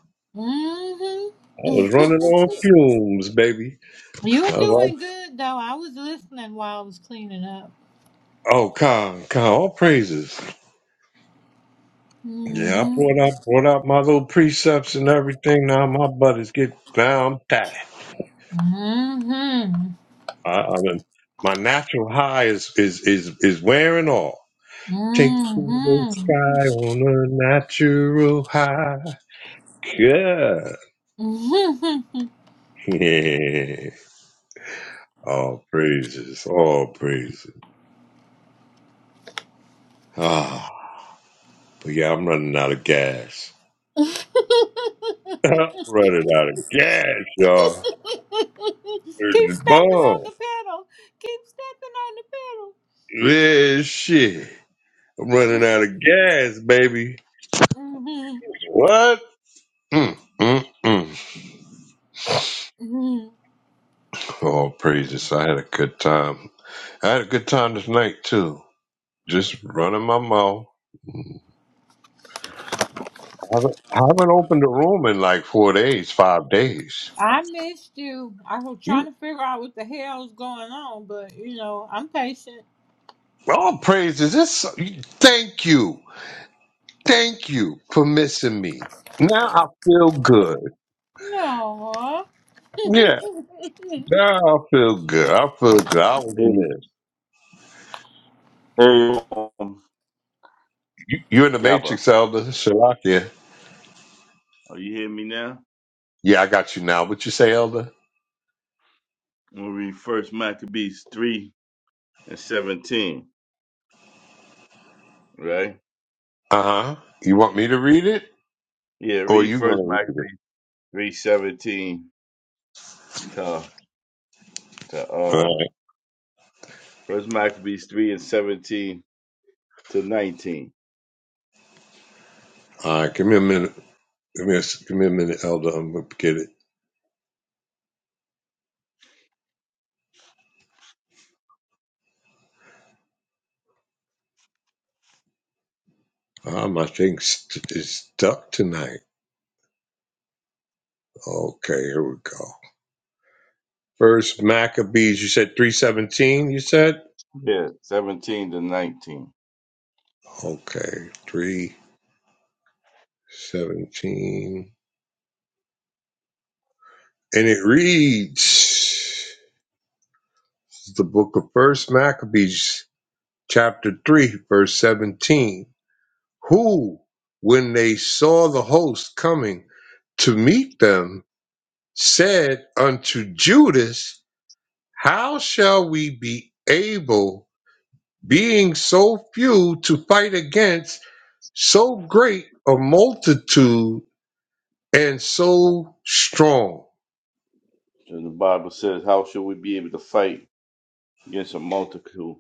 [SPEAKER 2] I was
[SPEAKER 13] Mhm.
[SPEAKER 2] running on fumes, baby.
[SPEAKER 13] You are
[SPEAKER 2] I was
[SPEAKER 13] doing
[SPEAKER 2] like,
[SPEAKER 13] good though. I was listening while I was cleaning up.
[SPEAKER 2] oh, con, con, all praises. Yeah, I
[SPEAKER 13] hmm
[SPEAKER 2] brought out, brought out my little precepts and everything. Now my butt is getting down tight.
[SPEAKER 13] hmm
[SPEAKER 2] I, I done, my natural high is, is, is, is wearing off. Take
[SPEAKER 13] hmm
[SPEAKER 2] to the sky
[SPEAKER 13] hmm
[SPEAKER 2] on a natural high. Yeah. Yeah. All praises. All praises. Ah. But yeah, I'm running out of gas.
[SPEAKER 13] Keep
[SPEAKER 2] I'm running out of gas, y'all. It's the
[SPEAKER 13] stepping on
[SPEAKER 2] bomb.
[SPEAKER 13] the pedal. Keep stepping on the
[SPEAKER 2] Yeah, shit. I'm running out
[SPEAKER 13] pedal.
[SPEAKER 2] of gas, baby.
[SPEAKER 13] hmm
[SPEAKER 2] What? Mm, mm, mm.
[SPEAKER 13] hmm
[SPEAKER 2] All praises. I had a good time. I had a good time this night, too. Just running my mouth. I haven't, I haven't opened a room in like four days, five days.
[SPEAKER 13] I missed you. I was trying to figure out what the hell's going on, but you know, I'm patient.
[SPEAKER 2] All praises. This, thank you. Thank you for missing me. Now I feel good.
[SPEAKER 13] No.
[SPEAKER 2] Yeah, now I feel good. I feel good. I was
[SPEAKER 15] Hey,
[SPEAKER 2] missed.
[SPEAKER 15] hey, um,
[SPEAKER 2] You're in the
[SPEAKER 15] Gabba.
[SPEAKER 2] Matrix, Elder Shalakia.
[SPEAKER 15] Oh, you hear me now?
[SPEAKER 2] Yeah, I got you now. What you say, Elder?
[SPEAKER 15] I'm gonna read first Maccabees three and seventeen, right?
[SPEAKER 2] Uh huh. You want me to read it,
[SPEAKER 15] Yeah,
[SPEAKER 2] or
[SPEAKER 15] read
[SPEAKER 2] you
[SPEAKER 15] first
[SPEAKER 2] gonna read
[SPEAKER 15] Maccabees three seventeen to to
[SPEAKER 2] it? All
[SPEAKER 15] uh
[SPEAKER 2] right.
[SPEAKER 15] first Maccabees three and seventeen to nineteen.
[SPEAKER 2] All right. Give me a minute. Give me a, s- give me a minute, Elder. I'm gonna get it. Ah, my thing st- is stuck tonight. Okay, here we go. First Maccabees. You said three seventeen. You said.
[SPEAKER 15] Yeah, seventeen to nineteen.
[SPEAKER 2] Okay, 317. And it reads the book of First Maccabees, chapter 3, verse 17. Who, when they saw the host coming to meet them, said unto Judas, How shall we be able, being so few, to fight against so great a multitude and so strong?
[SPEAKER 15] So the Bible says, How shall we be able to fight against a multitude?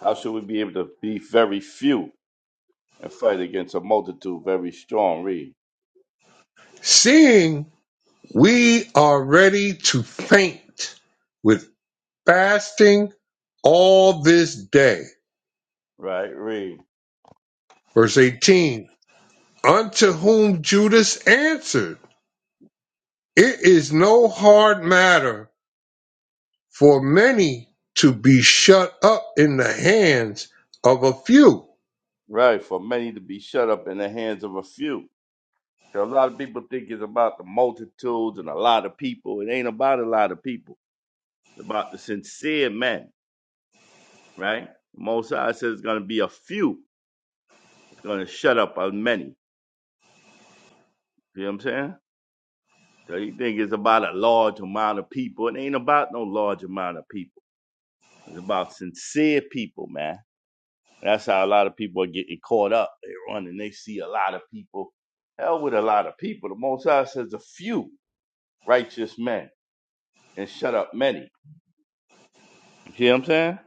[SPEAKER 15] How shall we be able to be very few and fight against a multitude very strong? Read.
[SPEAKER 2] Seeing We are ready to faint with fasting all this day.
[SPEAKER 15] Right, read.
[SPEAKER 2] Verse 18 Unto whom Judas answered, It is no hard matter for many to be shut up in the hands of a few.
[SPEAKER 15] Right, for many to be shut up in the hands of a few So a lot of people think it's about the multitudes and a lot of people. It ain't about a lot of people. It's about the sincere men, right? Most High says it's gonna be a few. It's gonna shut up a many. You know what I'm saying? So you think it's about a large amount of people. It ain't about no large amount of people. It's about sincere people, man. And that's how a lot of people are getting caught up. They run and they see a lot of people. Hell with a lot of people. The Most High says a few righteous men and shut up many. You see what I'm saying?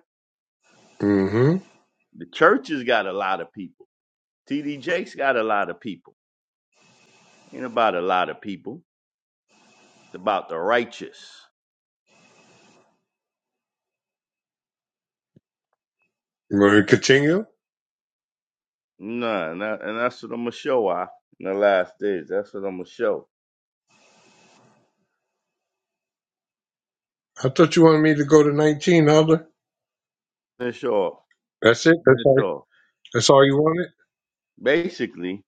[SPEAKER 2] Mm-hmm.
[SPEAKER 15] The church has got a lot of people. TD Jake's got a lot of people. Ain't about a lot of people. It's about the righteous.
[SPEAKER 2] You want me to continue?
[SPEAKER 15] Nah, and, that, and that's what I'm gonna show. I in the last days. That's what I'm gonna show.
[SPEAKER 2] I thought you wanted me to go to 19, Elder.
[SPEAKER 15] Finish off.
[SPEAKER 2] That's it? That's all,
[SPEAKER 15] Finish off.
[SPEAKER 2] that's all you wanted?
[SPEAKER 15] Basically,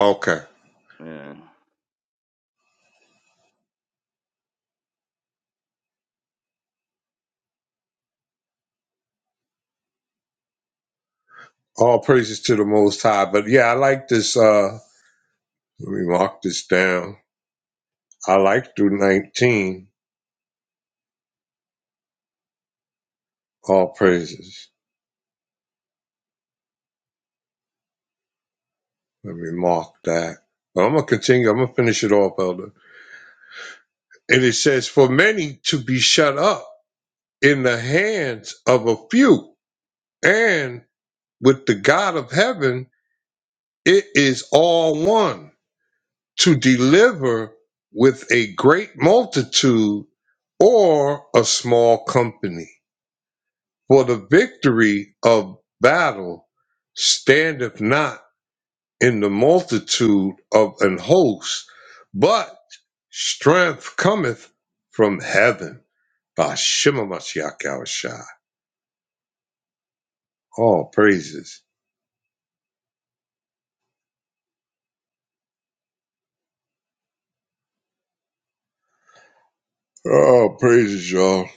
[SPEAKER 2] Okay.
[SPEAKER 15] man.
[SPEAKER 2] All praises to the Most High. But yeah, I like this. uh Let me mark this down. I like through 19, all praises. Let me mark that. But I'm going to continue. I'm going to finish it off, Elder. And it says, For many to be shut up in the hands of a few, and with the God of heaven, it is all one to deliver with a great multitude or a small company. For the victory of battle standeth not in the multitude of an host, but strength cometh from heaven. By Shema Mashiach Yahushua. All praises. All praises, y'all.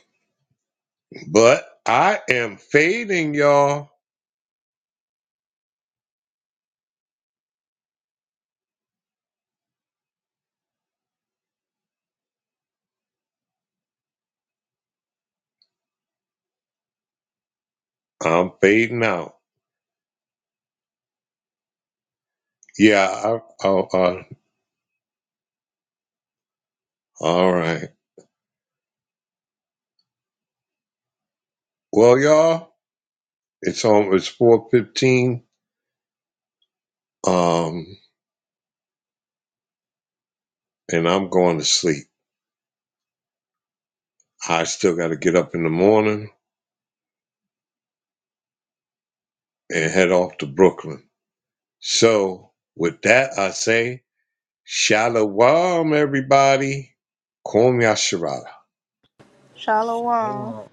[SPEAKER 2] But I am fading, y'all. I'm fading out. Yeah. I, I, I, all right. Well, y'all, it's on. It's four fifteen. Um, and I'm going to sleep. I still got to get up in the morning and head off to Brooklyn. So, with that, I say, Shalom, everybody. Kwame Yashara.
[SPEAKER 6] Shalom.
[SPEAKER 12] Shalom.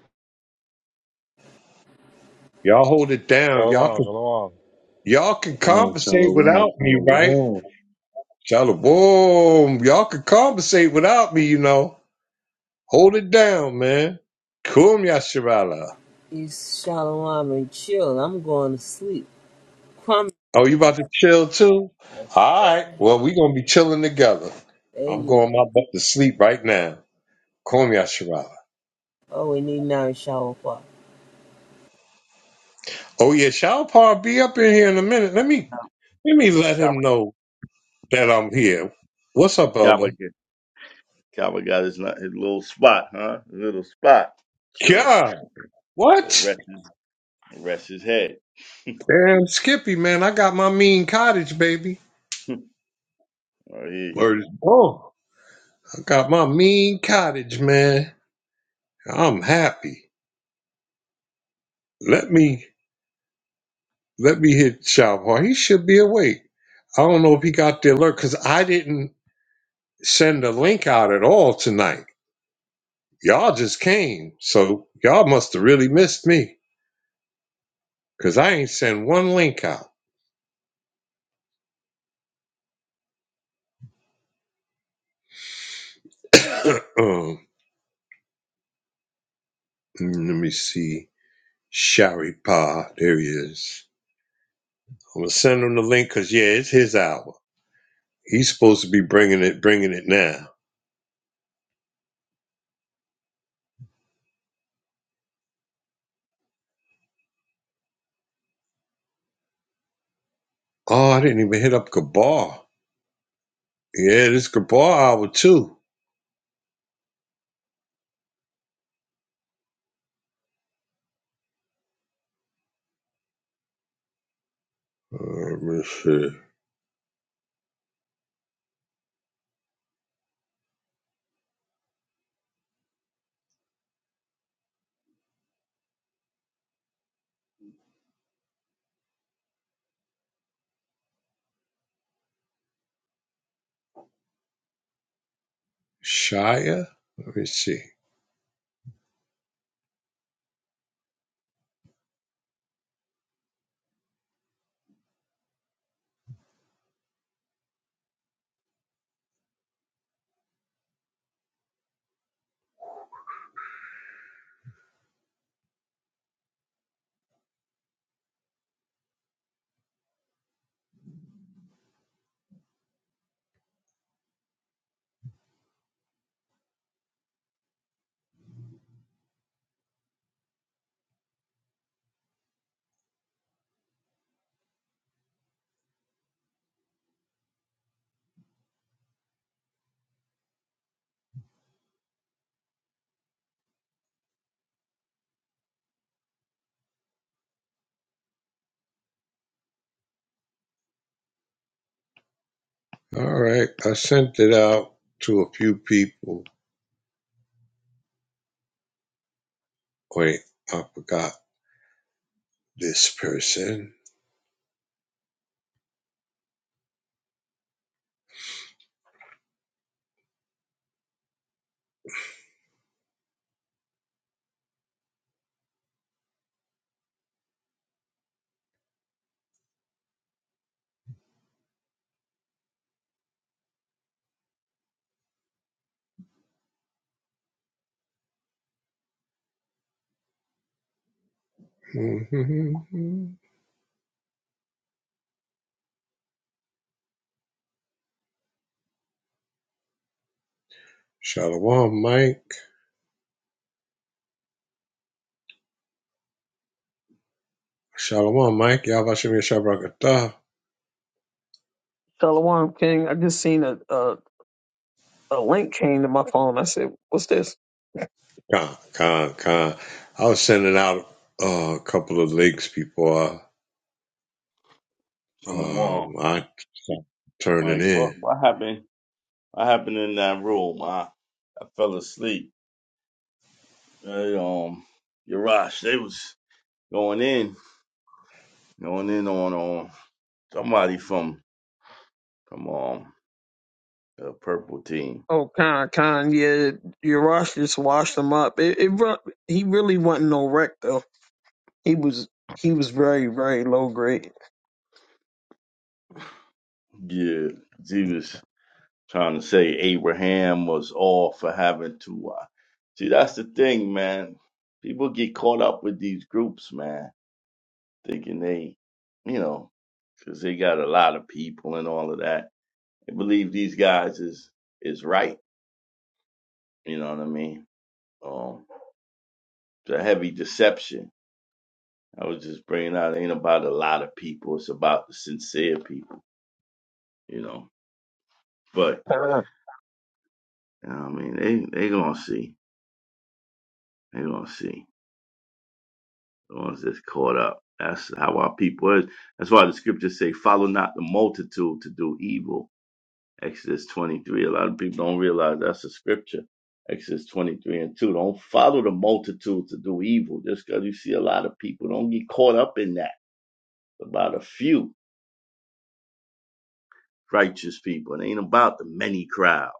[SPEAKER 2] Y'all hold it down. Y'all
[SPEAKER 9] Shalom,
[SPEAKER 2] can
[SPEAKER 9] shalom.
[SPEAKER 2] y'all can
[SPEAKER 14] Yeah,
[SPEAKER 2] compensate
[SPEAKER 14] Shalom,
[SPEAKER 2] without me, right?
[SPEAKER 14] shalom.
[SPEAKER 2] Shalom. Y'all can compensate without me, you know. Hold it down, man. Kwame Yashara.
[SPEAKER 12] Peace, shalom, and chill. I'm going to sleep. Kwame.
[SPEAKER 2] Oh, you
[SPEAKER 12] Yeah.
[SPEAKER 2] about to chill too? All right. Well, we gonna be chilling together.
[SPEAKER 12] There
[SPEAKER 2] I'm
[SPEAKER 12] you
[SPEAKER 2] going
[SPEAKER 12] go.
[SPEAKER 2] my butt to sleep right now. Kwame Yashara.
[SPEAKER 12] Oh, we need now shower.
[SPEAKER 2] Oh yeah, Shalpar be up in here in a minute. Let me let me let him
[SPEAKER 15] Cowboy,
[SPEAKER 2] know that I'm here. What's up, Elder?
[SPEAKER 15] Cowboy, get- got his, his little spot, huh? His little spot. Chill it.
[SPEAKER 2] Yeah.
[SPEAKER 15] Go
[SPEAKER 2] What?
[SPEAKER 15] rest his, rest his head.
[SPEAKER 2] Damn, Skippy, man. I got my mean cottage, baby.
[SPEAKER 15] I hear you.
[SPEAKER 2] Word. Oh, I got my mean cottage, man. I'm happy. Let me let me hit Shalvar. He should be awake. I don't know if he got the alert because I didn't send a link out at all tonight. Y'all just came, so y'all must have really missed me because I ain't send one link out. um, let me see. Sharipah. There he is. I'm gonna send him the link because yeah, it's his hour. He's supposed to be bringing it, bringing it now. Oh, I didn't even hit up Gabar. Yeah, this Gabar hour too. Uh, let me see. Shia. Let me see. All right, I sent it out to a few people. Wait, I forgot this person. Shalom, Mike. Shalom, Mike. Yabashim Yashabrakatah.
[SPEAKER 16] Shalom, King. I just seen a, a a link came to my phone. I said, "What's this?"
[SPEAKER 2] Con, con, con. I was sending out uh, a couple of links before I, um,
[SPEAKER 15] Shalom.
[SPEAKER 2] I turned it
[SPEAKER 15] Like, what,
[SPEAKER 2] in.
[SPEAKER 15] what happened? What happened in that room? I, I fell asleep. They, um, Yarash, they was going in, going in on um somebody from from um the purple team.
[SPEAKER 16] Oh, Khan, Khan, yeah, Yarash just washed him up. It, it ru- he really wasn't no wreck though. He was he was very very low grade.
[SPEAKER 15] Yeah, 'cause he was trying to say Abraham was all for having to. Uh, see, that's the thing, man. People get caught up with these groups, man, thinking they, you know, because they got a lot of people and all of that. They believe these guys is is right. You know what I mean? Um, it's a heavy deception I was just bringing out it ain't about a lot of people. It's about the sincere people, you know. But
[SPEAKER 16] Khan,
[SPEAKER 15] you know what I mean, they they gonna see. They gonna see the ones that's caught up. That's how our people is. That's why the scriptures say, "Follow not the multitude to do evil." Exodus twenty three. A lot of people don't realize that's a scripture. Exodus twenty three and two. Don't follow the multitude to do evil. Just because you see a lot of people, don't get caught up in that. It's about a few righteous people. It ain't about the many crowds.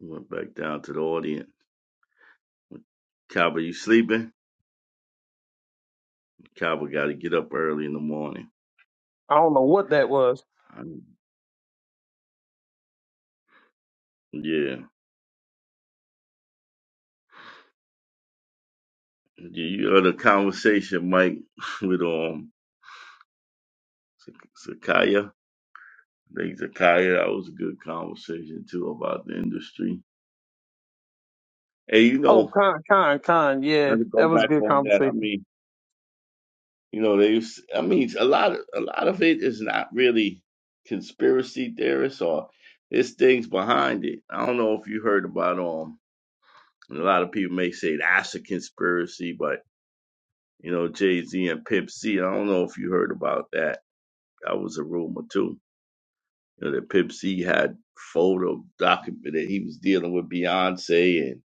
[SPEAKER 15] Went back down to the audience. Cowboy, you sleeping? Cowboy got to get up early in the morning.
[SPEAKER 16] I don't know what that was.
[SPEAKER 15] i yeah. Yeah, you heard a conversation, Mike, with um Zakaya. I think Zakaya, that was a good conversation too about the industry. Hey, you
[SPEAKER 16] Oh,
[SPEAKER 15] know,
[SPEAKER 16] Khan, Khan, Khan, yeah,
[SPEAKER 15] not to go
[SPEAKER 16] that was a
[SPEAKER 15] back
[SPEAKER 16] good
[SPEAKER 15] on that. I
[SPEAKER 16] conversation.
[SPEAKER 15] mean, you know, they. was- I mean, a lot of a lot of it is not really conspiracy theorists or it's things behind it. I don't know if you heard about um And a lot of people may say that's a conspiracy, but you know, Jay Z and Pimp C, I don't know if you heard about that. That was a rumor too. You know, that Pimp C had photo document that he was dealing with Beyonce and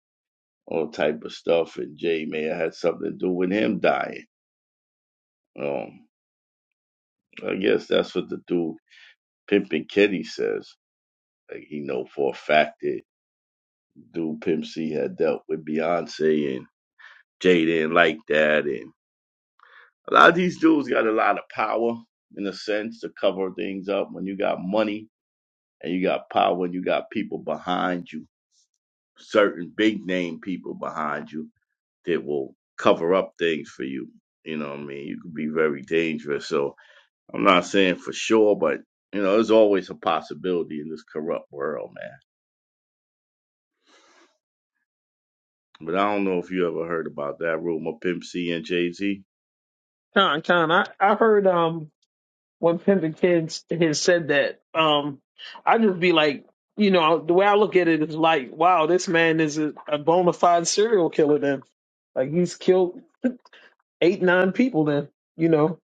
[SPEAKER 15] all type of stuff, and Jay may have had something to do with him dying. Um, I guess that's what the dude Pimp and Kitty says. Like he know for a fact that dude Pimp C had dealt with Beyonce and Jay didn't like that, and A lot of these dudes got a lot of power in a sense to cover things up. When you got money and you got power and you got people behind you, certain big name people behind you that will cover up things for you. You know what I mean? You could be very dangerous. So I'm not saying for sure, but you know, there's always a possibility in this corrupt world, man. But I don't know if you ever heard about that rumor, Pimp C and Jay Z.
[SPEAKER 16] Khan, Khan, I I heard um when Pimpin Kids has said that, um, I just be like, you know, the way I look at it is like, wow, this man is a, a bona fide serial killer. Then, like, he's killed eight, nine people. Then, you know,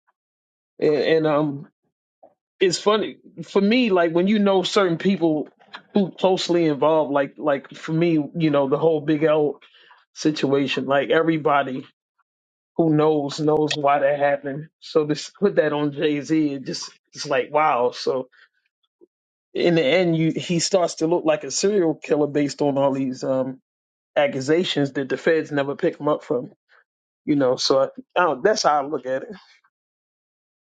[SPEAKER 16] and, and um, it's funny for me, like when you know certain people who closely involved, like, like for me, you know, the whole Big L situation, like everybody who knows knows why that happened. So to s- put that on Jay Z, it just it's like wow. So in the end, you he starts to look like a serial killer based on all these um, accusations that the feds never pick him up from. You know, so I, I don't, that's how I look at it.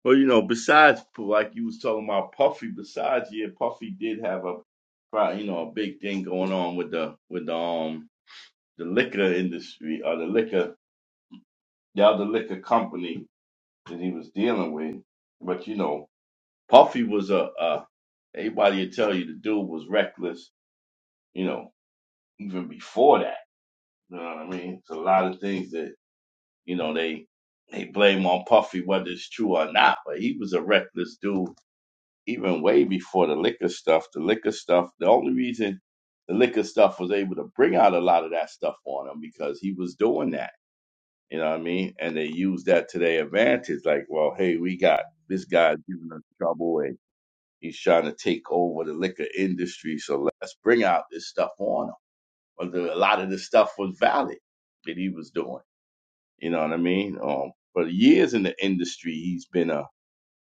[SPEAKER 15] Well, you know, besides like you was talking about Puffy, besides yeah, Puffy did have a pro- you know a big thing going on with the with the um the liquor industry or the liquor the other liquor company that he was dealing with. But you know, Puffy was a, a everybody would tell you the dude was reckless. You know, even before that, you know what I mean. It's a lot of things that you know they they blame on Puffy whether it's true or not. But he was a reckless dude even way before the liquor stuff. The liquor stuff, the only reason the liquor stuff was able to bring out a lot of that stuff on him because he was doing that. You know what I mean? And they used that to their advantage. Like, well, hey, we got this guy giving us trouble and he's trying to take over the liquor industry. So let's bring out this stuff on him. But the, a lot of this stuff was valid that he was doing. You know what I mean? Um, for years in the industry, he's been a,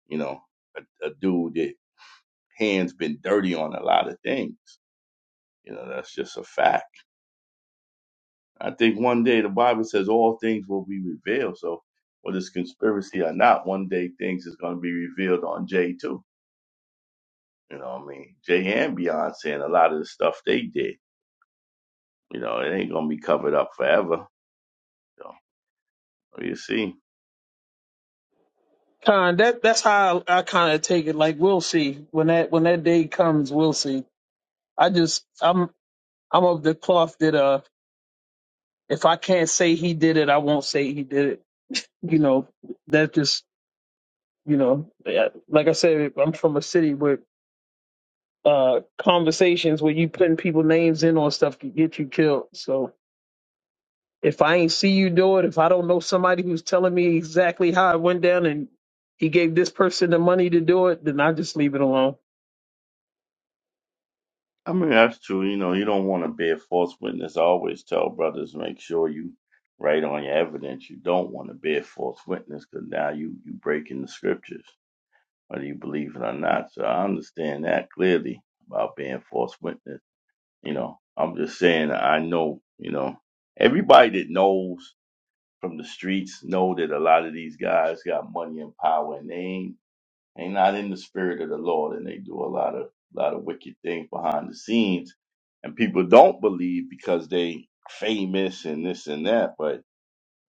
[SPEAKER 15] you know, a, a dude. that hands been dirty on a lot of things. You know, that's just a fact. I think one day the Bible says all things will be revealed. So whether it's conspiracy or not, one day things is gonna be revealed on Jay too. You know what I mean? Jay and Beyonce and a lot of the stuff they did. You know, it ain't gonna be covered up forever. So you see.
[SPEAKER 16] Kind that that's how I, I kind of take it. Like we'll see when that when that day comes, we'll see. I just I'm I'm of the cloth that uh if I can't say he did it, I won't say he did it. You know, that just you know yeah, like I said, I'm from a city where uh conversations where you putting people names in on stuff can get you killed. So If I ain't see you do it, if I don't know somebody who's telling me exactly how it went down and he gave this person the money to do it, then I just leave it alone.
[SPEAKER 15] I mean that's true, you know, you don't wanna bear false witness. I always tell brothers make sure you write on your evidence. You don't want to bear false witness because now you you breaking the scriptures. whether you believe it or not. So I understand that clearly about being false witness. You know, I'm just saying I know, you know, everybody that knows from the streets know that a lot of these guys got money and power and they ain't they not in the spirit of the Lord and they do a lot of lot of wicked things behind the scenes. And people don't believe because they famous and this and that, but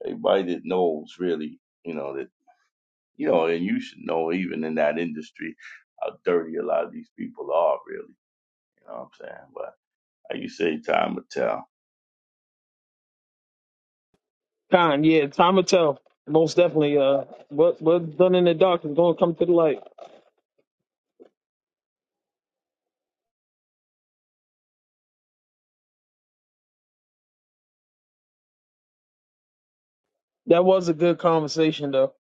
[SPEAKER 15] everybody that knows really, you know, that you know, and you should know even in that industry how dirty a lot of these people are, really. You know what I'm saying? But like you say, time will tell.
[SPEAKER 16] Con, yeah, time will tell. Most definitely. Uh, what what's done in the dark is going to come to the light. That was a good conversation, though.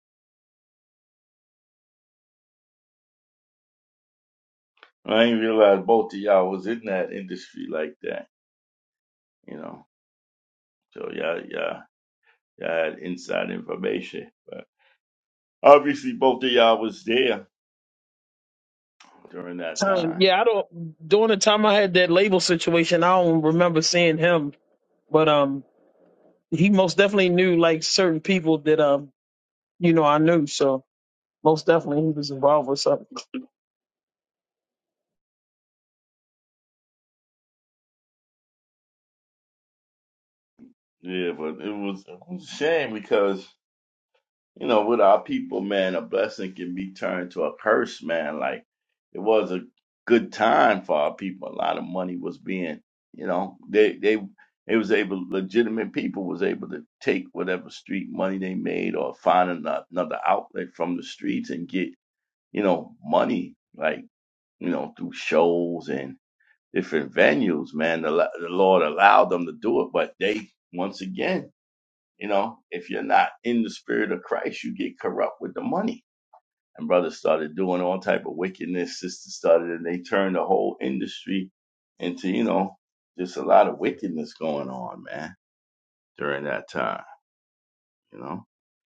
[SPEAKER 15] I didn't realize both of y'all was in that industry like that, you know. So y'all, y'all, y'all had inside information. But obviously both of y'all was there during that
[SPEAKER 16] Time,
[SPEAKER 15] time.
[SPEAKER 16] yeah, I don't. During the time I had that label situation, I don't remember seeing him, but um, he most definitely knew like certain people that um, you know, I knew. So most definitely, he was involved with something.
[SPEAKER 15] Yeah, but it was, it was a shame because you know, with our people, man, a blessing can be turned to a curse, man. Like it was a good time for our people. A lot of money was being, you know, they they they was able legitimate people was able to take whatever street money they made or find ano- another outlet from the streets and get, you know, money like, you know, through shows and different venues, man. The, lo- the Lord allowed them to do it, but they once again you know, if you're not in the spirit of Christ, you get corrupt with the money. And brothers started doing all type of wickedness. Sisters started, and they turned the whole industry into, you know, just a lot of wickedness going on, man, during that time. You know,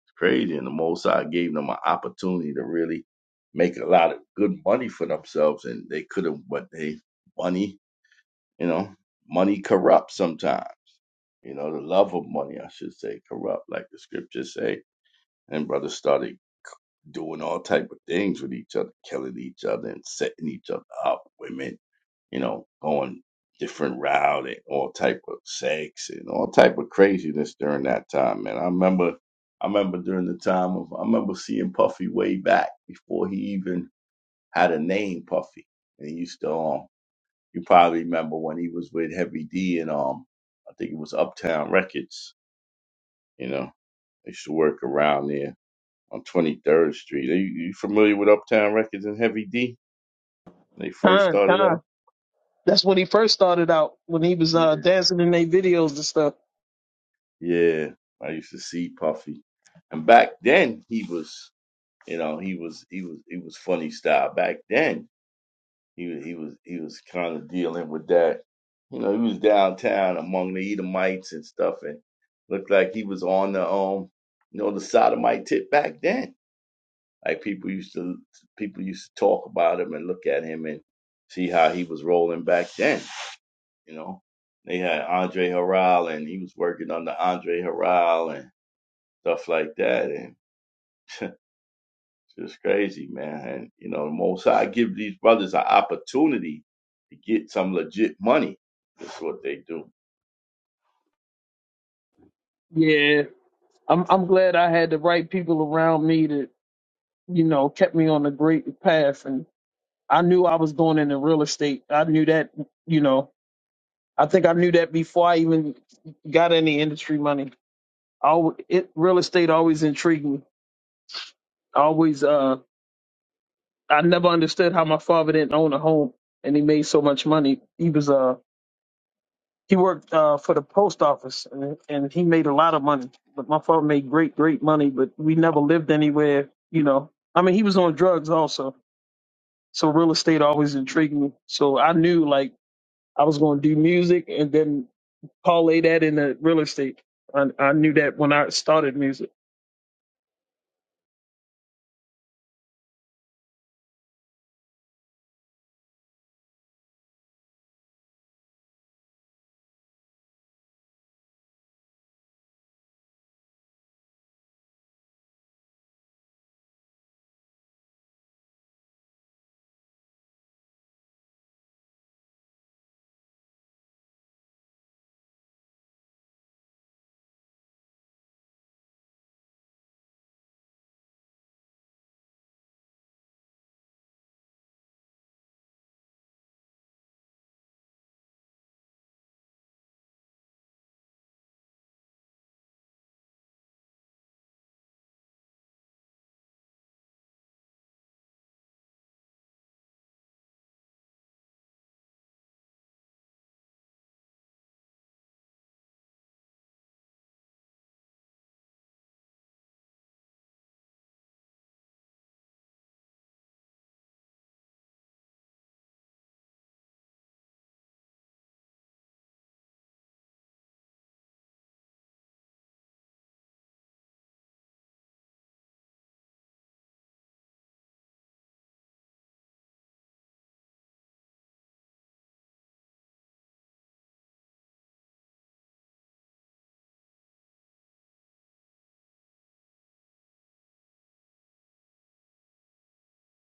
[SPEAKER 15] it's crazy. And the Most High gave them an opportunity to really make a lot of good money for themselves, and they could have, but they money, you know, money corrupts sometimes. You know, the love of money, I should say, corrupt, like the scriptures say and brothers started doing all type of things with each other, killing each other and setting each other up. Women, you know, going different route and all type of sex and all type of craziness during that time. Man, I remember, I remember during the time of, I remember seeing Puffy way back before he even had a name, Puffy, and he used to um. You probably remember when he was with Heavy D and um, I think it was Uptown Records. You know, they used to work around there on 23rd Street. Are you, you familiar with Uptown Records and Heavy D? When they first
[SPEAKER 16] Time,
[SPEAKER 15] started out?
[SPEAKER 16] time. That's when he first started out when he was
[SPEAKER 15] Yeah.
[SPEAKER 16] uh, dancing in their videos and stuff.
[SPEAKER 15] Yeah. I used to see Puffy. And back then he was, you know, he was he was he was funny style. Back then he was he was he was kind of dealing with that. You know, he was downtown among the Edomites and stuff and looked like he was on the um you know the sodomite tip back then. Like people used to people used to talk about him and look at him and see how he was rolling back then. You know, they had Andre Harrell, and he was working under Andre Harrell and stuff like that, and it's just crazy, man. And you know, the most I give these brothers an opportunity to get some legit money. That's what they do.
[SPEAKER 16] Yeah, I'm I'm glad I had the right people around me that you know kept me on the great path, and I knew I was going into real estate. I knew that you know I think I knew that before I even got any industry money. I, al- it real estate always intrigued me. I always uh I never understood how my father didn't own a home and he made so much money. He was uh He worked uh, for the post office, and, and he made a lot of money. But my father made great, great money. But we never lived anywhere. You know, I mean, he was on drugs also, so real estate always intrigued me. So I knew like I was going to do music and then parlay that into real estate. I, I knew that when I started music.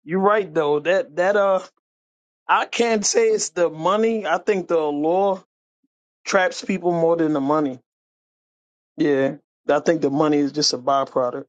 [SPEAKER 16] You're right though. That that uh, I can't say it's the money. I think the law traps people more than the money. Yeah, I think the money is just a byproduct.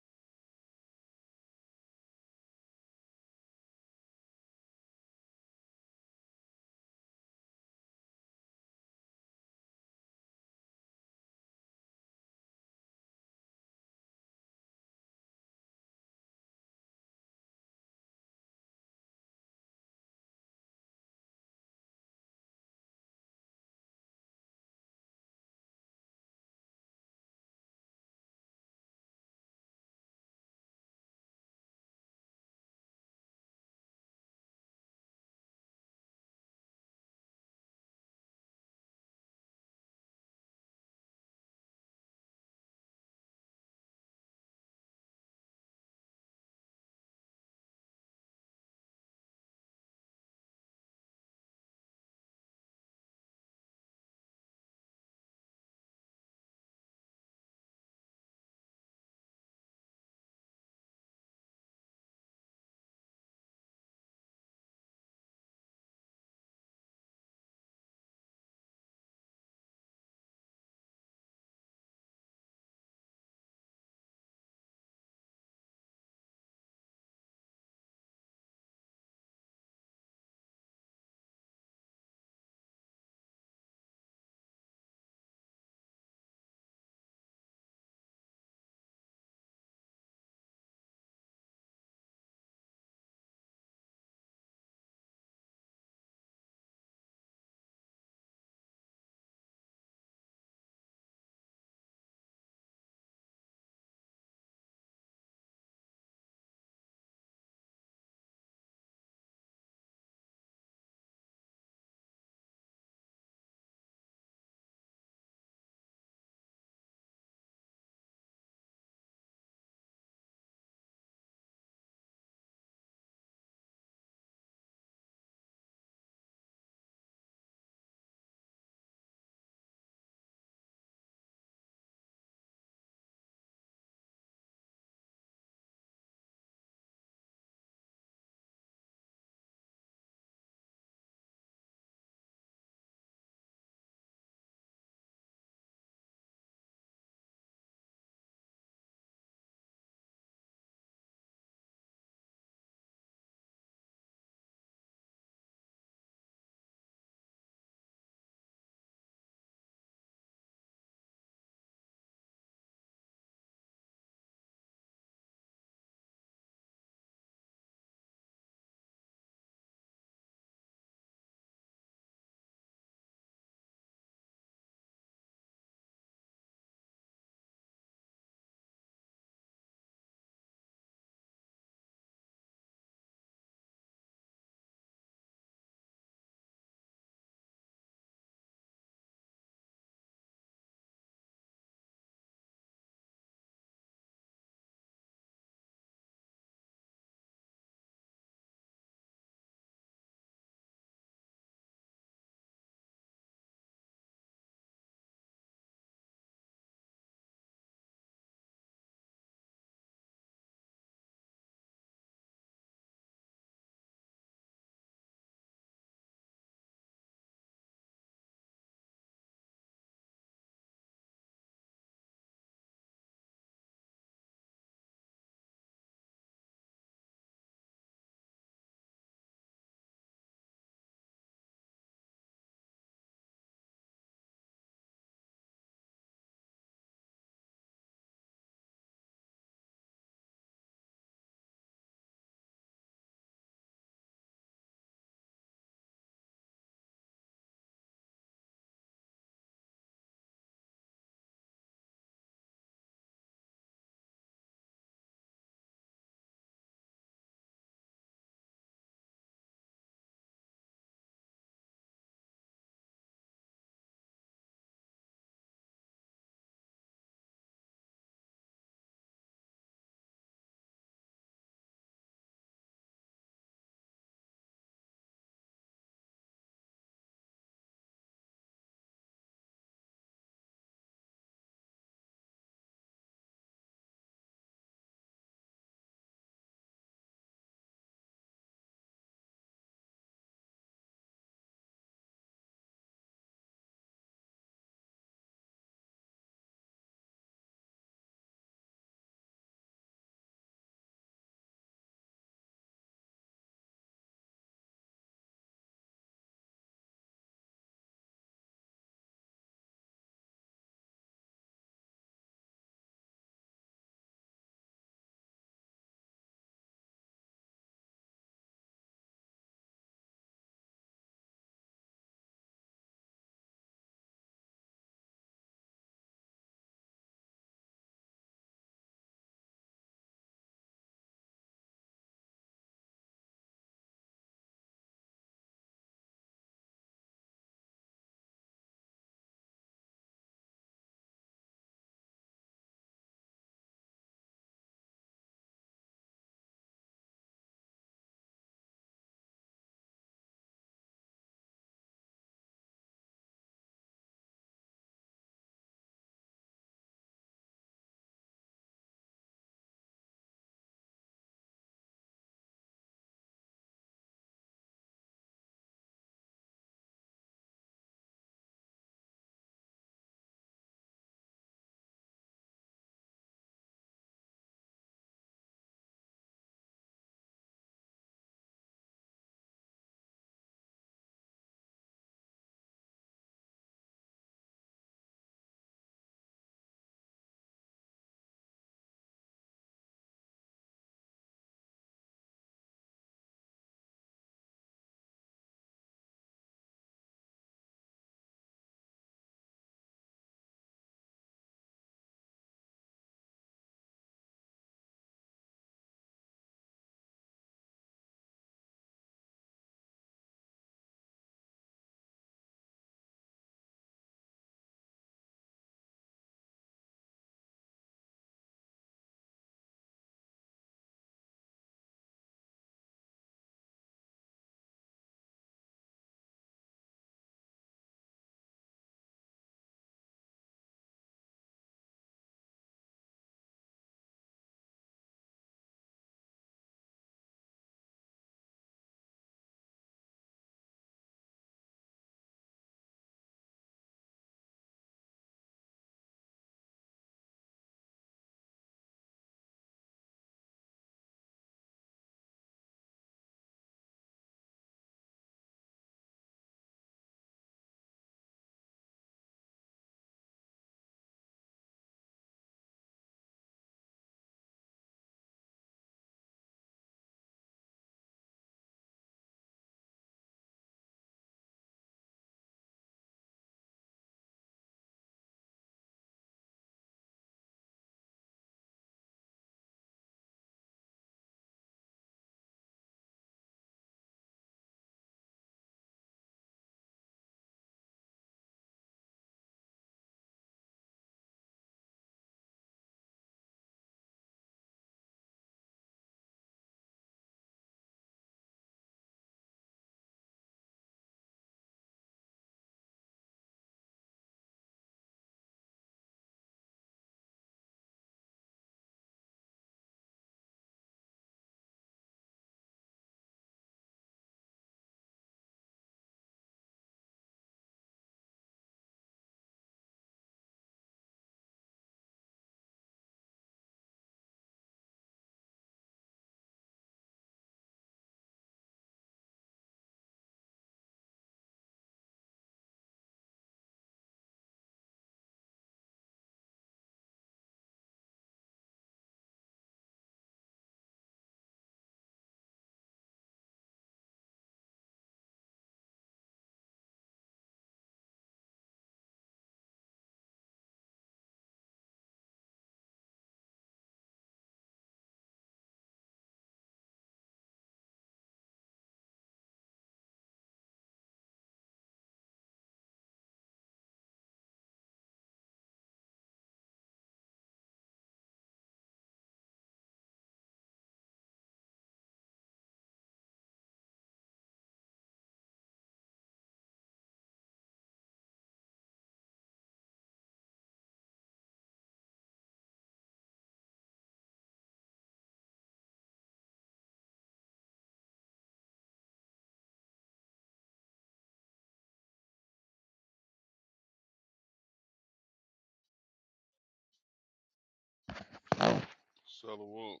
[SPEAKER 17] Salawat.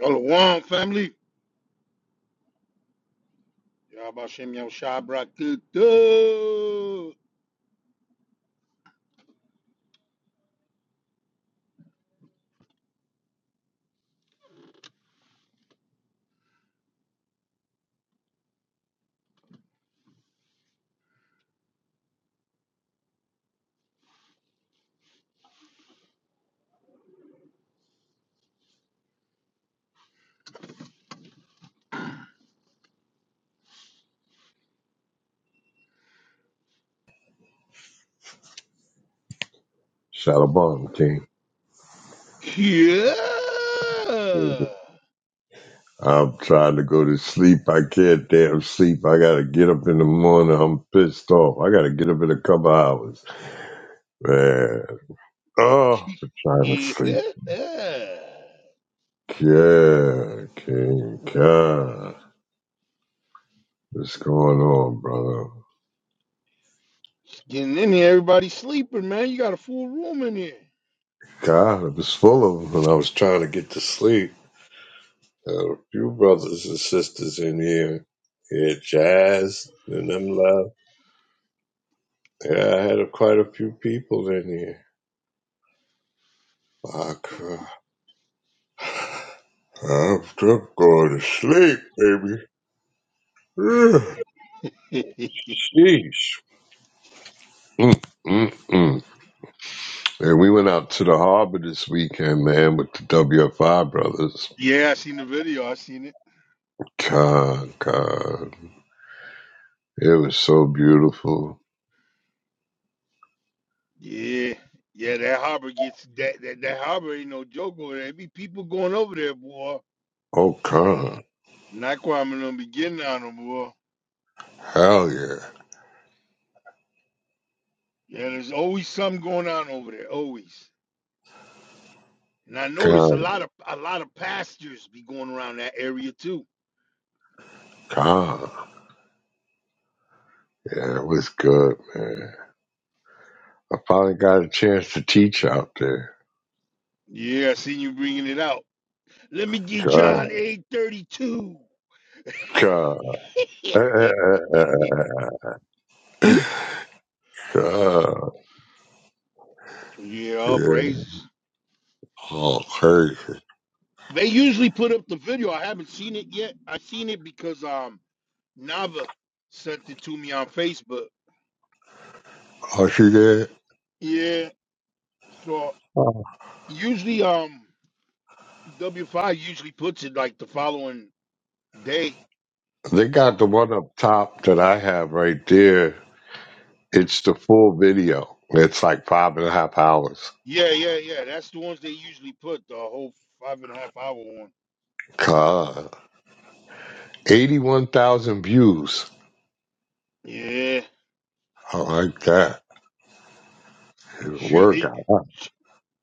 [SPEAKER 18] Shalom, family. Y'all about Shem Yom Shabrak. Tutu.
[SPEAKER 2] Shalabon King.
[SPEAKER 18] Yeah.
[SPEAKER 2] I'm trying to go to sleep. I can't damn sleep. I gotta get up in the morning. I'm pissed off. I gotta get up in a couple hours. Man. Oh, I'm trying to sleep.
[SPEAKER 18] Yeah.
[SPEAKER 2] Yeah, King God. What's going on, brother?
[SPEAKER 18] Getting in here, everybody sleeping, man. You got a full room in here.
[SPEAKER 2] God, I was full of them when I was trying to get to sleep. a few brothers and sisters in here. Yeah, Jazz and them left. Yeah, I had a, quite a few people in here. I cry. I'm just going to sleep, baby. Ugh, Jeez. Mm, mm, mm. And we went out to the harbor this weekend, man, with the WFI brothers.
[SPEAKER 18] yeah, I seen the video. I seen it.
[SPEAKER 2] God, God. It was so beautiful.
[SPEAKER 18] Yeah. Yeah, that harbor gets that that, that harbor ain't no joke over there. be people going over there, boy.
[SPEAKER 2] Oh, God.
[SPEAKER 18] Not quite I'm gonna be getting on them, boy.
[SPEAKER 2] Hell yeah.
[SPEAKER 18] Yeah, there's always something going on over there. Always. And I noticed a
[SPEAKER 2] God,
[SPEAKER 18] lot of a lot of pastors be going around that area too.
[SPEAKER 2] God. Yeah, it was good, man. I finally got a chance to teach out there.
[SPEAKER 18] Yeah, I seen you bringing it out. Let me get
[SPEAKER 2] God,
[SPEAKER 18] John 8:32.
[SPEAKER 2] God. God.
[SPEAKER 18] yeah, all
[SPEAKER 2] Yeah.
[SPEAKER 18] praises.
[SPEAKER 2] Oh, crazy.
[SPEAKER 18] They usually put up the video. I haven't seen it yet. I seen it because um Nava sent it to me on Facebook.
[SPEAKER 2] Oh, see that?
[SPEAKER 18] Yeah, so
[SPEAKER 2] Oh.
[SPEAKER 18] usually um W5 usually puts it like the following day.
[SPEAKER 2] They
[SPEAKER 18] So
[SPEAKER 2] got
[SPEAKER 18] I'm-
[SPEAKER 2] the one up top that I have right there. It's the full video. It's like five and a half hours.
[SPEAKER 18] yeah, yeah, yeah. That's the ones they usually put the whole five and a half hour one.
[SPEAKER 2] God. 81,000 views.
[SPEAKER 18] Yeah,
[SPEAKER 2] I like that. It'll
[SPEAKER 18] should
[SPEAKER 2] work
[SPEAKER 18] it,
[SPEAKER 2] out.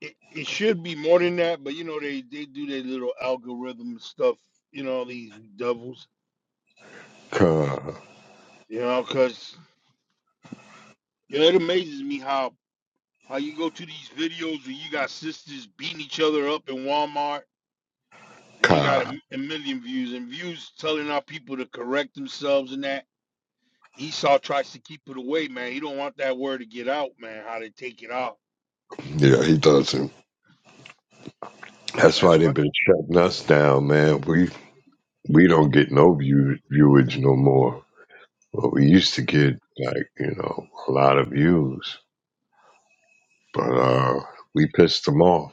[SPEAKER 18] it it should be more than that, but you know they they do their little algorithm stuff. You know these devils.
[SPEAKER 2] God.
[SPEAKER 18] You know, cause you know, it amazes me how how you go to these videos where you got sisters beating each other up in Walmart and they got a,
[SPEAKER 2] God.
[SPEAKER 18] m- a million views and views telling our people to correct themselves and that. Esau tries to keep it away, man. He don't want that word to get out, man. How they take it out.
[SPEAKER 2] Yeah, he doesn't. That's why
[SPEAKER 18] That's
[SPEAKER 2] they've been shutting us down, man. We we don't get no view, viewage no more. But we used to get like you know a lot of views, but uh, we pissed them off.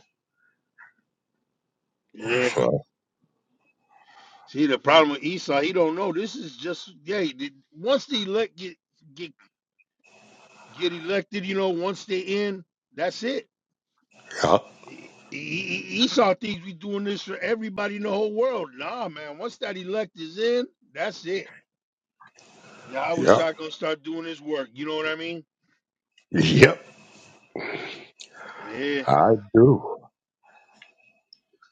[SPEAKER 18] right. Yeah.
[SPEAKER 2] So,
[SPEAKER 18] See, the problem with Esau, he don't know. This is just yeah. he did- Once the elect get get get elected, you know, once they in, that's it.
[SPEAKER 2] yep,
[SPEAKER 18] E- E- E- e, Esau thinks we doing this for everybody in the whole world. Nah, man. Once that elect is in, that's it. Yeah, I was
[SPEAKER 2] yep,
[SPEAKER 18] shocked gonna start doing his work. You know what I mean?
[SPEAKER 2] yep.
[SPEAKER 18] Yeah,
[SPEAKER 2] I do.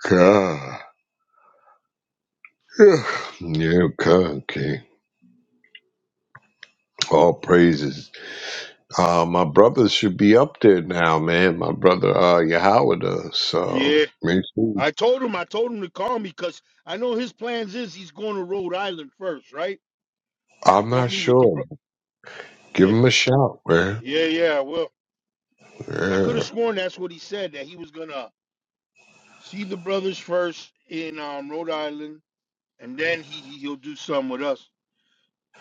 [SPEAKER 2] God. Yeah, yeah, God, okay. All praises. Uh, my brother should be up there now, man. My brother, uh, Yahweh does. So,
[SPEAKER 18] yeah.
[SPEAKER 2] make sure.
[SPEAKER 18] I told him, I told him to call me because I know his plans is he's going to Rhode Island first, right? He
[SPEAKER 2] I'm
[SPEAKER 18] gonna
[SPEAKER 2] not
[SPEAKER 18] meet with the
[SPEAKER 2] sure.
[SPEAKER 18] bro-
[SPEAKER 2] Give
[SPEAKER 18] yeah,
[SPEAKER 2] him a shout, man.
[SPEAKER 18] yeah, yeah. Well. Because I could have
[SPEAKER 2] Yeah.
[SPEAKER 18] sworn that's what he said, that he was gonna see the brothers first in um, Rhode Island, and then he he- he'll do some with us.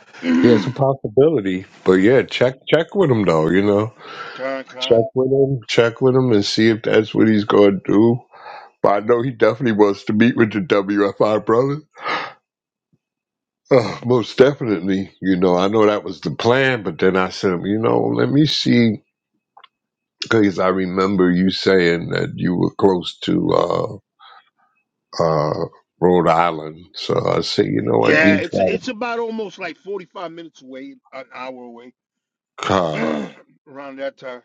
[SPEAKER 2] Yeah, it's a
[SPEAKER 18] con
[SPEAKER 2] possibility. But yeah, check check with him though, you know.
[SPEAKER 18] con.
[SPEAKER 2] Check with him, check with him and see if that's what he's gonna do. But I know he definitely wants to meet with the WFI brothers. Uh, most definitely, you know, I know that was the plan, but then I said, you know, let me see, because I remember you saying that you were close to uh, uh, Rhode Island. So I said, you know what,
[SPEAKER 18] Yeah,
[SPEAKER 2] these
[SPEAKER 18] it's it's
[SPEAKER 2] has
[SPEAKER 18] about almost like forty five minutes away, an hour away,
[SPEAKER 2] got a car.
[SPEAKER 18] around that time.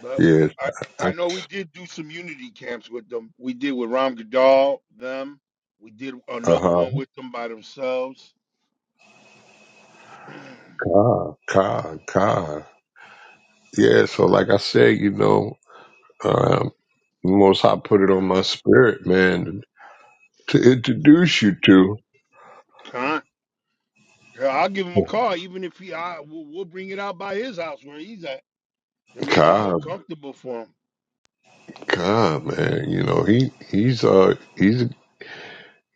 [SPEAKER 18] But
[SPEAKER 2] Yeah,
[SPEAKER 18] I
[SPEAKER 2] uh
[SPEAKER 18] I know we did do some unity camps with them. We did with Ram Gadal them. We did another
[SPEAKER 2] huh,
[SPEAKER 18] one with them by themselves.
[SPEAKER 2] car, car, car. yeah, so like I said, you know, um, the Most High put it on my spirit, man, to introduce you to
[SPEAKER 18] con. Yeah, I'll give him a car. even if he, I, we'll, we'll bring it out by his house where he's at to make it more
[SPEAKER 2] Cobb.
[SPEAKER 18] comfortable for him.
[SPEAKER 2] Cobb, man, you know he he's uh he's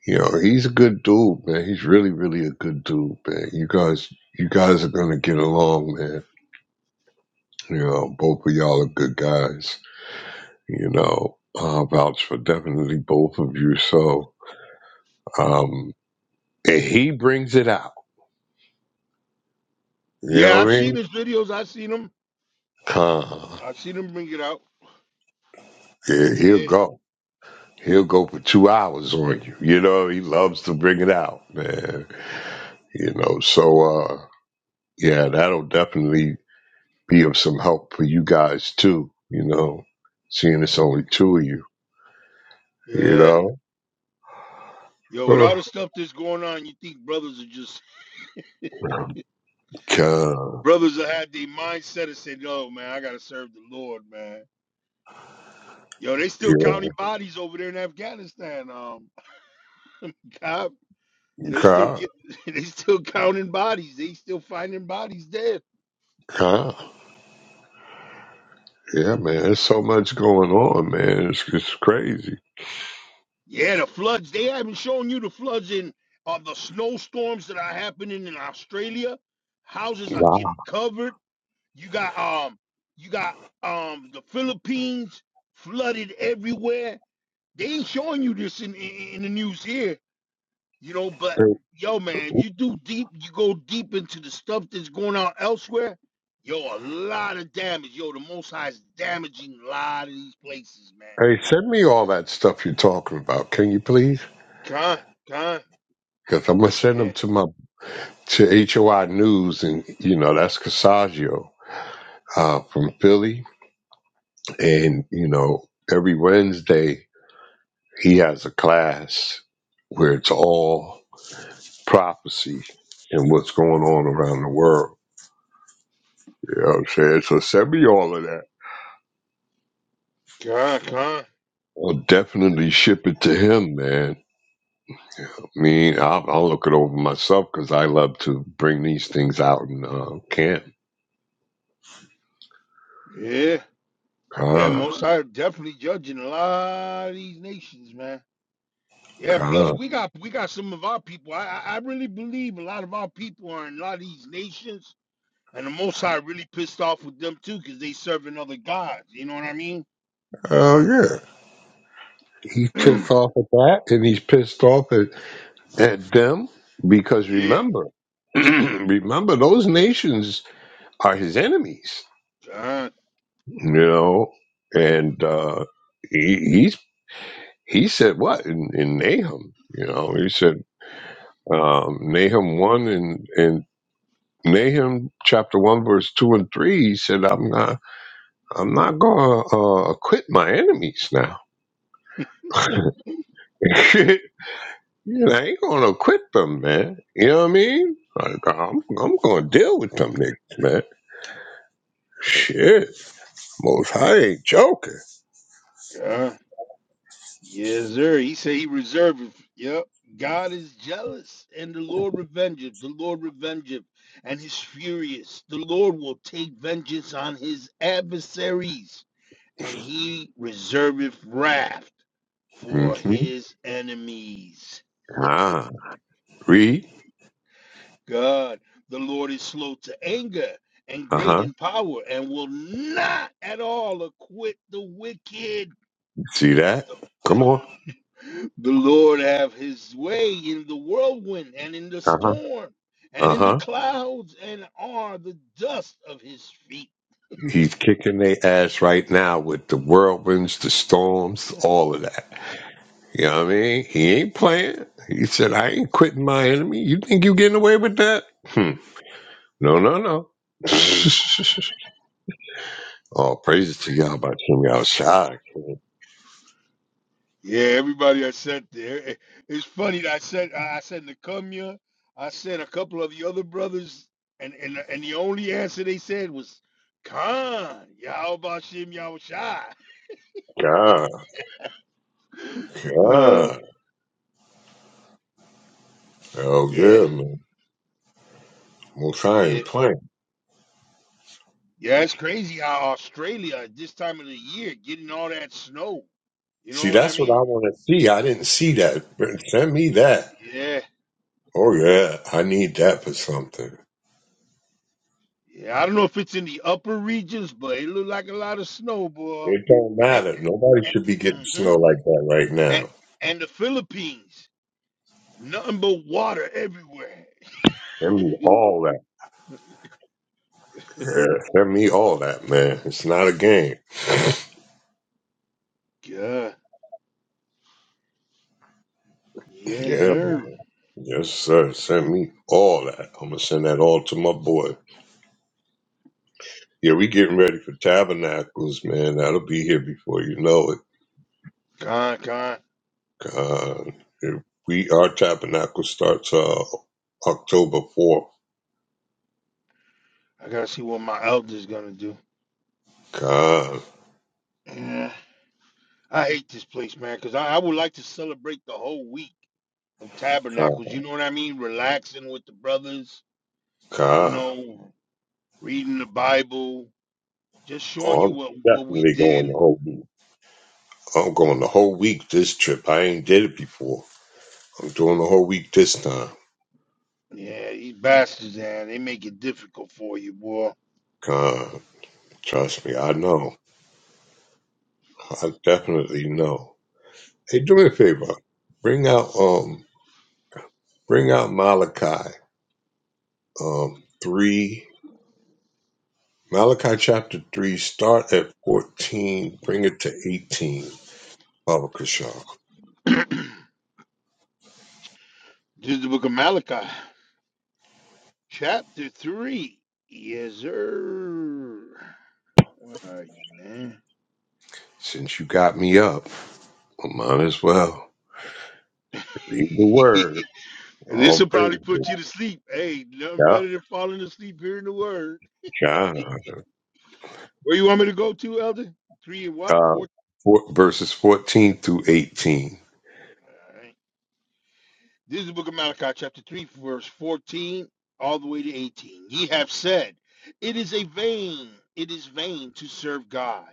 [SPEAKER 2] you know he's a good dude, man. He's really really a good dude, man. You guys you guys are gonna get along, man. You know, both of y'all are good guys. You know, I vouch for definitely both of you. So, um, and he brings it out. You
[SPEAKER 18] Yeah,
[SPEAKER 2] know
[SPEAKER 18] I've
[SPEAKER 2] what I
[SPEAKER 18] seen
[SPEAKER 2] mean?
[SPEAKER 18] his videos. I've seen him.
[SPEAKER 2] Cobb.
[SPEAKER 18] I've seen him bring it out.
[SPEAKER 2] Yeah, he'll
[SPEAKER 18] Yeah,
[SPEAKER 2] go. He'll go for two hours on you. You know, he loves to bring it out, man. You know, so uh yeah, that'll definitely be of some help for you guys too, you know, seeing it's only two of you, you
[SPEAKER 18] yeah.
[SPEAKER 2] know.
[SPEAKER 18] Yo, with all
[SPEAKER 2] Uh,
[SPEAKER 18] the stuff that's going on, you think brothers are just
[SPEAKER 2] God,
[SPEAKER 18] brothers that had their mindset and said, "Yo, man, I gotta serve the Lord, man." Yo, they still
[SPEAKER 2] yeah,
[SPEAKER 18] counting bodies over there in Afghanistan. Um, God, they still
[SPEAKER 2] God,
[SPEAKER 18] get, they still counting bodies. They still finding bodies dead.
[SPEAKER 2] God. Yeah, man, there's so much going on, man. It's it's crazy.
[SPEAKER 18] Yeah, the floods. They haven't shown you the floods in of the snowstorms that are happening in Australia. Houses are getting
[SPEAKER 2] Wow.
[SPEAKER 18] covered. You got um, you got um, the Philippines flooded everywhere. They ain't showing you this in, in in the news here, you know. But
[SPEAKER 2] Hey,
[SPEAKER 18] yo, man, if you do deep, you go deep into the stuff that's going on elsewhere. Yo, a lot of damage. Yo, the Most High is damaging a lot of these places, man.
[SPEAKER 2] hey, send me all that stuff you're talking about, can you please?
[SPEAKER 18] Con, con,
[SPEAKER 2] Because I'm gonna send them
[SPEAKER 18] yeah,
[SPEAKER 2] to my to HOI News, and you know that's Cassaggio uh, from Philly, and you know every Wednesday he has a class where it's all prophecy and what's going on around the world. You know what I'm saying? So send me all of that.
[SPEAKER 18] con, con.
[SPEAKER 2] I'll definitely ship it to him, man. I mean, I'll, I'll look it over myself because I love to bring these things out and uh, camp.
[SPEAKER 18] Yeah, yeah,
[SPEAKER 2] Ah,
[SPEAKER 18] Most High definitely judging a lot of these nations, man. Yeah,
[SPEAKER 2] ah.
[SPEAKER 18] plus we got we got some of our people. I I I really believe a lot of our people are in a lot of these nations, and the Most High really pissed off with them too, cause they serving other gods. You know what I mean?
[SPEAKER 2] Oh, yeah. He's pissed off at that, and he's pissed off at at them because
[SPEAKER 18] yeah,
[SPEAKER 2] remember remember those nations are his enemies
[SPEAKER 18] God,
[SPEAKER 2] you know and uh he he's, he said what in, in nahum you know he said um nahum 1 and and nahum chapter 1 verse 2 and 3 he said i'm not i'm not gonna uh acquit my enemies now you know, i ain't gonna acquit them man you know what i mean like i'm, I'm gonna deal with them niggas man shit Most High ain't joking.
[SPEAKER 18] God, yes, sir. He said he reserved. it. Yep, God is jealous, and the Lord revengeth. The Lord revengeth, and is furious. The Lord will take vengeance on his adversaries and he reserveth wrath for
[SPEAKER 2] Mm-hmm.
[SPEAKER 18] his enemies.
[SPEAKER 2] Ah, read.
[SPEAKER 18] God, the Lord is slow to anger and
[SPEAKER 2] Uh
[SPEAKER 18] great
[SPEAKER 2] huh.
[SPEAKER 18] in power and will not at all acquit the wicked.
[SPEAKER 2] See that?
[SPEAKER 18] the
[SPEAKER 2] Come on.
[SPEAKER 18] Lord have his way in the whirlwind and in the
[SPEAKER 2] Uh huh.
[SPEAKER 18] storm and
[SPEAKER 2] Uh
[SPEAKER 18] in the
[SPEAKER 2] huh.
[SPEAKER 18] clouds and are the dust of his feet.
[SPEAKER 2] He's kicking their ass right now with the whirlwinds, the storms, all of that. You know what I mean? He ain't playing. He said, I ain't quitting my enemy. You think you getting away with that? Hmm. No, no, no. oh, praises to y'all by Shem Yahshai.
[SPEAKER 18] Yeah, everybody I sent there. eh, eh, It's funny. that I sent I sent Nakumia. I sent a couple of the other brothers, and and and the only answer they said was Khan Yaobashim Yaoshai.
[SPEAKER 2] God,
[SPEAKER 18] Oh
[SPEAKER 2] God. Oh,
[SPEAKER 18] yeah,
[SPEAKER 2] good, man. Most High
[SPEAKER 18] yeah,
[SPEAKER 2] ain't playing.
[SPEAKER 18] yeah. It's crazy how Australia at this time of the year getting all that snow. You know
[SPEAKER 2] See,
[SPEAKER 18] what I
[SPEAKER 2] that's what
[SPEAKER 18] mean?
[SPEAKER 2] I want to see. I didn't see that. But Send me that.
[SPEAKER 18] Yeah,
[SPEAKER 2] Oh yeah, I need that for something.
[SPEAKER 18] yeah. I don't know if it's in the upper regions, but it looked like a lot of snow, boy.
[SPEAKER 2] It don't
[SPEAKER 18] And it,
[SPEAKER 2] matter. Nobody
[SPEAKER 18] and,
[SPEAKER 2] should be getting snow
[SPEAKER 18] mhm.
[SPEAKER 2] like that right
[SPEAKER 18] and
[SPEAKER 2] now.
[SPEAKER 18] and the Philippines. Nothing but water everywhere.
[SPEAKER 2] Send me all that. Yeah, send me all that, man. It's not a game.
[SPEAKER 18] God. Yes,
[SPEAKER 2] Yeah,
[SPEAKER 18] sir.
[SPEAKER 2] man. Yes, sir. Send me all that. I'm gonna send that all to my boy. Yeah, we getting ready for tabernacles, man. That'll be here before you know it.
[SPEAKER 18] Con, con.
[SPEAKER 2] Uh, if we our tabernacle starts uh October fourth.
[SPEAKER 18] I gotta see what my elder's gonna do.
[SPEAKER 2] God.
[SPEAKER 18] Yeah. I hate this place, man, because I, I would like to celebrate the whole week of tabernacles. You know what I mean? Relaxing with the brothers, you
[SPEAKER 2] God,
[SPEAKER 18] know, reading the Bible, just showing
[SPEAKER 2] oh,
[SPEAKER 18] you
[SPEAKER 2] I'm
[SPEAKER 18] what, what we
[SPEAKER 2] definitely
[SPEAKER 18] did.
[SPEAKER 2] going the whole week. I'm going the whole week this trip. I ain't did it before. I'm doing the whole week this time.
[SPEAKER 18] Yeah, these bastards, man, they make it difficult for you, boy.
[SPEAKER 2] God, trust me, I know. I definitely know. Hey, do me a favor. Bring out, um, bring out Malachi, um, three. Malachi chapter three. Start at fourteen. Bring it to eighteen. Baba Kashaw.
[SPEAKER 18] this is the book of Malachi, chapter 3. Yes, sir. Where are you, man?
[SPEAKER 2] Since you got me up, I might as well read the word.
[SPEAKER 18] And this
[SPEAKER 2] All
[SPEAKER 18] will probably
[SPEAKER 2] praises.
[SPEAKER 18] put you to sleep. Hey, nothing better than falling asleep hearing the word.
[SPEAKER 2] God.
[SPEAKER 18] Where you want me to go to, Elder? Three and what?
[SPEAKER 2] Uh,
[SPEAKER 18] Four.
[SPEAKER 2] four, verses 14 through 18.
[SPEAKER 18] All right. This is the book of Malachi, chapter 3, verse 14, all the way to 18. Ye have said, It is a vain, it is vain to serve God.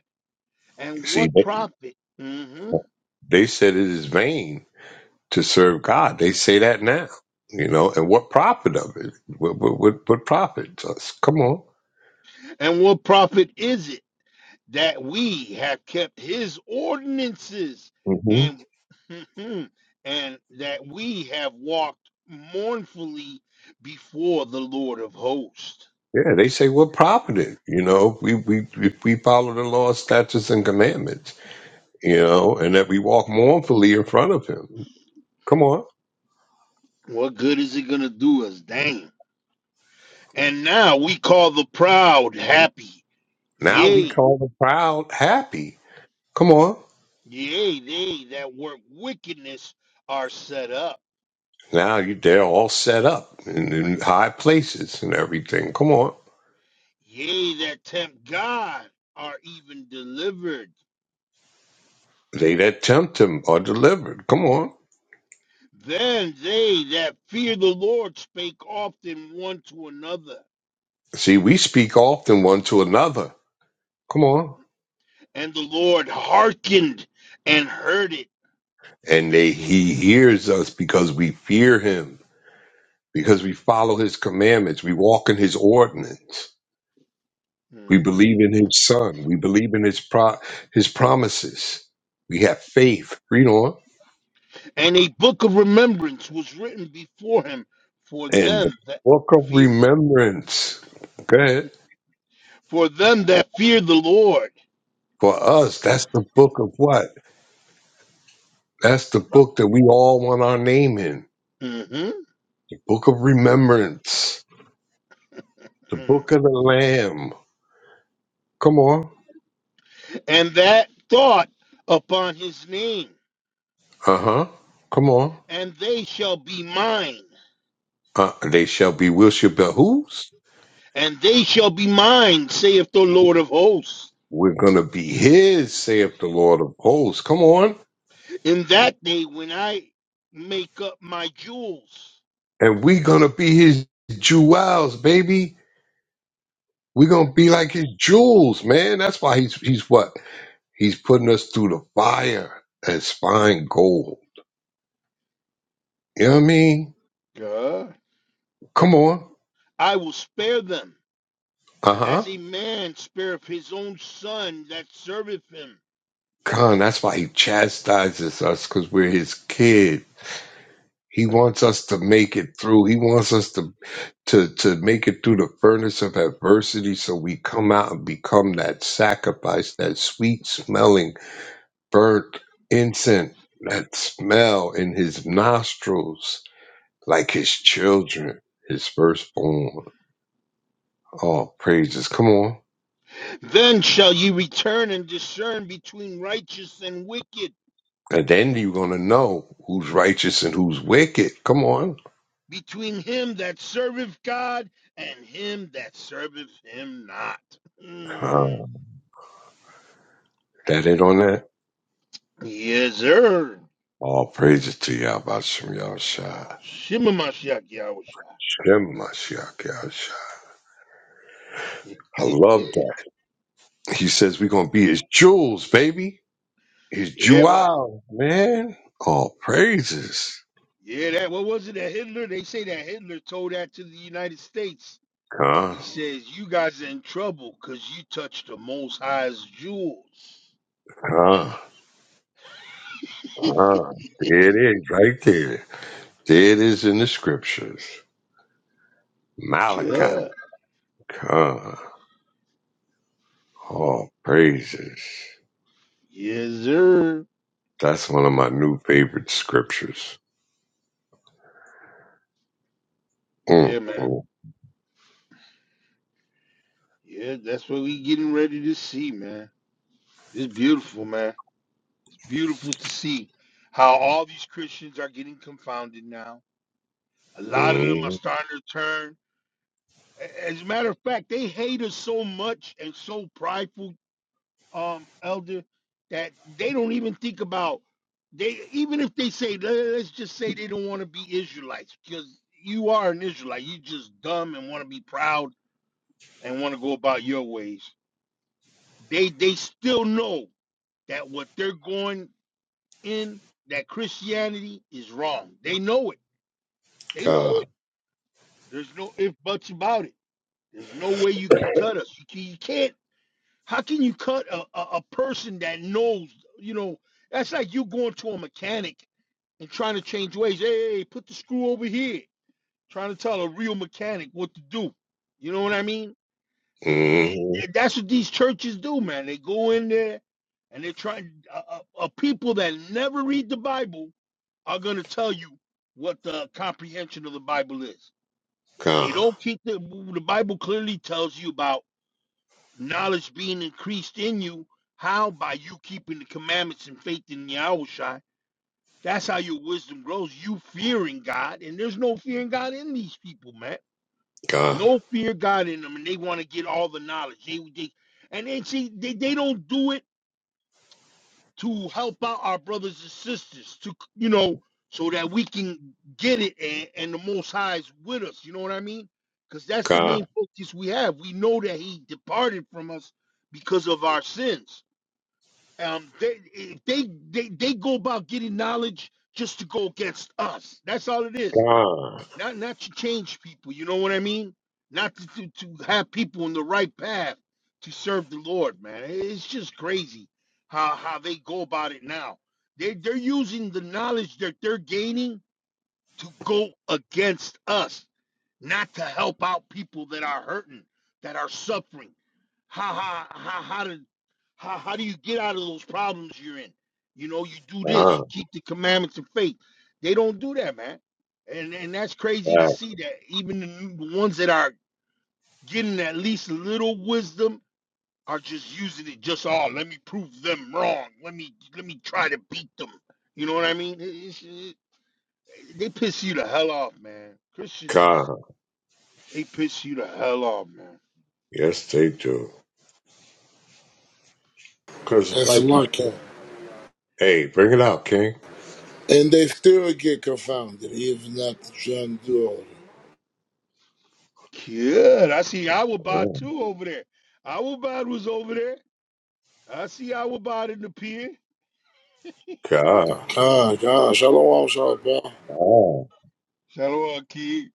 [SPEAKER 18] And
[SPEAKER 2] See,
[SPEAKER 18] what
[SPEAKER 2] they,
[SPEAKER 18] profit? hmm
[SPEAKER 2] they said it is vain to serve God. They say that now, you know, and what profit of it? What, what, what, what profit us? Come on.
[SPEAKER 18] And what profit is it? that we have kept his ordinances
[SPEAKER 2] hmm
[SPEAKER 18] and and that we have walked mournfully before the Lord of hosts.
[SPEAKER 2] Yeah, they say what profit it, you know, if we, we, if we follow the law, statutes, and commandments, you know, and that we walk mournfully in front of him. Come on.
[SPEAKER 18] What good is it going to do us? Damn! And now we call the proud happy.
[SPEAKER 2] Now we
[SPEAKER 18] Yea,
[SPEAKER 2] call the proud happy. Come on.
[SPEAKER 18] yea, they that work wickedness are set up.
[SPEAKER 2] Now you, they're all set up in, in high places and everything. Come on.
[SPEAKER 18] Yea, that tempt God are even delivered.
[SPEAKER 2] They that tempt him are delivered. Come on.
[SPEAKER 18] Then they that fear the Lord spake often one to another,
[SPEAKER 2] See, we speak often one to another. Come on.
[SPEAKER 18] and the Lord hearkened and heard it.
[SPEAKER 2] And they, he hears us because we fear him, because we follow his commandments. We walk in his ordinance. We
[SPEAKER 18] Mhm.
[SPEAKER 2] believe in his son. We believe in his pro, his promises. We have faith. Read on.
[SPEAKER 18] And a book of remembrance was written before him for
[SPEAKER 2] And the
[SPEAKER 18] them that
[SPEAKER 2] book of
[SPEAKER 18] fear,
[SPEAKER 2] remembrance. Go ahead.
[SPEAKER 18] for them that fear the Lord,
[SPEAKER 2] For us, that's the book of what? That's the book that we all want our name in.
[SPEAKER 18] Mhm.
[SPEAKER 2] Book of Remembrance. The Book
[SPEAKER 18] Mm.
[SPEAKER 2] of the Lamb. Come on.
[SPEAKER 18] and that thought upon his name.
[SPEAKER 2] Uh huh. Come on.
[SPEAKER 18] And they shall be mine,
[SPEAKER 2] Uh, they shall be will shall be whose?
[SPEAKER 18] and they shall be mine, saith the Lord of hosts.
[SPEAKER 2] We're gonna be his, saith the Lord of hosts. Come on.
[SPEAKER 18] In that day, when I make up my jewels,
[SPEAKER 2] And we gonna be his jewels, baby. We're gonna be like his jewels, man. That's why he's he's what? He's putting us through the fire as fine gold. You know what I mean?
[SPEAKER 18] God.
[SPEAKER 2] Come on.
[SPEAKER 18] I will spare them,
[SPEAKER 2] Uh huh.
[SPEAKER 18] as a man spareth his own son that serveth him.
[SPEAKER 2] Khan, that's why he chastises us because we're his kid. He wants us to make it through. He wants us to, to, to make it through the furnace of adversity so we come out and become that sacrifice, that sweet smelling burnt incense, that smell in his nostrils, like his children, his firstborn. Oh, praises. Come on.
[SPEAKER 18] Then shall ye return and discern between righteous and wicked,
[SPEAKER 2] And then you're going to know who's righteous and who's wicked. Come on.
[SPEAKER 18] between him that serveth God and him that serveth him not. Mm.
[SPEAKER 2] Uh, that it on that?
[SPEAKER 18] Yes, sir.
[SPEAKER 2] All praises to Yahbashim Yahshai.
[SPEAKER 18] Shimamashiach Yahusha.
[SPEAKER 2] Shem Mashiach Yahshai. I love that. He says we're going to be his jewels, baby. His
[SPEAKER 18] Yeah, well,
[SPEAKER 2] jewels, man. All praises.
[SPEAKER 18] Yeah, that what was it that Hitler? They say that Hitler told that to the United States.
[SPEAKER 2] Come,
[SPEAKER 18] He says, You guys in trouble because you touched the most high's jewels.
[SPEAKER 2] come, come. There it is, right there. There it is in the scriptures. Malachi,
[SPEAKER 18] Yeah.
[SPEAKER 2] come. All praises.
[SPEAKER 18] Yes, sir.
[SPEAKER 2] That's one of my new favorite scriptures. Mm,
[SPEAKER 18] Yeah, man.
[SPEAKER 2] mm,
[SPEAKER 18] Yeah, that's what we getting ready to see, man. It's beautiful, man. It's beautiful to see how all these Christians are getting confounded now. A lot of them are
[SPEAKER 2] mm.
[SPEAKER 18] starting to turn. A- As a matter of fact, they hate us so much and so prideful um elder that they don't even think about they even if they say le- let's just say they don't want to be israelites because you are an israelite you just dumb and want to be proud and want to go about your ways they they still know that what they're going in that christianity is wrong they know it they know
[SPEAKER 2] God,
[SPEAKER 18] it there's no if buts about it there's no way you could cut us you ca- you can't How can you cut a, a, a person that knows, you know, that's like you going to a mechanic and trying to change ways. Hey, hey, hey, put the screw over here. Trying to tell a real mechanic what to do. You know what I mean? I- I-
[SPEAKER 2] mm,
[SPEAKER 18] I- that's what these churches do, man. They go in there and they're trying, uh, uh, uh, people that never read the Bible are going to tell you what the comprehension of the Bible is. They
[SPEAKER 2] God,
[SPEAKER 18] don't keep the, the Bible clearly tells you about knowledge being increased in you. How? By you keeping the commandments and faith in Yahushua. That's how your wisdom grows. You fearing God, and there's no fearing God in these people, man.
[SPEAKER 2] God,
[SPEAKER 18] No fear God in them, and they want to get all the knowledge. They, they and they see they, they don't do it to help out our brothers and sisters to you know so that we can get it and, and the Most High is with us. You know what I mean? Because that's the
[SPEAKER 2] God.
[SPEAKER 18] main focus we have. We know that He departed from us because of our sins. Um, they if they they they go about getting knowledge just to go against us. That's all it is.
[SPEAKER 2] God,
[SPEAKER 18] Not not to change people. You know what I mean? Not to to, to have people on the right path to serve the Lord, man. It's just crazy how how they go about it now. They they're using the knowledge that they're gaining to go against us not to help out people that are hurting, that are suffering. How how how how do how, how do you get out of those problems you're in? You know, you do this,
[SPEAKER 2] God,
[SPEAKER 18] you keep the commandments of faith. They don't do that, man. And and that's crazy to
[SPEAKER 2] God,
[SPEAKER 18] see that even the ones that are getting at least a little wisdom are just using it just all. let me prove them wrong. Let me let me try to beat them. You know what I mean? it's- it- they piss you the hell off, man. Christians just
[SPEAKER 2] God.
[SPEAKER 18] they piss you the hell off, man.
[SPEAKER 2] Yes, they do. Because it's
[SPEAKER 7] That's
[SPEAKER 2] like you
[SPEAKER 7] lucky.
[SPEAKER 2] said. Hey, bring it out, King.
[SPEAKER 7] And they still get confounded, even after trying to do all
[SPEAKER 18] Good. I see Awabad
[SPEAKER 2] Oh,
[SPEAKER 18] too over there. Awabad was over there. I see Awabad in the pier.
[SPEAKER 2] God,
[SPEAKER 7] that. God, God. Shalom, shalom.
[SPEAKER 2] God.
[SPEAKER 18] Shout out, kid.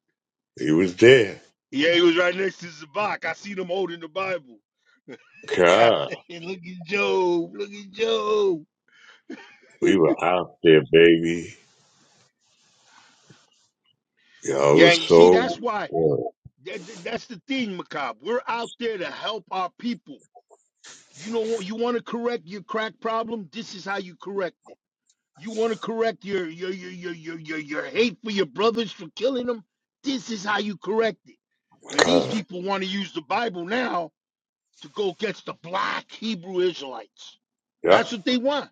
[SPEAKER 2] He was there.
[SPEAKER 18] Yeah, he was right next to Zabak. I seen him holding the Bible. I
[SPEAKER 2] God.
[SPEAKER 18] said, look at Job. Look at Job.
[SPEAKER 2] We were out there, baby. Y'all
[SPEAKER 18] Yeah,
[SPEAKER 2] was
[SPEAKER 18] and you see,
[SPEAKER 2] so
[SPEAKER 18] that's why.
[SPEAKER 2] good.
[SPEAKER 18] that- that- that's the thing, Macab. We're out there to help our people. You know what? You want to correct your crack problem? This is how you correct it. You want to correct your your your your your your, your hate for your brothers for killing them? This is how you correct it. But these
[SPEAKER 2] God.
[SPEAKER 18] people want to use the Bible now to go against the black Hebrew Israelites. That's
[SPEAKER 2] Yep,
[SPEAKER 18] what they want.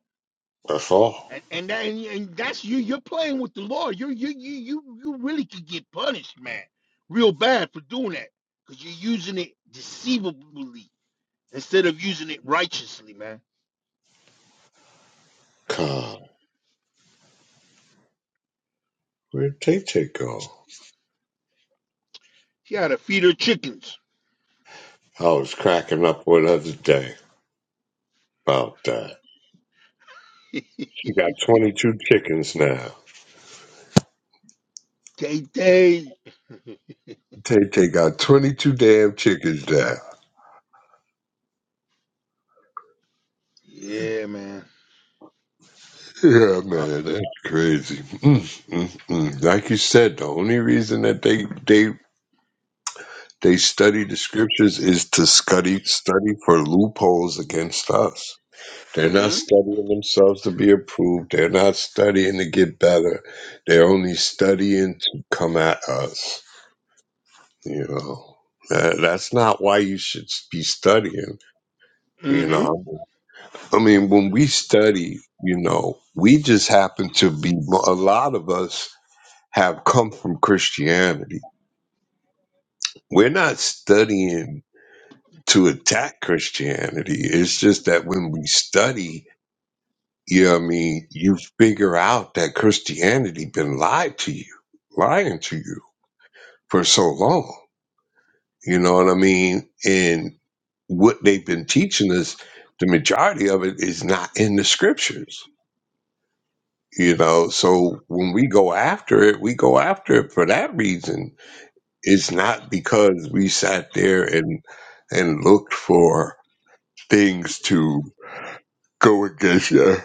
[SPEAKER 2] that's all.
[SPEAKER 18] And and that, and, and that's you you're playing with the law. You you you you you really could get punished, man, real bad for doing that. Because you're using it deceivably instead of using it righteously, man.
[SPEAKER 2] God. Where did Tay Tay go?
[SPEAKER 18] She had to feed her chickens.
[SPEAKER 2] I was cracking up with her today about that. She got 22 chickens now.
[SPEAKER 18] Tay Tay.
[SPEAKER 2] Tay Tay got 22 damn chickens now.
[SPEAKER 18] Yeah, man.
[SPEAKER 2] Yeah,
[SPEAKER 18] Uh,
[SPEAKER 2] man, that's crazy. Mm, mm, mm. Like you said, the only reason that they they they study the scriptures is to study study for loopholes against us. They're not
[SPEAKER 18] Mm-hmm.
[SPEAKER 2] studying themselves to be approved. They're not studying to get better. They're only studying to come at us. You know, That- that's not why you should be studying. You
[SPEAKER 18] Mm-hmm.
[SPEAKER 2] know, I mean, when we study, you know, we just happen to be a lot of us have come from Christianity. We're not studying to attack Christianity. It's just that when we study, you know what I mean, you figure out that Christianity been lied to you, lying to you for so long. You know what I mean? And what they've been teaching us, the majority of it is not in the scriptures. You know, so when we go after it, we go after it for that reason it's not because we sat there and and looked for things to go against uh,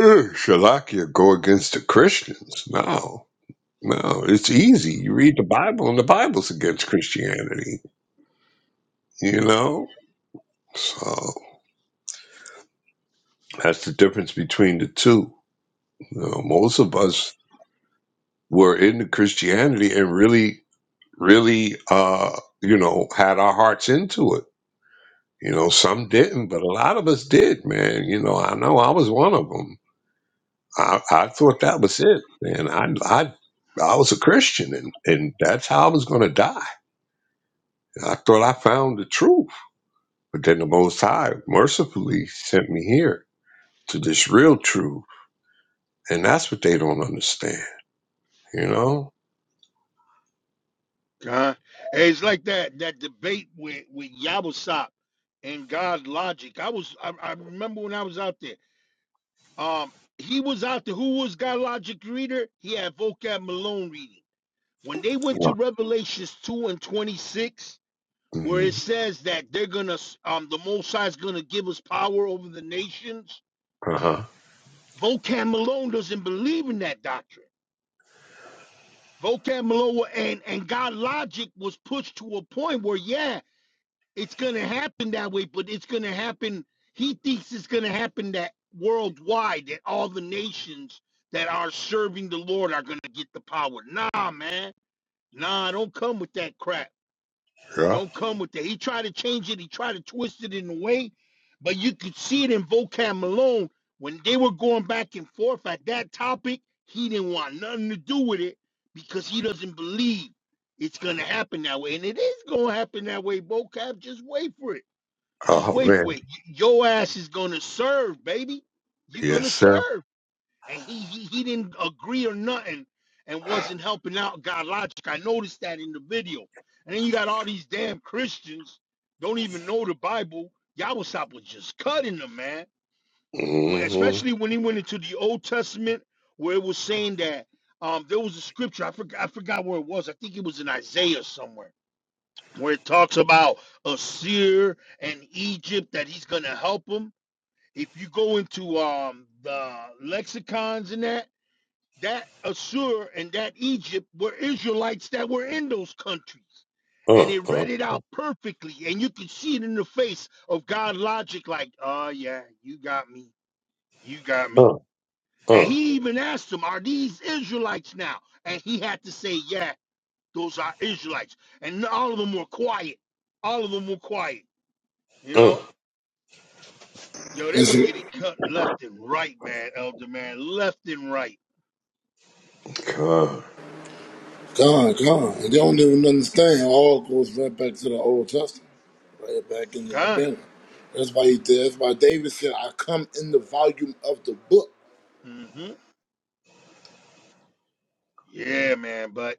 [SPEAKER 2] uh, Shalakia, go against the Christians. No, no, it's easy. You read the Bible, and the Bible's against Christianity. You know, so that's the difference between the two. You know, most of us were into Christianity and really, really, uh, you know, had our hearts into it You know, some didn't, but a lot of us did, man. You know, I know I was one of them. I, I thought that was it, man. I, I, I was a Christian, and, and that's how I was going to die. I thought I found the truth, but then the Most High mercifully sent me here to this real truth, and that's what they don't understand, you know.
[SPEAKER 18] Uh, it's like that that debate with with Yabusop and God Logic. I was I, I remember when I was out there. Um, he was out there. Who was God Logic reader? He had vocab Malone reading. When they went to
[SPEAKER 2] Yeah.
[SPEAKER 18] Revelations two and twenty six, where it
[SPEAKER 2] hmm
[SPEAKER 18] says that they're gonna s- um the Most High is gonna give us power over the nations.
[SPEAKER 2] Uh huh.
[SPEAKER 18] Vocab Malone doesn't believe in that doctrine. Vocab Malone and and God Logic was pushed to a point where yeah. it's going to happen that way, but it's going to happen. He thinks it's going to happen that worldwide, that all the nations that are serving the Lord are going to get the power. Nah, man. Nah, don't come with that crap.
[SPEAKER 2] Yeah.
[SPEAKER 18] Don't come with that. He tried to change it, he tried to twist it in a way, but you could see it in vocab Malone when they were going back and forth at that topic. He didn't want nothing to do with it because he doesn't believe it's going to happen that way. And it is going to happen that way, vocab. Just wait for it. Just
[SPEAKER 2] Oh
[SPEAKER 18] wait
[SPEAKER 2] man.
[SPEAKER 18] for it. Y- Your ass is gonna serve, baby. You're
[SPEAKER 2] Yes,
[SPEAKER 18] gonna
[SPEAKER 2] sir.
[SPEAKER 18] serve. And he, he he didn't agree or nothing and wasn't helping out God logic. I noticed that in the video. And then you got all these damn Christians don't even know the Bible. Yahweh was just cutting them, man. When,
[SPEAKER 2] Mm-hmm.
[SPEAKER 18] especially when he went into the Old Testament where it was saying that um there was a scripture, I forgot I forgot where it was. I think it was in Isaiah somewhere where it talks about Assyria and Egypt that he's going to help them. If you go into um, the lexicons and that, that Assur and that Egypt were Israelites that were in those countries.
[SPEAKER 2] Uh.
[SPEAKER 18] And it
[SPEAKER 2] Uh.
[SPEAKER 18] read it out perfectly. And you can see it in the face of God logic, like, oh, yeah, you got me. You got me.
[SPEAKER 2] Uh.
[SPEAKER 18] And
[SPEAKER 2] Uh.
[SPEAKER 18] he even asked him, are these Israelites now? And he had to say "Yeah." Those are Israelites. And all of them were quiet. All of them were quiet. You
[SPEAKER 2] Uh.
[SPEAKER 18] know? Yo, they
[SPEAKER 7] It's
[SPEAKER 18] were getting cut left and right, man, Elder man. Left and right.
[SPEAKER 2] God.
[SPEAKER 7] gone, gone. And they don't even understand. All goes right back to the Old Testament, right back in the
[SPEAKER 18] Huh?
[SPEAKER 7] beginning. That's why he did. That's why David said, "I come in the volume of the book."
[SPEAKER 18] mm hmm Yeah, man. But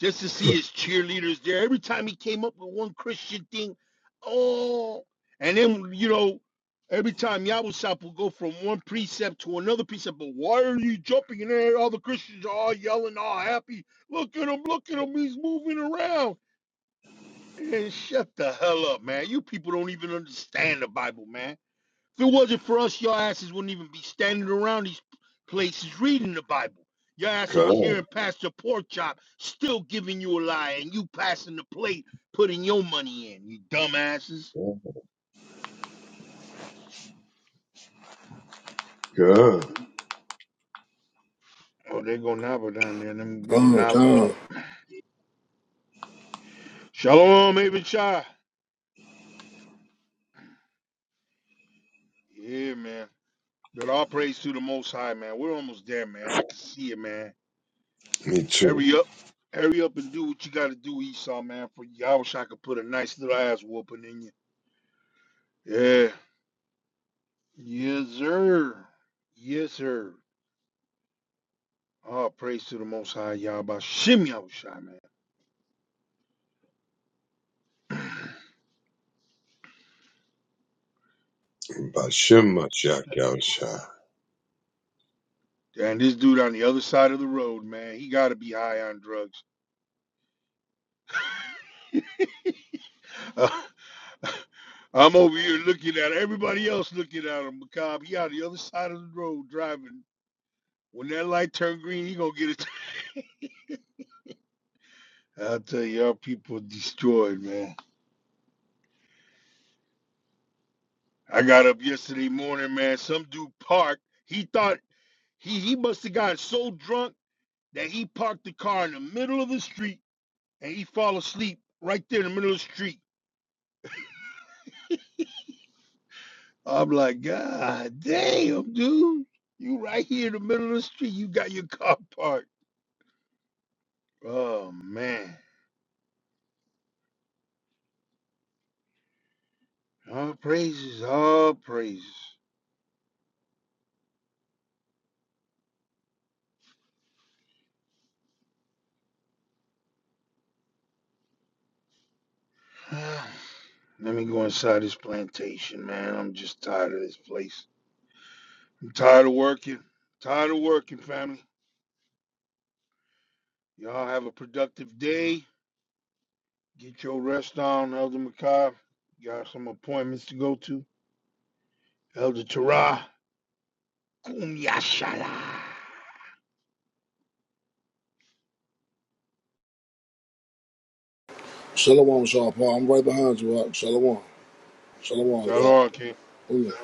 [SPEAKER 18] just to see his cheerleaders there, every time he came up with one Christian thing, oh. And then, you know, every time Yahweh will go from one precept to another precept, but why are you jumping in there? All the Christians are all yelling, all happy. Look at him, look at him, he's moving around. Man, shut the hell up, man. You people don't even understand the Bible, man. If it wasn't for us, your asses wouldn't even be standing around these places reading the Bible. Your ass will
[SPEAKER 2] God.
[SPEAKER 18] be hearing Pastor Porkchop still giving you a lie and you passing the plate, putting your money in, you dumbasses.
[SPEAKER 2] Yeah. Good.
[SPEAKER 18] Oh, they go Nava down there. Let me bring
[SPEAKER 7] Gone,
[SPEAKER 18] Nava up.
[SPEAKER 7] gone.
[SPEAKER 18] Shalom, Abishai. Yeah, man. But all praise to the Most High, man. We're almost there, man. I can see it, man.
[SPEAKER 2] Me too.
[SPEAKER 18] Hurry up. Hurry up and do what you gotta do, Esau, man. For you. I wish I could put a nice little ass whooping in you. Yeah. Yes, sir. Yes, sir. Oh, praise to the most high, y'all. About shimmy, I was shy, man.
[SPEAKER 2] Bashim Mashiach Yahushua.
[SPEAKER 18] Damn, this dude on the other side of the road, man. He gotta be high on drugs. I'm over here looking at everybody else looking at him. Macabre, he on the other side of the road driving. When that light turn green, he gonna get it. I'll tell you, our people are destroyed, man. I got up yesterday morning, man. Some dude parked. He thought he he must have gotten so drunk that he parked the car in the middle of the street and he fall asleep right there in the middle of the street. I'm like, God damn, dude. You right here in the middle of the street. You got your car parked. Oh man. All praises, all praises. Let me go inside this plantation, man. I'm just tired of this place. I'm tired of working. Tired of working, family. Y'all have a productive day. Get your rest on, Elder Macabre. Got some appointments to go to. Elder Tarah. Kumyashala.
[SPEAKER 7] Shalom, Shaw Paul. I'm right behind you. Rock. Shalom, shalom,
[SPEAKER 18] Shalom, King.
[SPEAKER 7] God.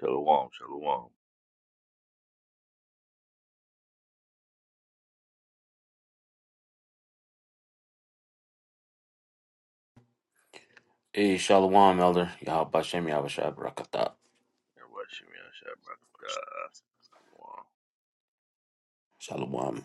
[SPEAKER 15] Shalom, shalom.
[SPEAKER 1] Hey, Shalom, Elder. Yahbashem Yahushua Barakatah.
[SPEAKER 15] uh, shalom.
[SPEAKER 1] Shalom.